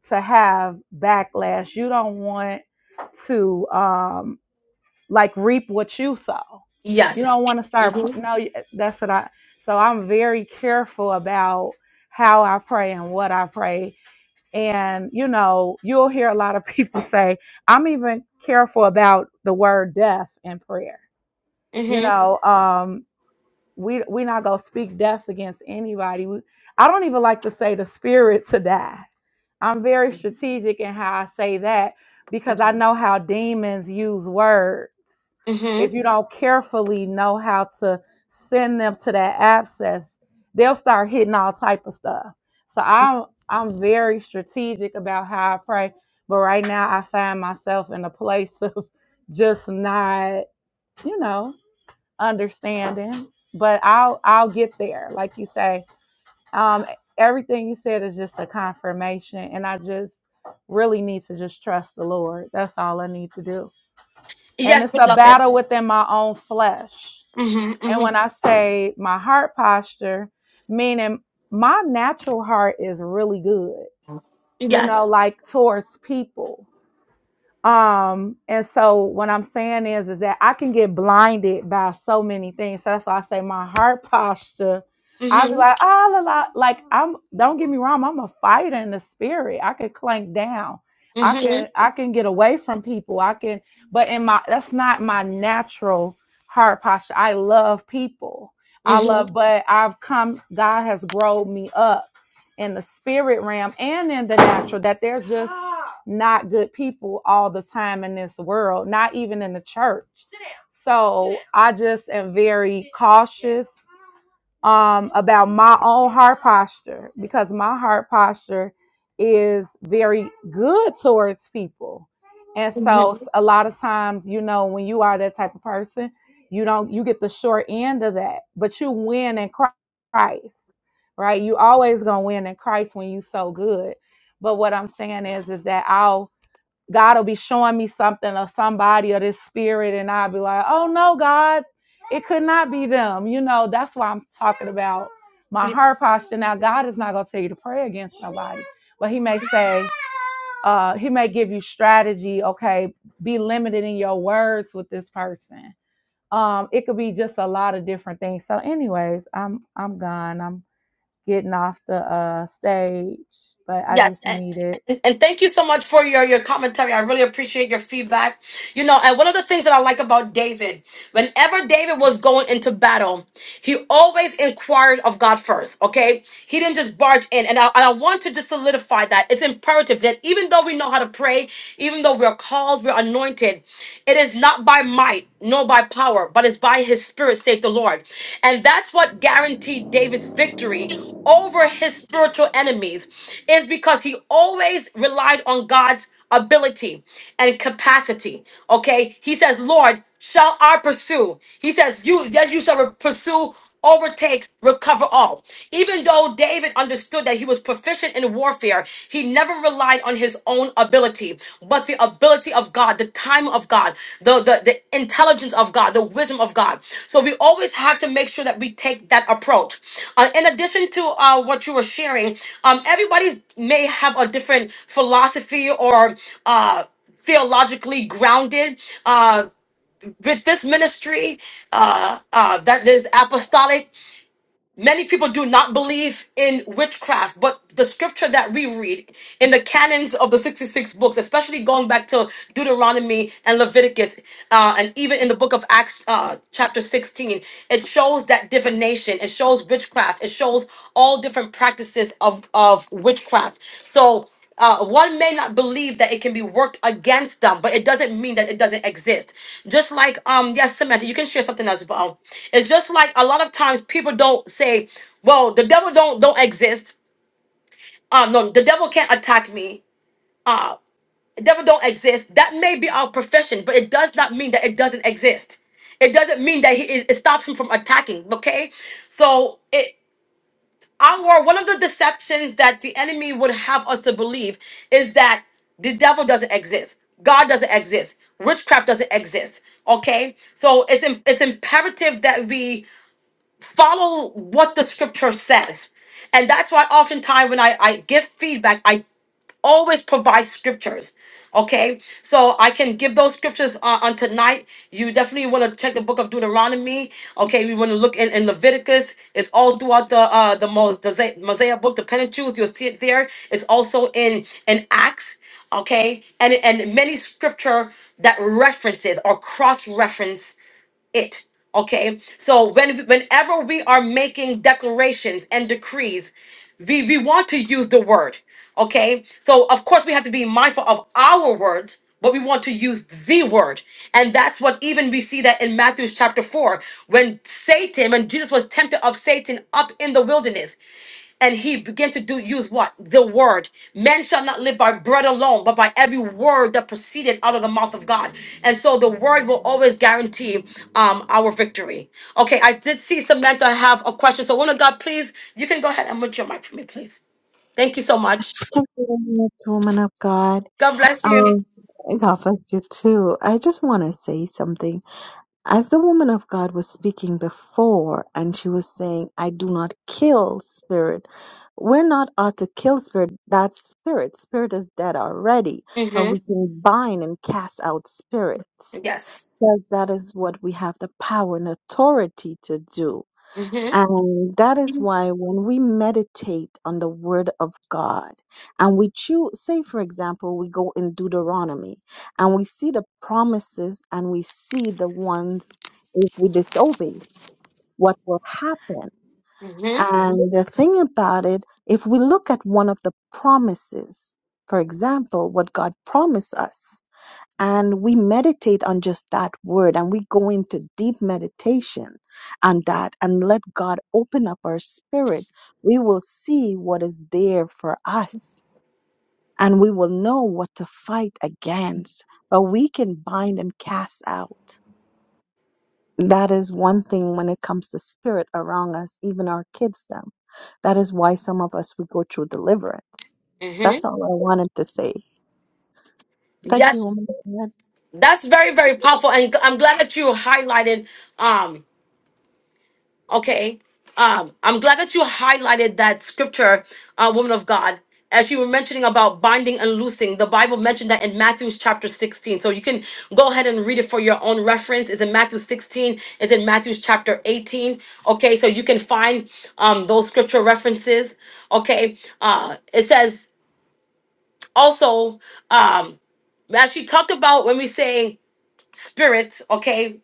Speaker 9: to have backlash. You don't want to um, like reap what you sow. You don't
Speaker 1: Yes.
Speaker 9: want to start. pr-
Speaker 1: Mhm.
Speaker 9: No, you- that's what I. So I'm very careful about how I pray and what I pray and, you know, you'll hear a lot of people say, I'm even careful about the word death in prayer. You
Speaker 1: Mhm.
Speaker 9: know, um, we we not gonna speak death against anybody. We, I don't even like to say the spirit to die. I'm very strategic in how I say that because I
Speaker 1: Mhm.
Speaker 9: know how demons use words if
Speaker 1: Mhm.
Speaker 9: you don't carefully know how to send them to that abscess, they'll start hitting all type of stuff. So I'm I'm very strategic about how I pray, but right now I find myself in a place of just not, you know, understanding. But I'll I'll get there, like you say. Um, everything you said is just a confirmation, and I just really need to just trust the Lord. That's all I need to do. And
Speaker 1: Yes,
Speaker 9: it's a
Speaker 1: beloved.
Speaker 9: battle within my own flesh.
Speaker 1: Mhm.
Speaker 9: And
Speaker 1: Mhm.
Speaker 9: when I say my heart posture, meaning my natural heart is really good, you know,
Speaker 1: Yes.
Speaker 9: like towards people um, and so what I'm saying is, is that I can get blinded by so many things. So that's why I say my heart posture. I'll be
Speaker 1: Mhm.
Speaker 9: like, ah, la, la. like I'm. Don't get me wrong. I'm a fighter in the spirit. I can clank down. I
Speaker 1: Mhm.
Speaker 9: can. I can get away from people. I can. But in my, that's not my natural heart posture. I love people. I
Speaker 1: Mhm.
Speaker 9: love, but I've come. God has grown me up in the spirit realm and in the natural that there's just not good people all the time in this world, not even in the church. So I just am very cautious um, about my own heart posture because my heart posture is very good towards people. And so a lot of times, you know, when you are that type of person, you don't you get the short end of that, but you win in Christ right? You always gonna win in Christ when you so good. But what I'm saying is, is that I'll God will be showing me something or somebody or this spirit, and I'll be like, oh no, God, it could not be them. You know, that's why I'm talking about my
Speaker 1: Mhm.
Speaker 9: heart posture. Now, God is not gonna tell you to pray against nobody, but He may say, uh, He may give you strategy. Okay, be limited in your words with this person. Um, it could be just a lot of different things. So, anyways, I'm I'm gone. I'm getting off the uh, stage, but I
Speaker 1: Yes,
Speaker 9: just
Speaker 1: and,
Speaker 9: need it.
Speaker 1: and and thank you so much for your your commentary. I really appreciate your feedback. You know, and one of the things that I like about David, whenever David was going into battle, he always inquired of God first. Okay, he didn't just barge in, and I, and I want to just solidify that it's imperative that even though we know how to pray, even though we're called, we're anointed, it is not by might nor by power, but it's by his spirit, saith the Lord. And that's what guaranteed David's victory over his spiritual enemies, is because he always relied on God's ability and capacity. Okay? He says, Lord, shall I pursue? He says, You yes, you shall pursue overtake, recover all. Even though David understood that he was proficient in warfare, he never relied on his own ability, but the ability of God, the time of God, the, the, the intelligence of God, the wisdom of God. So we always have to make sure that we take that approach. Uh, in addition to uh, what you were sharing, um, everybody may have a different philosophy or uh, theologically grounded. Uh, with this ministry uh, uh, that is apostolic. Many people do not believe in witchcraft, but the scripture that we read in the canons of the 66 books, especially going back to Deuteronomy and Leviticus, uh, and even in the book of Acts, uh, chapter 16, it shows that divination, it shows witchcraft, it shows all different practices of, of witchcraft. So, uh, one may not believe that it can be worked against them, but it doesn't mean that it doesn't exist. Just like um, yes, Samantha, you can share something as well. It's just like a lot of times people don't say, "Well, the devil don't don't exist." Um, no, the devil can't attack me. Uh, the devil don't exist. That may be our profession, but it does not mean that it doesn't exist. It doesn't mean that he is, it stops him from attacking. Okay, so it our one of the deceptions that the enemy would have us to believe is that the devil doesn't exist god doesn't exist witchcraft doesn't exist okay so it's im- it's imperative that we follow what the scripture says and that's why oftentimes when i i give feedback always provide scriptures. Okay, so I can give those scriptures uh, on tonight. You definitely want to check the book of Deuteronomy. Okay, we want to look in, in Leviticus. It's all throughout the uh, the Mos- the Mosaic book, the Pentateuch. You'll see it there. It's also in in Acts. Okay, and and many scripture that references or cross reference it. Okay. So when whenever we are making declarations and decrees, we, we want to use the word. Okay. So of course we have to be mindful of our words, but we want to use the word. And that's what even we see that in Matthew chapter four, when Satan, when Jesus was tempted of Satan up in the wilderness and he began to do use what the word man shall not live by bread alone but by every word that proceeded out of the mouth of god and so the word will always guarantee um our victory okay i did see samantha have a question so woman of god please you can go ahead and mute your mic for me please thank you so much
Speaker 7: Thank you very much, woman of God.
Speaker 1: god bless you
Speaker 7: Oh, God bless you too. I just want to say something. As the woman of God was speaking before, and she was saying, I do not kill spirit. We're not ought to kill spirit. That's spirit. Spirit is dead already, but
Speaker 1: hmm
Speaker 7: we can bind and cast out spirits. Because that is what we have the power and authority to do
Speaker 1: hmm
Speaker 7: and that is why when we meditate on the word of God and we choose, say, for example, we go in Deuteronomy and we see the promises and we see the ones if we disobey, what will happen.
Speaker 1: hmm
Speaker 7: And the thing about it, if we look at one of the promises, for example, what God promised us, and we meditate on just that word and we go into deep meditation on that and let God open up our spirit, we will see what is there for us and we will know what to fight against. But we can bind and cast out. That is one thing when it comes to spirit around us, even our kids, them. That is why some of us we go through deliverance.
Speaker 1: hmm
Speaker 7: That's all I wanted to say. Thank you,
Speaker 1: Yes.
Speaker 7: woman.
Speaker 1: That's very, very powerful. And i I'm glad that you highlighted um Okay. Um, I'm glad that you highlighted that scripture, uh, woman of God. As you were mentioning about binding and loosing, the Bible mentioned that in Matthew chapter 16. So you can go ahead and read it for your own reference. It's in Matthew 16, it's in Matthew chapter 18. Okay, so you can find um, those scripture references. Okay, uh, it says also, um, as she talked about when we say, spirit, okay?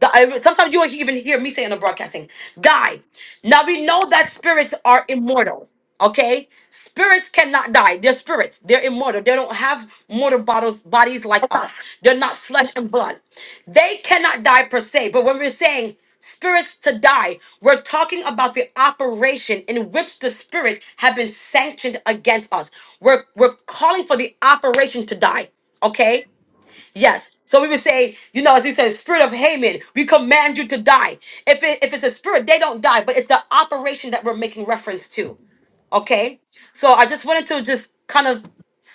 Speaker 1: The- I- Sometimes you won't even hear me say in the broadcasting, die. Now we know that spirits are immortal, okay? Spirits cannot die. They're spirits. They're immortal. They don't have mortal bottles, bodies like us. They're not flesh and blood. They cannot die per se. But when we're saying spirits to die, we're talking about the operation in which the spirit have been sanctioned against us. We're we're calling for the operation to die. Okay? Yes. So we would say, you know, as you said, spirit of Haman, we command you to die. If it, if it's a spirit, they don't die, but it's the operation that we're making reference to. Okay. So I just wanted to just kind of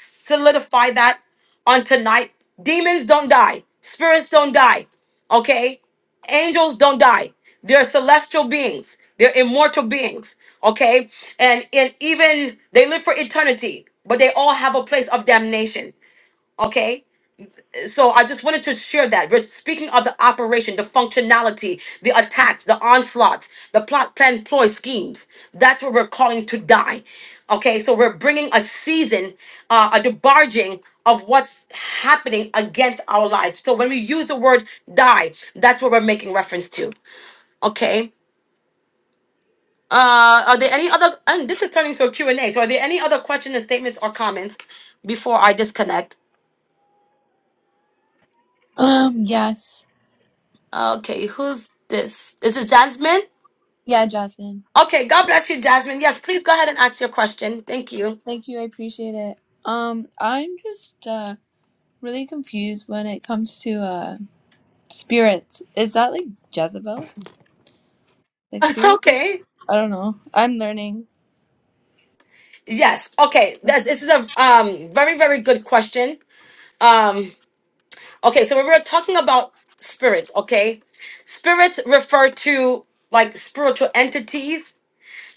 Speaker 1: solidify that on tonight. Demons don't die. Spirits don't die. Okay. Angels don't die. They're celestial beings. They're immortal beings. Okay. And and even they live for eternity, but they all have a place of damnation. Okay. So I just wanted to share that. We're speaking of the operation, the functionality, the attacks, the onslaughts, the plot, plan, ploy, schemes. That's what we're calling to die. Okay, so we're bringing a season, uh, a debarging of what's happening against our lives. So when we use the word die, that's what we're making reference to. Okay. Uh, are there any other? And this is turning to a Q and A. So are there any other questions, statements, or comments before I disconnect?
Speaker 11: Um, yes.
Speaker 1: Okay, who's this? Is this Jasmine?
Speaker 11: Yeah, Jasmine.
Speaker 1: Okay, God bless you, Jasmine. Yes, please go ahead and ask your question. Thank you.
Speaker 11: Thank you. I appreciate it. Um, I'm just uh really confused when it comes to uh spirits. Is that like Jezebel? Like spirit?
Speaker 1: okay.
Speaker 11: I don't know. I'm learning.
Speaker 1: Yes. Okay. That's this is a um very very good question. Um. Okay, so we were talking about spirits. Okay, spirits refer to like spiritual entities.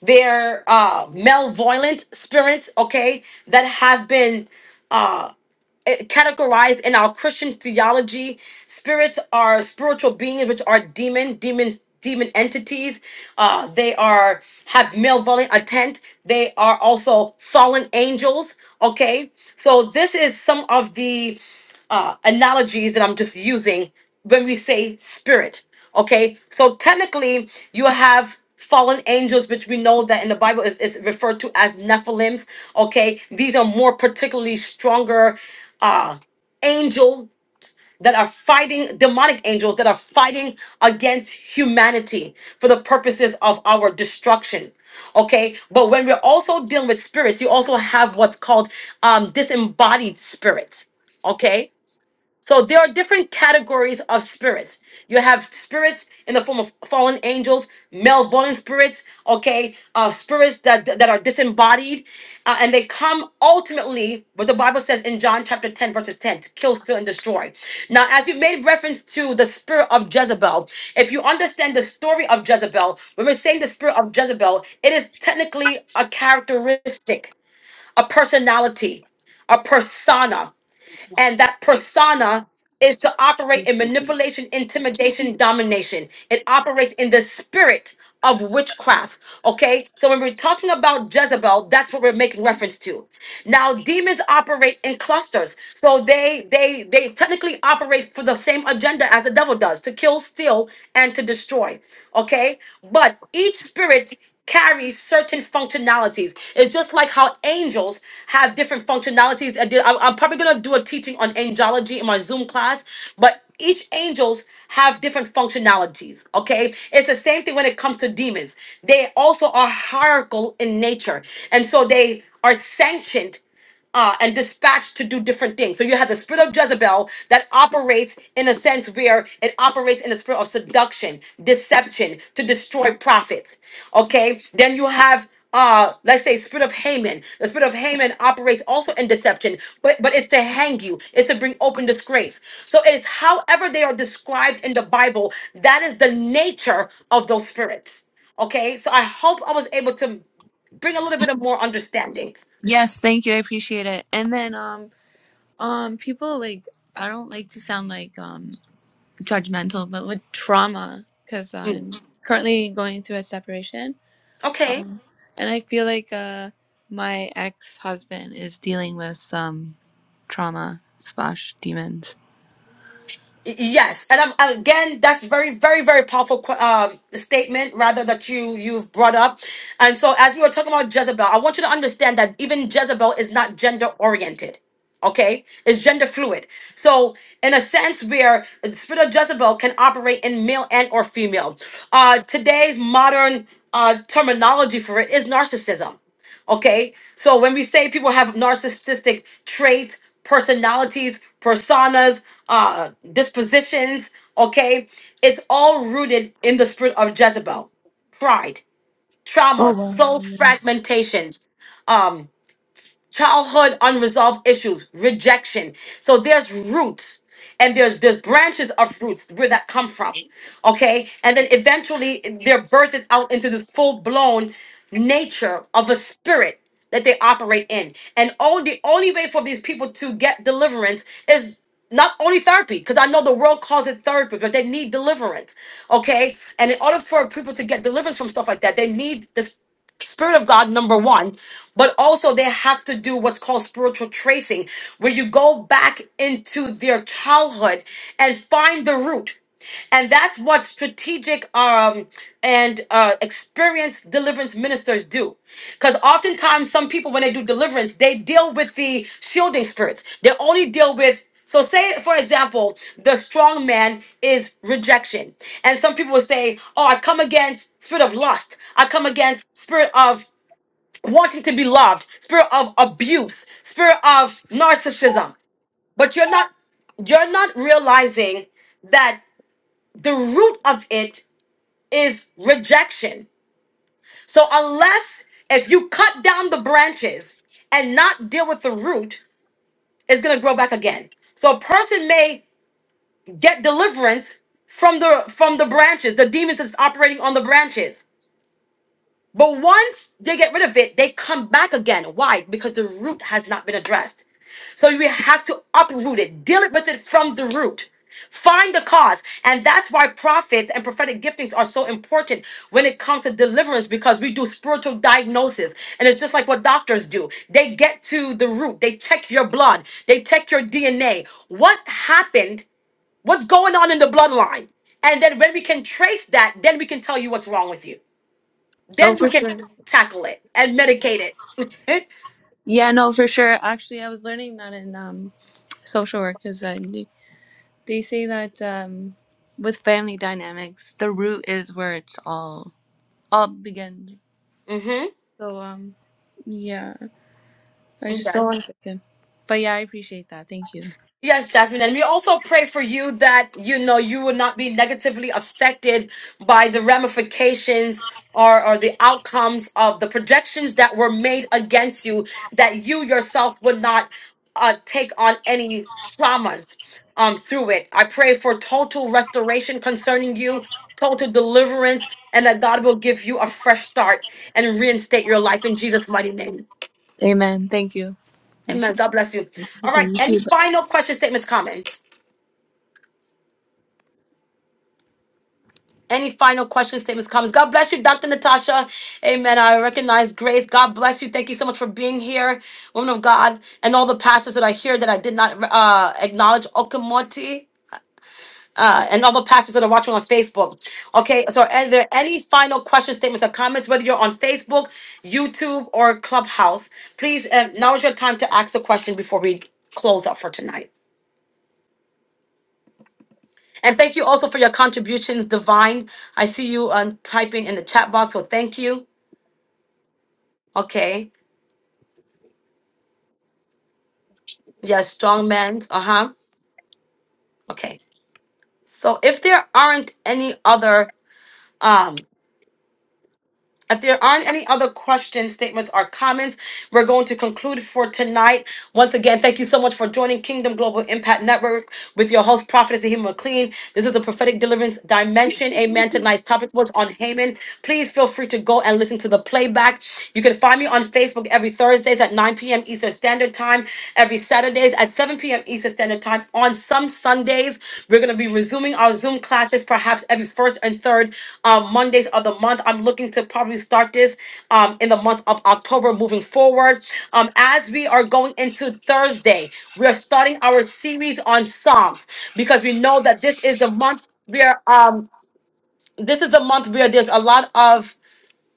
Speaker 1: They're uh, malevolent spirits. Okay, that have been eh, categorized in our Christian theology. Spirits are spiritual beings, which are demon, demon, demon entities. Uh, they are have malevolent intent. They are also fallen angels. Okay, so this is some of the uh, analogies that I'm just using when we say spirit. Okay, so technically you have fallen angels, which we know that in the Bible is, is referred to as Nephilims. Okay, these are more particularly stronger uh, angel that are fighting demonic angels that are fighting against humanity for the purposes of our destruction okay but when we're also dealing with spirits you also have what's called um disembodied spirits okay so there are different categories of spirits. You have spirits in the form of fallen angels, malevolent spirits, okay, uh, spirits that that are disembodied, uh, and they come ultimately, what the Bible says in John chapter 10, verses 10, to kill, steal, and destroy. Now, as you made reference to the spirit of Jezebel, if you understand the story of Jezebel, when we're saying the spirit of Jezebel, it is technically a characteristic, a personality, a persona. And that persona is to operate in manipulation, intimidation, domination. It operates in the spirit of witchcraft. Okay, so when we're talking about Jezebel, that's what we're making reference to. Now, demons operate in clusters, so they they they technically operate for the same agenda as the devil does: to kill, steal, and to destroy. Okay, but each spirit carries certain functionalities. It's just like how angels have different functionalities. I did- I- I'm probably gonna do a teaching on angelology in my Zoom class, but each angels have different functionalities. Okay, it's the same thing when it comes to demons. They also are hierarchical in nature, and so they are sanctioned uh, and dispatched to do different things. So you have the spirit of Jezebel that operates in a sense where it operates in the spirit of seduction, deception to destroy prophets. Okay, then you have. Uh, let's say spirit of Haman. The spirit of Haman operates also in deception, but but it's to hang you. It's to bring open disgrace. So it's however they are described in the Bible. That is the nature of those spirits. Okay, so I hope I was able to bring a little bit of more understanding.
Speaker 11: Yes, thank you. I appreciate it. And then um um people like I don't like to sound like um judgmental, but with trauma cuz I'm currently going through a separation
Speaker 1: Okay.
Speaker 11: Um, and I feel like uh, my ex husband is dealing with some trauma slash demons.
Speaker 1: Yes, and I'm, and again, that's very, very, very powerful um, statement, rather that you you've brought up. And so, as we were talking about Jezebel, I want you to understand that even Jezebel is not gender oriented. Okay, it's gender fluid. So, in a sense, where the spirit of Jezebel can operate in male and or female. Uh, today's modern uh, terminology for it is narcissism Okay. So when we say people have narcissistic traits, personalities, personas, uh, dispositions, okay, it's all rooted in the spirit of Jezebel, pride,
Speaker 11: Oh
Speaker 1: trauma,
Speaker 11: wow.
Speaker 1: soul fragmentation, um, childhood unresolved issues, rejection. So there's roots and there's there's branches of roots where that come from. Okay? And then eventually they're birthed out into this full-blown nature of a spirit that they operate in. And only the only way for these people to get deliverance is not only therapy, because I know the world calls it therapy, but they need deliverance. Okay? And in order for people to get deliverance from stuff like that, they need this spirit of God, number one, but also they have to do what's called spiritual tracing, where you go back into their childhood and find the root. And that's what strategic um, and uh, experienced deliverance ministers do. Because oftentimes, some people, when they do deliverance, they deal with the shielding spirits. They only deal with so, say, for example, the strong man is rejection. And some people will say, Oh, I come against spirit of lust. I come against spirit of wanting to be loved, spirit of abuse, spirit of narcissism. But you're not you're not realizing that the root of it is rejection. So unless if you cut down the branches and not deal with the root, it's gonna grow back again. So a person may get deliverance from the from the branches, the demons that's operating on the branches. But once they get rid of it, they come back again. Why? Because the root has not been addressed. So you have to uproot it, deal it with it from the root. Find the cause. And that's why prophets and prophetic giftings are so important when it comes to deliverance because we do spiritual diagnosis. And it's just like what doctors do they get to the root, they check your blood, they check your DNA. What happened what's going on in the bloodline. And then when we can trace that, then we can tell you what's wrong with you.
Speaker 11: Oh,
Speaker 1: Then we
Speaker 11: for
Speaker 1: can
Speaker 11: sure.
Speaker 1: tackle it and medicate it.
Speaker 11: Yeah, no, for sure. Actually, I was learning that in um, social work because uh, they they say that um, with family dynamics, the root is where it's all all begins.
Speaker 1: mm-hmm.
Speaker 11: So um, yeah, I just don't want to pick him. But yeah, I appreciate that. Thank you.
Speaker 1: Yes, Jasmine. And we also pray for you that, you know, you will not be negatively affected by the ramifications or, or the outcomes of the projections that were made against you, that you yourself would not uh, take on any traumas um, through it. I pray for total restoration concerning you, total deliverance, and that God will give you a fresh start and reinstate your life in Jesus' mighty name.
Speaker 11: Amen. Thank you. Thank
Speaker 1: Amen.
Speaker 11: you.
Speaker 1: God bless you. All right.
Speaker 11: Thank
Speaker 1: Any
Speaker 11: you.
Speaker 1: final questions, statements, comments? Any final questions, statements, comments? God bless you, Dr. Natasha. Amen. I recognize grace. God bless you. Thank you so much for being here, woman of God, and all the pastors that are here that I did not uh, acknowledge. Okamoti. Uh, and all the pastors that are watching on Facebook. Okay, so are there any final questions, statements, or comments, whether you're on Facebook, YouTube, or Clubhouse? Please, uh, now is your time to ask the question before we close up for tonight. And thank you also for your contributions, Divine. I see you um, typing in the chat box, so thank you. Okay. Yeah, strong men. Uh-huh. Okay. So if there aren't any other um if there aren't any other questions, statements, or comments, we're going to conclude for tonight. Once again, thank you so much for joining Kingdom Global Impact Network with your host, Prophetess Naheem McLean. This is the prophetic deliverance dimension. Amen. Tonight's topic was on Haman. Please feel free to go and listen to the playback. You can find me on Facebook every Thursdays at 9 p.m. Eastern Standard Time, every Saturday. Saturdays at 7 p.m. Eastern Standard Time. On some Sundays, we're going to be resuming our Zoom classes perhaps every first and third um, Mondays of the month. I'm looking to probably start this um, in the month of October moving forward. Um, as we are going into Thursday, we are starting our series on Psalms because we know that this is the month where um, this is the month where there's a lot of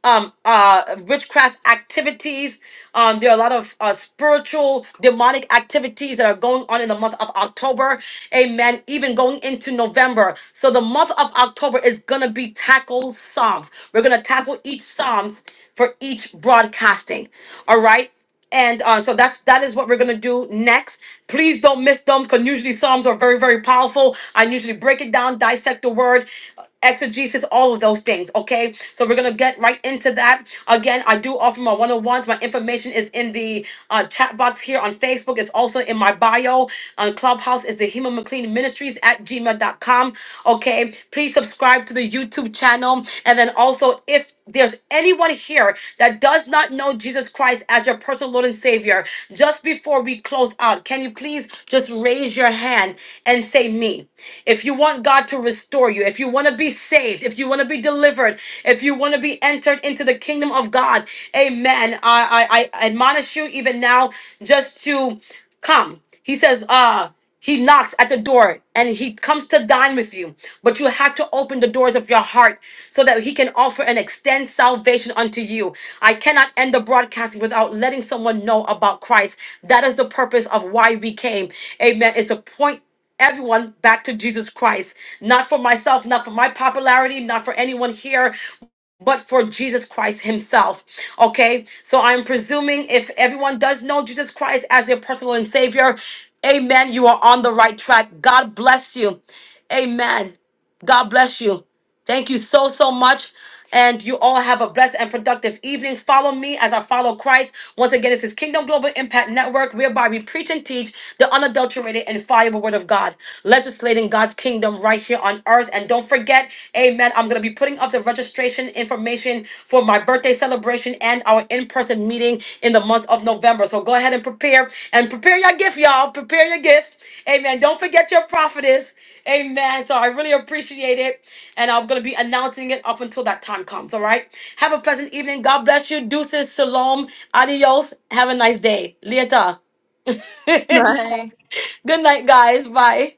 Speaker 1: um, uh, witchcraft activities. Um, there are a lot of uh, spiritual, demonic activities that are going on in the month of October. Amen. Even going into November. So the month of October is going to be tackle Psalms. We're going to tackle each Psalms for each broadcasting. All right and uh, so that's that is what we're gonna do next. Please don't miss them because usually psalms are very very powerful. I usually break it down, dissect the word, exegesis, all of those things. Okay, so we're gonna get right into that. Again, I do offer my one on ones. My information is in the uh, chat box here on Facebook. It's also in my bio on Clubhouse. Is the Hema McLean Ministries at Gmail dot com? Okay, please subscribe subscribe to the YouTube channel. And then also, if there's anyone here that does not know Jesus Christ as your personal Lord and Savior, just before we close out, can you please just raise your hand and say, Me? If you want God to restore you, if you want to be saved, if you want to be delivered, if you want to be entered into the kingdom of God, amen. I, I, I admonish you even now just to come. He says, uh, he knocks at the door and he comes to dine with you. But you have to open the doors of your heart so that he can offer and extend salvation unto you. I cannot end the broadcasting without letting someone know about Christ. That is the purpose of why we came. Amen. It's a point everyone back to Jesus Christ. Not for myself, not for my popularity, not for anyone here but for Jesus Christ Himself. Okay, so I'm presuming if everyone does know Jesus Christ as their personal and Savior, amen, you are on the right track. God bless you. Amen. God bless you. Thank you so, so much. And you all have a blessed and productive evening. Follow me as I follow Christ. Once again, this is Kingdom Global Impact Network, whereby we preach and teach the unadulterated and fireable word of God, legislating God's kingdom right here on earth. And don't forget, amen, I'm going to be putting up the registration information for my birthday celebration and our in person meeting in the month of November. So go ahead and prepare and prepare your gift, y'all. Prepare your gift. Amen. Don't forget your prophetess. Amen. So I really appreciate it. And I'm going to be announcing it up until that time comes. All right. Have a pleasant evening. God bless you. Deuces. Shalom. Adios. Have a nice day. Lieta.
Speaker 11: Bye.
Speaker 1: Good night, guys. Bye.